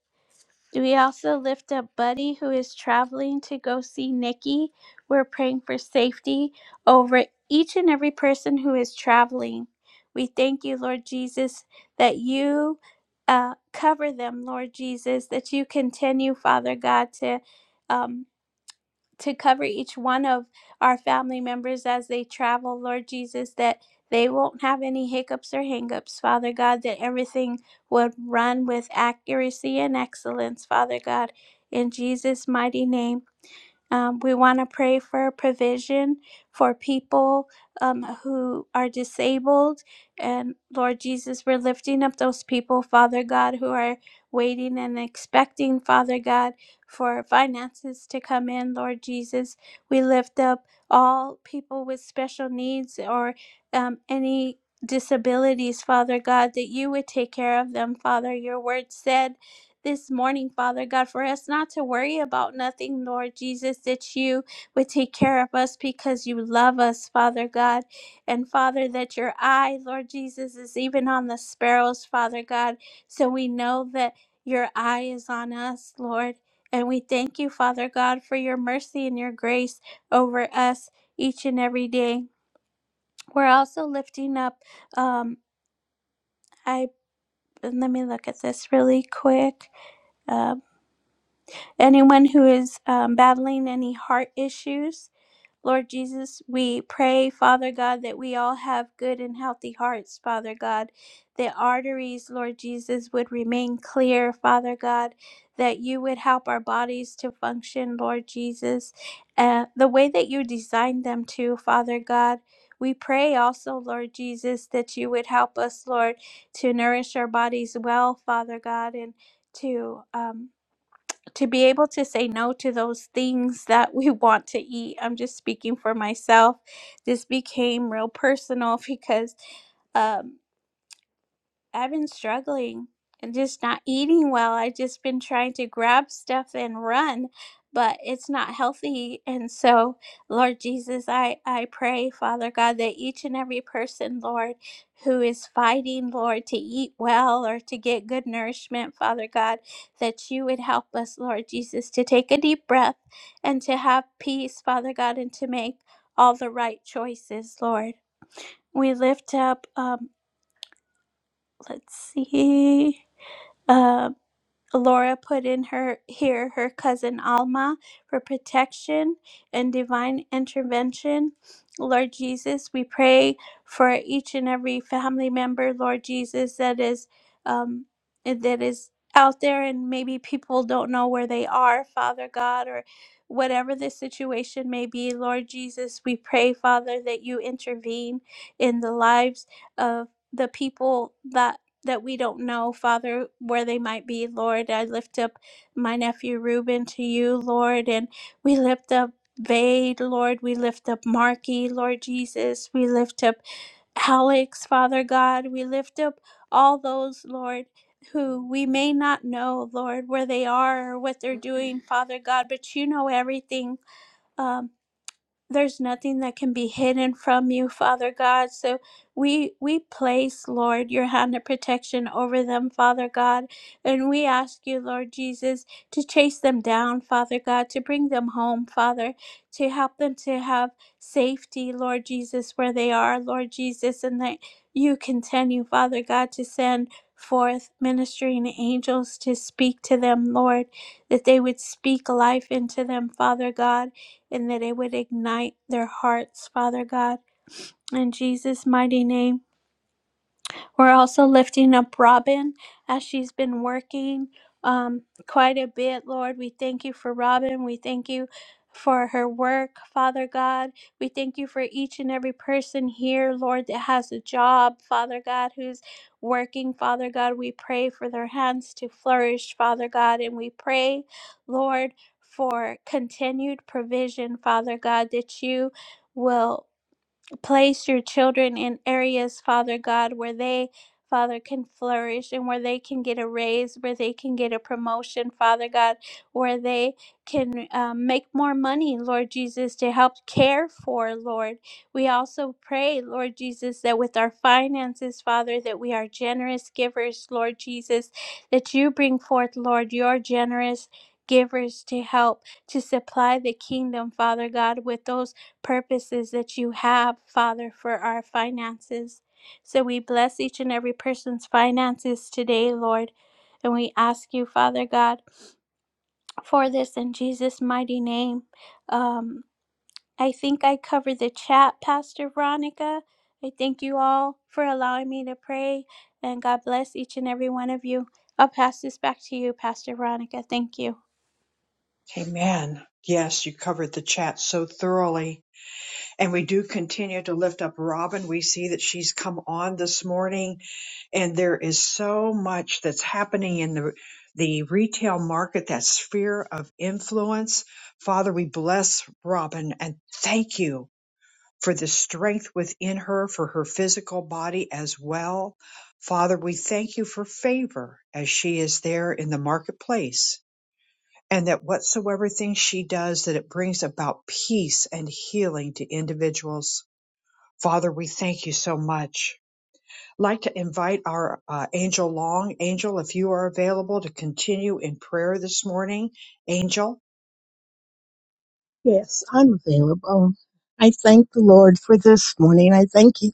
Speaker 2: We also lift up Buddy, who is traveling to go see Nikki. We're praying for safety over each and every person who is traveling. We thank you, Lord Jesus, that you uh, cover them, Lord Jesus, that you continue, Father God, to. um, to cover each one of our family members as they travel, Lord Jesus, that they won't have any hiccups or hangups, Father God, that everything would run with accuracy and excellence, Father God, in Jesus' mighty name. Um, we want to pray for provision for people um, who are disabled. And Lord Jesus, we're lifting up those people, Father God, who are waiting and expecting, Father God, for finances to come in, Lord Jesus. We lift up all people with special needs or um, any disabilities, Father God, that you would take care of them, Father. Your word said this morning, Father God, for us not to worry about nothing, Lord Jesus, that you would take care of us because you love us, Father God. And Father, that your eye, Lord Jesus, is even on the sparrows, Father God. So we know that your eye is on us, Lord. And we thank you, Father God, for your mercy and your grace over us each and every day. We're also lifting up, um, I let me look at this really quick. Um. Anyone who is um, battling any heart issues, Lord Jesus, we pray, Father God, that we all have good and healthy hearts, Father God. The arteries, Lord Jesus, would remain clear, Father God, that you would help our bodies to function, Lord Jesus, uh, the way that you designed them to, Father God. We pray also, Lord Jesus, that you would help us, Lord, to nourish our bodies well, Father God, and to um, to be able to say no to those things that we want to eat. I'm just speaking for myself. This became real personal because um. I've been struggling and just not eating well. I've just been trying to grab stuff and run, but it's not healthy. And so, Lord Jesus, I, I pray, Father God, that each and every person, Lord, who is fighting, Lord, to eat well or to get good nourishment, Father God, that you would help us, Lord Jesus, to take a deep breath and to have peace, Father God, and to make all the right choices, Lord. We lift up, um, let's see. Uh, Laura put in her here her cousin Alma for protection and divine intervention. Lord Jesus, we pray for each and every family member, Lord Jesus, that is um, that is out there and maybe people don't know where they are, Father God, or whatever the situation may be, Lord Jesus, we pray, Father, that you intervene in the lives of the people that that we don't know, Father, where they might be, Lord. I lift up my nephew Reuben to you, Lord, and we lift up Vade, Lord. We lift up Marky, Lord Jesus. We lift up Alex, Father God. We lift up all those, Lord. Who we may not know, Lord, where they are or what they're doing, Father God, but you know everything. um there's nothing that can be hidden from you, Father God. So we we place, Lord, your hand of protection over them, Father God. And we ask you, Lord Jesus, to chase them down, Father God, to bring them home, Father, to help them to have safety, Lord Jesus, where they are, Lord Jesus, and that you continue, Father God, to send forth ministering angels to speak to them, Lord, that they would speak life into them, Father God and that it would ignite their hearts, Father God. In Jesus' mighty name. We're also lifting up Robin as she's been working um, quite a bit, Lord. We thank you for Robin. We thank you for her work, Father God. We thank you for each and every person here, Lord, that has a job, Father God, who's working, Father God. We pray for their hands to flourish, Father God, and we pray, Lord, for continued provision, Father God, that you will place your children in areas, Father God, where they, Father, can flourish and where they can get a raise, where they can get a promotion, Father God, where they can um, make more money, Lord Jesus, to help care for, Lord. We also pray, Lord Jesus, that with our finances, Father, that we are generous givers, Lord Jesus, that you bring forth, Lord, your generous givers to help to supply the kingdom, Father God, with those purposes that you have, Father, for our finances. So we bless each and every person's finances today, Lord. And we ask you, Father God, for this in Jesus' mighty name. Um, I think I covered the chat, Pastor Veronica. I thank you all for allowing me to pray. And God bless each and every one of you. I'll pass this back to you, Pastor Veronica. Thank you.
Speaker 1: Amen. Yes, you covered the chat so thoroughly And we do continue to lift up Robin. We see that she's come on this morning and there is so much that's happening in the the retail market, that sphere of influence. Father, we bless Robin and thank you for the strength within her, for her physical body as well. Father, we thank you for favor as she is there in the marketplace and that whatsoever thing she does, that it brings about peace and healing to individuals. Father, we thank you so much. Like to invite our uh, Angel Long. Angel, if you are available to continue in prayer this morning, Angel,
Speaker 8: I'm available. I thank the Lord for this morning. I thank you,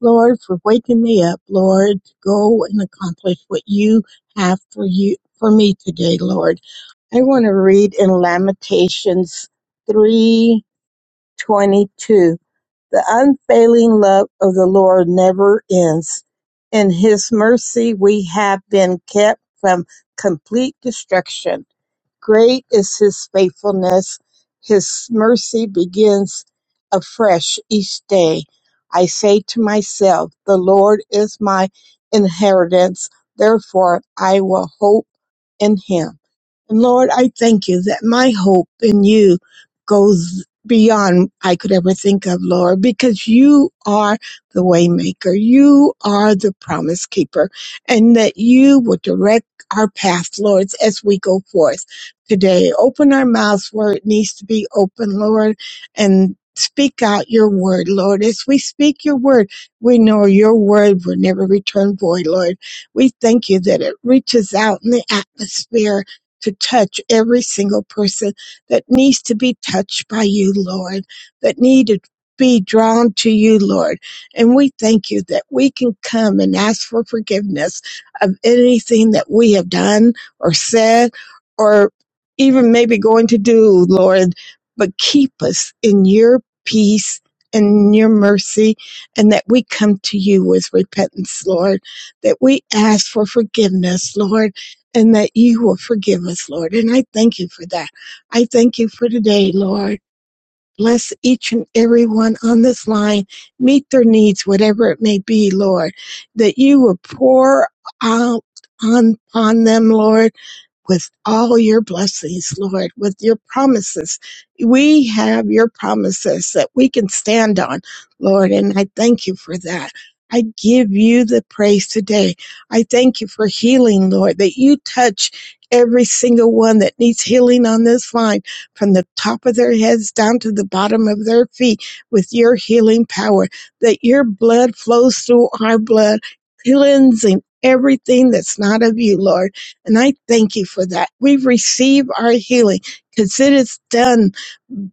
Speaker 8: Lord, for waking me up, Lord, to go and accomplish what you have for you for me today, Lord. I want to read in Lamentations three twenty two. The unfailing love of the Lord never ends. In his mercy we have been kept from complete destruction. Great is his faithfulness. His mercy begins afresh each day. I say to myself, the Lord is my inheritance. Therefore I will hope in him. And Lord, I thank you that my hope in you goes beyond I could ever think of, Lord, because you are the waymaker. You are the promise keeper and that you will direct our path, Lord, as we go forth today. Open our mouths where it needs to be open, Lord, and speak out your word, Lord. As we speak your word, we know your word will never return void, Lord. We thank you that it reaches out in the atmosphere to touch every single person that needs to be touched by you, Lord, that need to be drawn to you, Lord. And we thank you that we can come and ask for forgiveness of anything that we have done or said or even maybe going to do, Lord. But keep us in your peace and your mercy, and that we come to you with repentance, Lord, that we ask for forgiveness, Lord and that you will forgive us, Lord. And I thank you for that. I thank you for today, Lord. Bless each and every one on this line. Meet their needs, whatever it may be, Lord. That you will pour out on, on them, Lord with all your blessings, Lord, with your promises. We have your promises that we can stand on, Lord, and I thank you for that. I give you the praise today. I thank you for healing, Lord, that you touch every single one that needs healing on this line from the top of their heads down to the bottom of their feet with your healing power, that your blood flows through our blood, cleansing everything that's not of you, Lord. And I thank you for that. We receive our healing because it is done,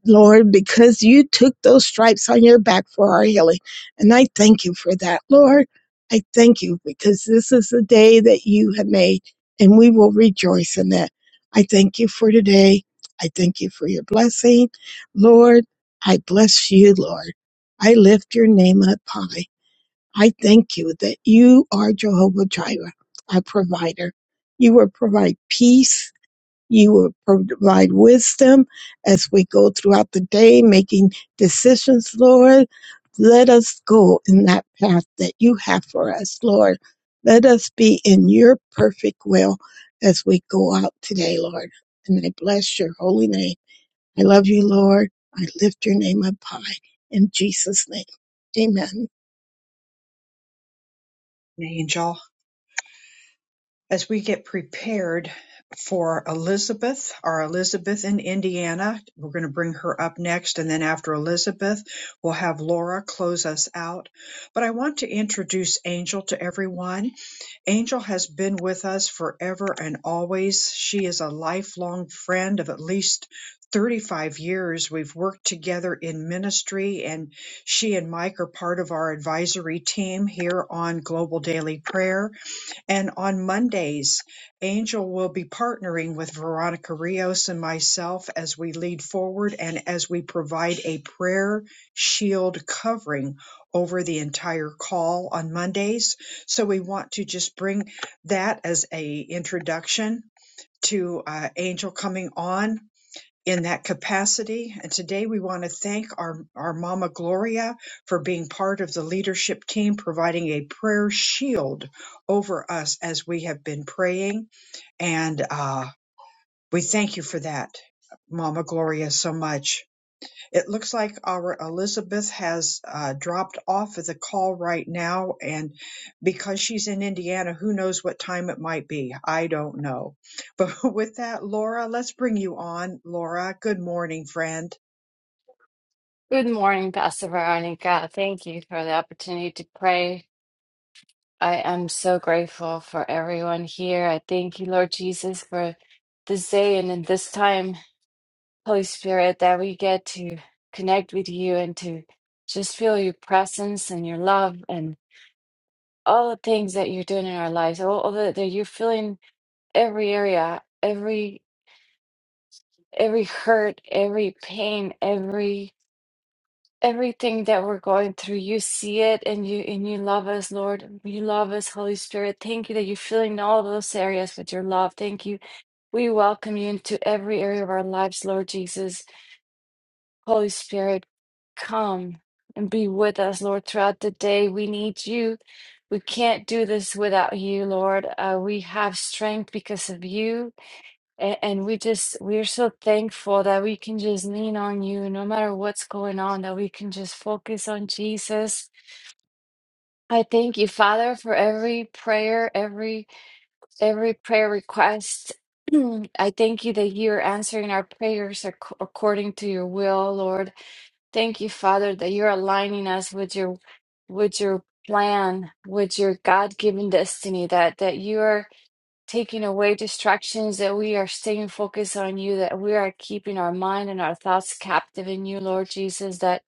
Speaker 8: Lord, because you took those stripes on your back for our healing. And I thank you for that, Lord. I thank you because this is the day that you have made and we will rejoice in that. I thank you for today. I thank you for your blessing. Lord, I bless you, Lord. I lift your name up high. I thank you that you are Jehovah Jireh, our provider. You will provide peace. You will provide wisdom as we go throughout the day making decisions, Lord. Let us go in that path that you have for us, Lord. Let us be in your perfect will as we go out today, Lord. And I bless your holy name. I love you, Lord. I lift your name up high in Jesus' name. Amen.
Speaker 1: Angel, as we get prepared for Elizabeth, our Elizabeth in Indiana, we're going to bring her up next. And then after Elizabeth, we'll have Laura close us out. But I want to introduce Angel to everyone. Angel has been with us forever and always. She is a lifelong friend of at least 35 years. We've worked together in ministry, and she and Mike are part of our advisory team here on Global Daily Prayer. And on Mondays, Angel will be partnering with Veronica Rios and myself as we lead forward and as we provide a prayer shield covering over the entire call on Mondays. So we want to just bring that as a introduction to uh, Angel coming on in that capacity. And today we want to thank our, our Mama Gloria for being part of the leadership team, providing a prayer shield over us as we have been praying. And uh, we thank you for that, Mama Gloria, so much. It looks like our Elizabeth has uh, dropped off of the call right now, and because she's in Indiana, who knows what time it might be? I don't know. But with that, Laura, let's bring you on. Laura, good morning, friend.
Speaker 9: Good morning, Pastor Veronica. Thank you for the opportunity to pray. I am so grateful for everyone here. I thank you, Lord Jesus, for this day and in this time, Holy Spirit, that we get to connect with you and to just feel your presence and your love and all the things that you're doing in our lives. All, all the, that you're feeling every area, every every hurt, every pain, everything that we're going through. You see it and you and you love us, Lord. You love us, Holy Spirit. Thank you that you're filling all those areas with your love. Thank you. We welcome you into every area of our lives, Lord Jesus. Holy Spirit, come and be with us, Lord, throughout the day. We need you. We can't do this without you, Lord. Uh, we have strength because of you. A- And we just, we're so thankful that we can just lean on you no matter what's going on, that we can just focus on Jesus. I thank you, Father, for every prayer, every every prayer request. I thank you that you're answering our prayers ac- according to your will, Lord. Thank you, Father, that you're aligning us with your with your plan, with your God-given destiny, that that you are taking away distractions, that we are staying focused on you, that we are keeping our mind and our thoughts captive in you, Lord Jesus, that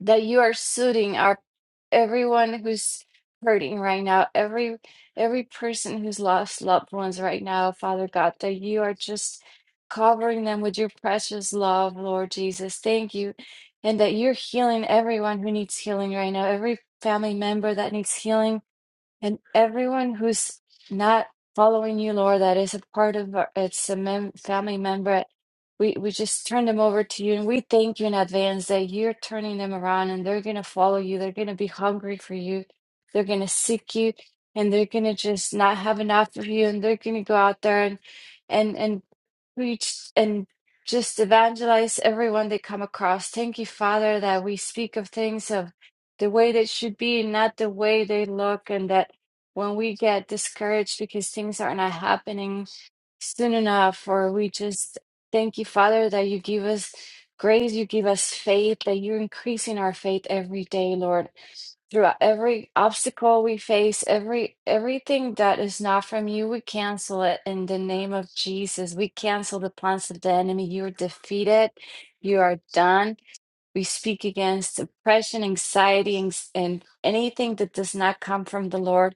Speaker 9: that you are soothing our everyone who's hurting right now, every every person who's lost loved ones right now, Father God, that you are just covering them with your precious love, Lord Jesus. Thank you. And that you're healing everyone who needs healing right now, every family member that needs healing and everyone who's not following you, Lord, that is a part of our, it's a mem family member, we, we just turn them over to you and we thank you in advance that you're turning them around and they're going to follow you. They're going to be hungry for you. They're going to seek you and they're going to just not have enough of you and they're going to go out there and, and, and preach and just evangelize everyone they come across. Thank you, Father, that we speak of things of the way they should be, not the way they look, and that when we get discouraged because things are not happening soon enough, or we just thank you, Father, that you give us grace, you give us faith, that you're increasing our faith every day, Lord. Through every obstacle we face, every everything that is not from you, we cancel it in the name of Jesus. We cancel the plans of the enemy. You are defeated. You are done. We speak against depression, anxiety, and and anything that does not come from the Lord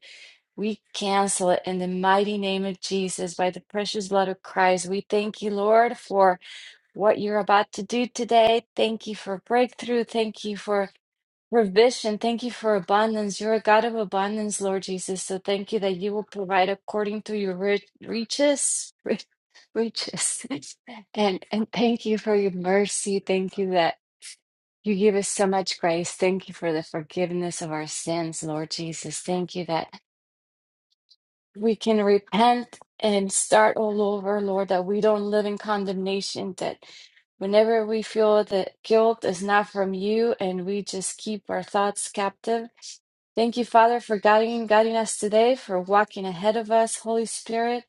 Speaker 9: we cancel it in the mighty name of Jesus by the precious blood of Christ. We thank you, Lord, for what you're about to do today. Thank you for breakthrough. Thank you for provision. Thank you for abundance. You're a God of abundance, Lord Jesus. So thank you that you will provide according to your rich, riches. rich- Riches. And and thank you for your mercy. Thank you that you give us so much grace. Thank you for the forgiveness of our sins, Lord Jesus. Thank you that we can repent and start all over, Lord, that we don't live in condemnation, that whenever we feel that guilt is not from you and we just keep our thoughts captive Thank you, Father, for guiding guiding us today, for walking ahead of us, Holy Spirit.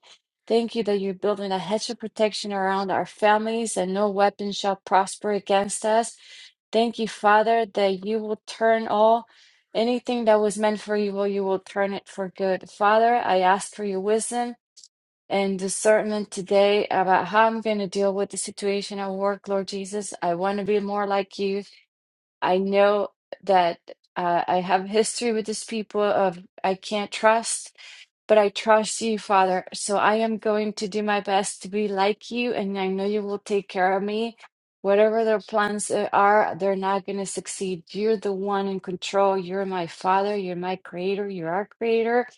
Speaker 9: Thank you that you're building a hedge of protection around our families, and no weapon shall prosper against us. Thank you, Father, that you will turn all anything that was meant for evil, you will turn it for good. Father, I ask for your wisdom and discernment today about how I'm going to deal with the situation at work, Lord Jesus. I want to be more like you. I know that uh, I have history with these people of I can't trust, but I trust you, Father. So I am going to do my best to be like you, and I know you will take care of me. Whatever their plans uh, are, they're not going to succeed. You're the one in control. You're my Father. You're my Creator. You're our Creator.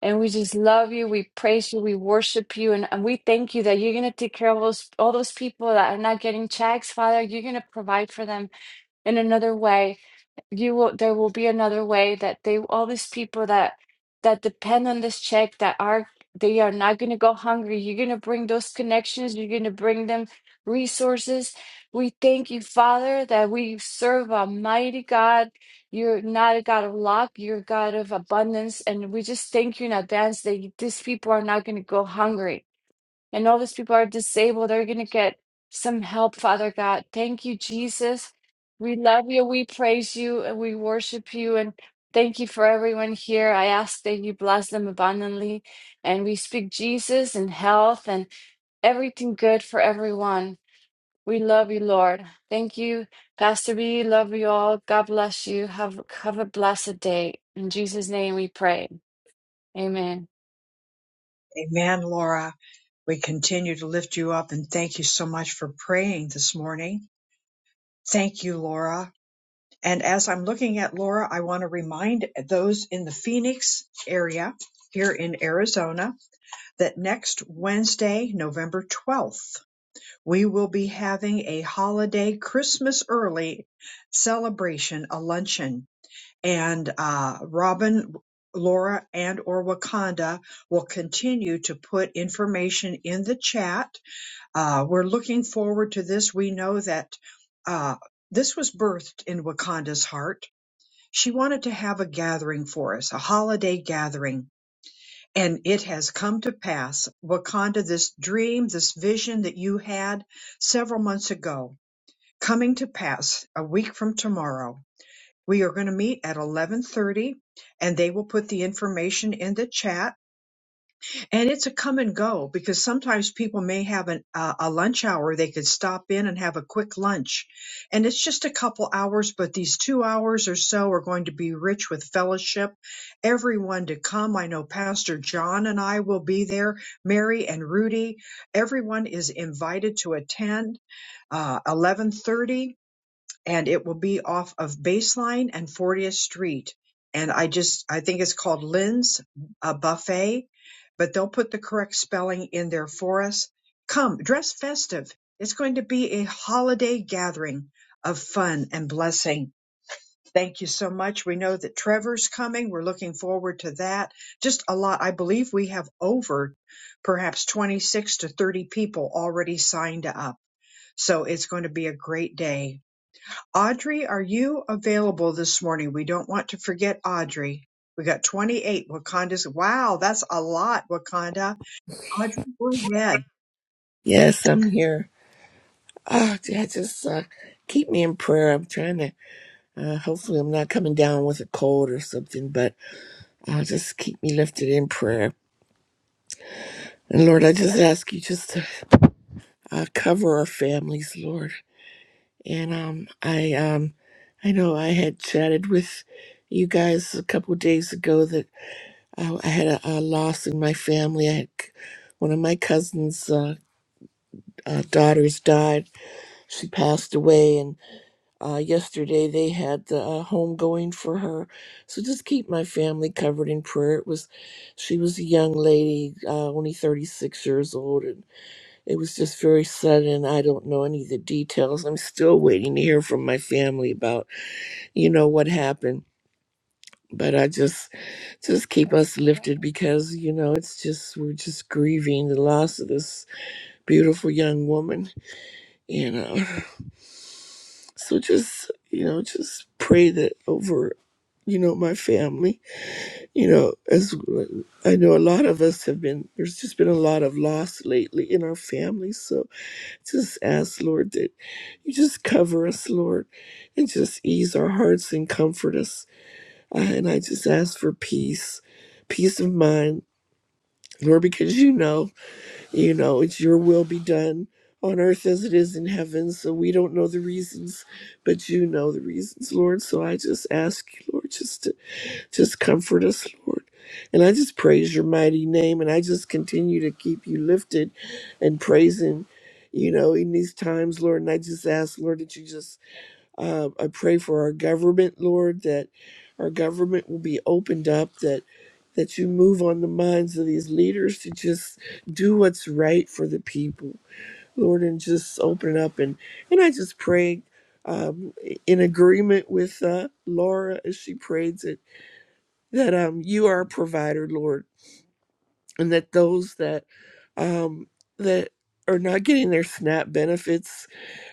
Speaker 9: And we just love you. We praise you. We worship you. And, and we thank you that you're going to take care of those, all those people that are not getting checks, Father. You're going to provide for them in another way you will there will be another way that they all these people that that depend on this check that are they are not going to go hungry you're going to bring those connections you're going to bring them resources we thank you father that we serve a mighty god you're not a god of luck you're a god of abundance and we just thank you in advance that you- these people are not going to go hungry and all these people are disabled they are going to get some help, Father God. Thank you, Jesus. We love you. We praise you and we worship you. And thank you for everyone here. I ask that you bless them abundantly. And we speak Jesus and health and everything good for everyone. We love you, Lord. Thank you, Pastor B. Love you all. God bless you. Have, have a blessed day. In Jesus' name we pray. Amen.
Speaker 1: Amen, Laura. We continue to lift you up and thank you so much for praying this morning. Thank you, Laura. And as I'm looking at Laura, I want to remind those in the Phoenix area here in Arizona that next Wednesday, November 12th, we will be having a holiday Christmas early celebration, a luncheon, and uh, Robin, Laura, and or Wakanda will continue to put information in the chat. Uh, we're looking forward to this. We know that uh, this was birthed in Wakanda's heart. She wanted to have a gathering for us, a holiday gathering and it has come to pass, Wakanda, this dream, this vision that you had several months ago, coming to pass a week from tomorrow. We are going to meet at 11:30 and they will put the information in the chat and it's a come and go because sometimes people may have an, uh, a lunch hour. They could stop in and have a quick lunch. And it's just a couple hours, but these two hours or so are going to be rich with fellowship. Everyone to come. I know Pastor John and I will be there, Mary and Rudy. Everyone is invited to attend uh, 1130 and it will be off of Baseline and 40th Street. And I just, I think it's called Lynn's uh, Buffet, but they'll put the correct spelling in there for us. Come, dress festive. It's going to be a holiday gathering of fun and blessing. Thank you so much. We know that Trevor's coming. We're looking forward to that. Just a lot. I believe we have over perhaps 26 to 30 people already signed up. So it's going to be a great day. Audrey, are you available this morning? We don't want to forget Audrey. We got 28 Wakanda's. Wow, that's a lot, Wakanda. Audrey, go ahead.
Speaker 10: Yes, I'm here. Oh, I just uh, keep me in prayer. I'm trying to. Uh, hopefully, I'm not coming down with a cold or something, but uh, just keep me lifted in prayer. And Lord, I just ask you just to uh, cover our families, Lord. And um, I um, I know I had chatted with you guys a couple of days ago that uh, I had a, a loss in my family. I had c- one of my cousins' uh, uh, daughters died. She passed away, and. Uh, yesterday they had the uh, home going for her, so just keep my family covered in prayer. It was, she was a young lady, uh, only thirty six years old, and it was just very sudden. I don't know any of the details. I'm still waiting to hear from my family about you know what happened. But I just, just keep us lifted because you know it's just we're just grieving the loss of this beautiful young woman you know. So just, you know, just pray that over, you know, my family, you know, as I know a lot of us have been, there's just been a lot of loss lately in our families. So just ask, Lord, that you just cover us, Lord, and just ease our hearts and comfort us. Uh, and I just ask for peace, peace of mind, Lord, because you know you know it's your will be done on earth as it is in heaven so we don't know the reasons but you know the reasons lord so i just ask you lord just to just comfort us lord and i just praise your mighty name and i just continue to keep you lifted and praising you know in these times lord and i just ask lord that you just uh, I pray for our government, Lord, that our government will be opened up, that that you move on the minds of these leaders to just do what's right for the people, Lord, and just open it up. And and I just pray um, in agreement with uh, Laura as she prays it that um, you are a provider, Lord, and that those that um, that are not getting their SNAP benefits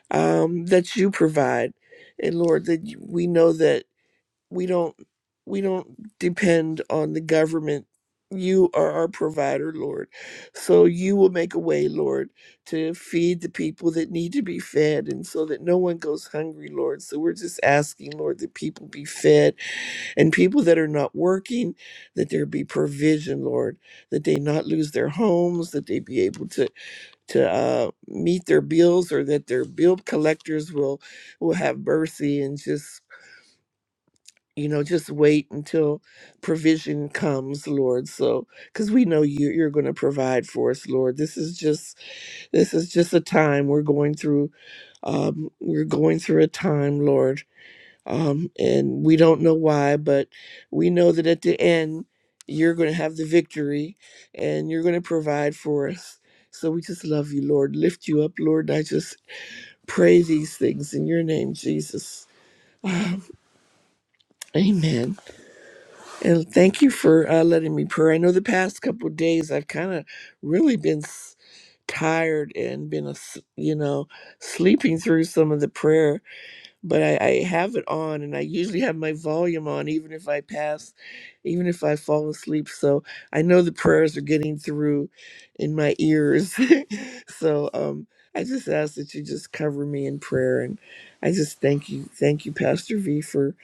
Speaker 10: um, that you provide. And Lord, that you- we know that we don't we don't depend on the government you are our provider lord so you will make a way lord to feed the people that need to be fed and so that no one goes hungry lord so we're just asking lord that people be fed and people that are not working that there be provision lord that they not lose their homes that they be able to to uh, meet their bills or that their bill collectors will will have mercy and just you know just wait until provision comes lord so because we know you, you're going to provide for us lord this is just this is just a time we're going through um we're going through a time lord um and we don't know why but we know that at the end you're going to have the victory and you're going to provide for us so we just love you lord lift you up lord i just pray these things in your name jesus amen And thank you for uh, letting me pray. I know the past couple of days I've kind of really been s- tired and been, a, s you know, sleeping through some of the prayer but I, I have it on and I usually have my volume on even if I pass, even if I fall asleep. So I know the prayers are getting through in my ears. so um I just ask that you just cover me in prayer and I just thank you. Thank you, Pastor V for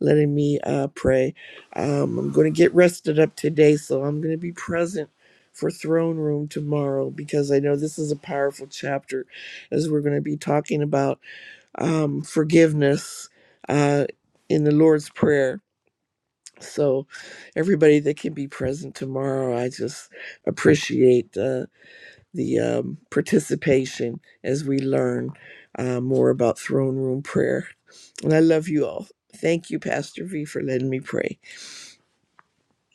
Speaker 10: letting me uh pray. Um I'm gonna get rested up today, so I'm gonna be present for throne room tomorrow because I know this is a powerful chapter as we're going to be talking about um, forgiveness uh, in the Lord's Prayer. So, everybody that can be present tomorrow, I just appreciate uh, the um, participation as we learn uh, more about throne room prayer. And I love you all. Thank you, Pastor V, for letting me pray.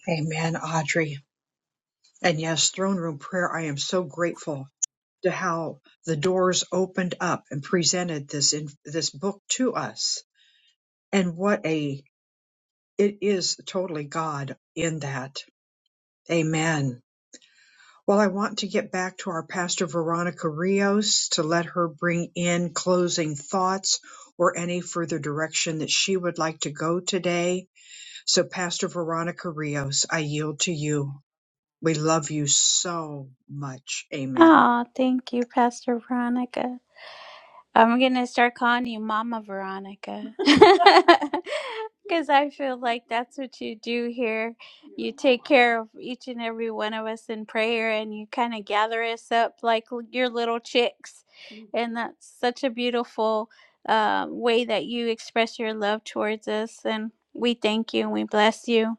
Speaker 1: Amen, Audrey. And yes, throne room prayer. I am so grateful to how the doors opened up and presented this in this book to us. And what a it is totally God in that. Amen. Well, I want to get back to our pastor Veronica Rios to let her bring in closing thoughts or any further direction that she would like to go today. So, Pastor Veronica Rios, I yield to you. We love you so much. Amen.
Speaker 2: Oh, thank you, Pastor Veronica. I'm gonna start calling you Mama Veronica. Because I feel like that's what you do here. You take care of each and every one of us in prayer and you kind of gather us up like l- your little chicks. And that's such a beautiful um, way that you express your love towards us. And we thank you and we bless you.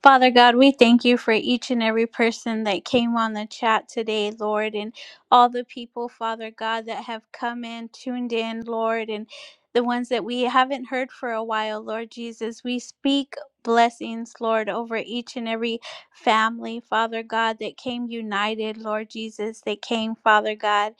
Speaker 2: Father God, we thank you for each and every person that came on the chat today, Lord, and all the people, Father God, that have come in, tuned in, Lord, and the ones that we haven't heard for a while, Lord Jesus. We speak blessings, Lord, over each and every family, Father God, that came united, Lord Jesus. They came, Father God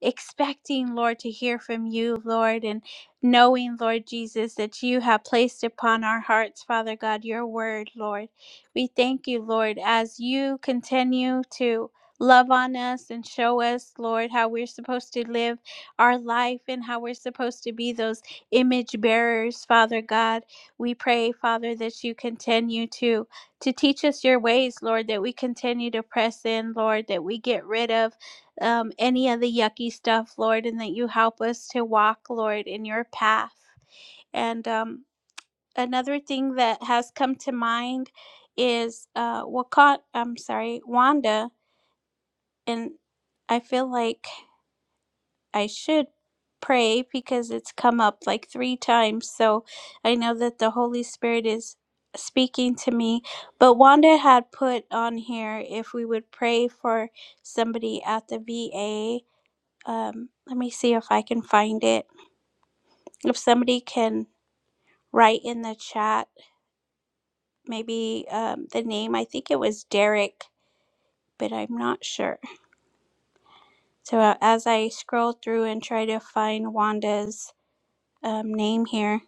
Speaker 2: expecting, Lord, to hear from you, Lord, and knowing, Lord Jesus, that you have placed upon our hearts, Father God, your word, Lord. We thank you, Lord, as you continue to love on us and show us, Lord, how we're supposed to live our life and how we're supposed to be those image bearers, Father God. We pray, Father, that you continue to to teach us your ways, Lord, that we continue to press in, Lord, that we get rid of um, any of the yucky stuff, Lord, and that you help us to walk, Lord, in your path. And um, another thing that has come to mind is uh, Wakat, I'm sorry, Wanda. And I feel like I should pray because it's come up like three times. So I know that the Holy Spirit is speaking to me. But Wanda had put on here if we would pray for somebody at the VA um, let me see if I can find it. If somebody can write in the chat, maybe um, the name, I think it was Derek, but I'm not sure. So uh, as I scroll through and try to find Wanda's um, name here,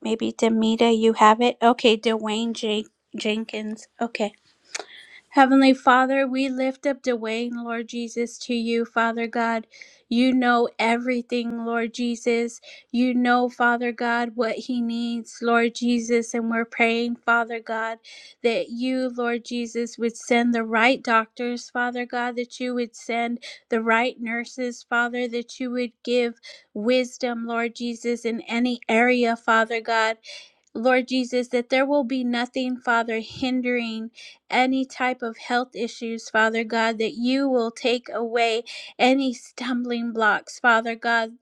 Speaker 2: maybe Demita, you have it? Okay, Dwayne Jen- Jenkins. Okay. Heavenly Father, we lift up Dwayne, Lord Jesus, to you, Father God. You know everything, Lord Jesus. You know, Father God, what he needs, Lord Jesus. And we're praying, Father God, that you, Lord Jesus, would send the right doctors, Father God, that you would send the right nurses, Father, that you would give wisdom, Lord Jesus, in any area, Father God. Lord Jesus, that there will be nothing, Father, hindering any type of health issues, Father God, that you will take away any stumbling blocks, Father God.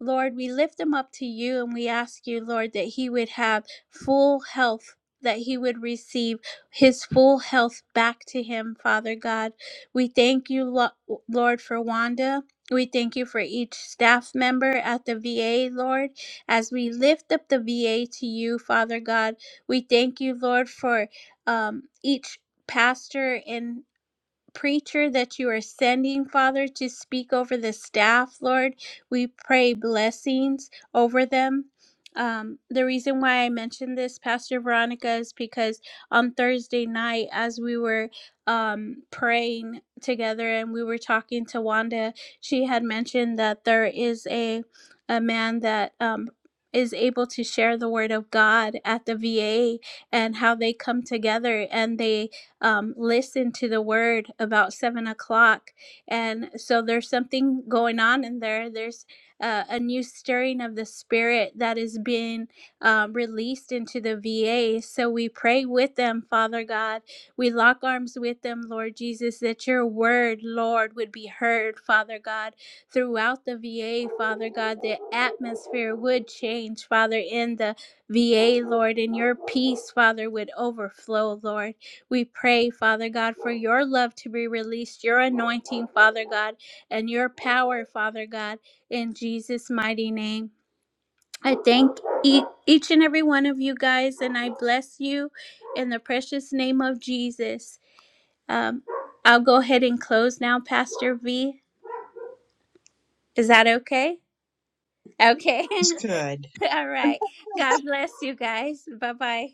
Speaker 2: Lord, we lift them up to you and we ask you, Lord, that he would have full health, that he would receive his full health back to him, Father God. We thank you, Lo- Lord, for Wanda. We thank you for each staff member at the VA, Lord. As we lift up the VA to you, Father God, we thank you, Lord, for um, each pastor and preacher that you are sending, Father, to speak over the staff, Lord. We pray blessings over them. Um, the reason why I mentioned this, Pastor Veronica, is because on Thursday night, as we were um, praying together and we were talking to Wanda, she had mentioned that there is a a man that um, is able to share the word of God at the VA and how they come together and they um, listen to the word about seven o'clock. And so there's something going on in there. There's uh, a new stirring of the spirit that is being um, released into the VA. So we pray with them, Father God. We lock arms with them, Lord Jesus, that your word, Lord, would be heard, Father God, throughout the VA, Father God. The atmosphere would change, Father, in the VA, Lord, and your peace, Father, would overflow, Lord. We pray, Father God, for your love to be released, your anointing, Father God, and your power, Father God, in Jesus' mighty name. I thank e- each and every one of you guys, and I bless you in the precious name of Jesus. Um, I'll go ahead and close now, Pastor V. Is that okay? Okay.
Speaker 1: It's good.
Speaker 2: All right. God bless you guys. Bye bye.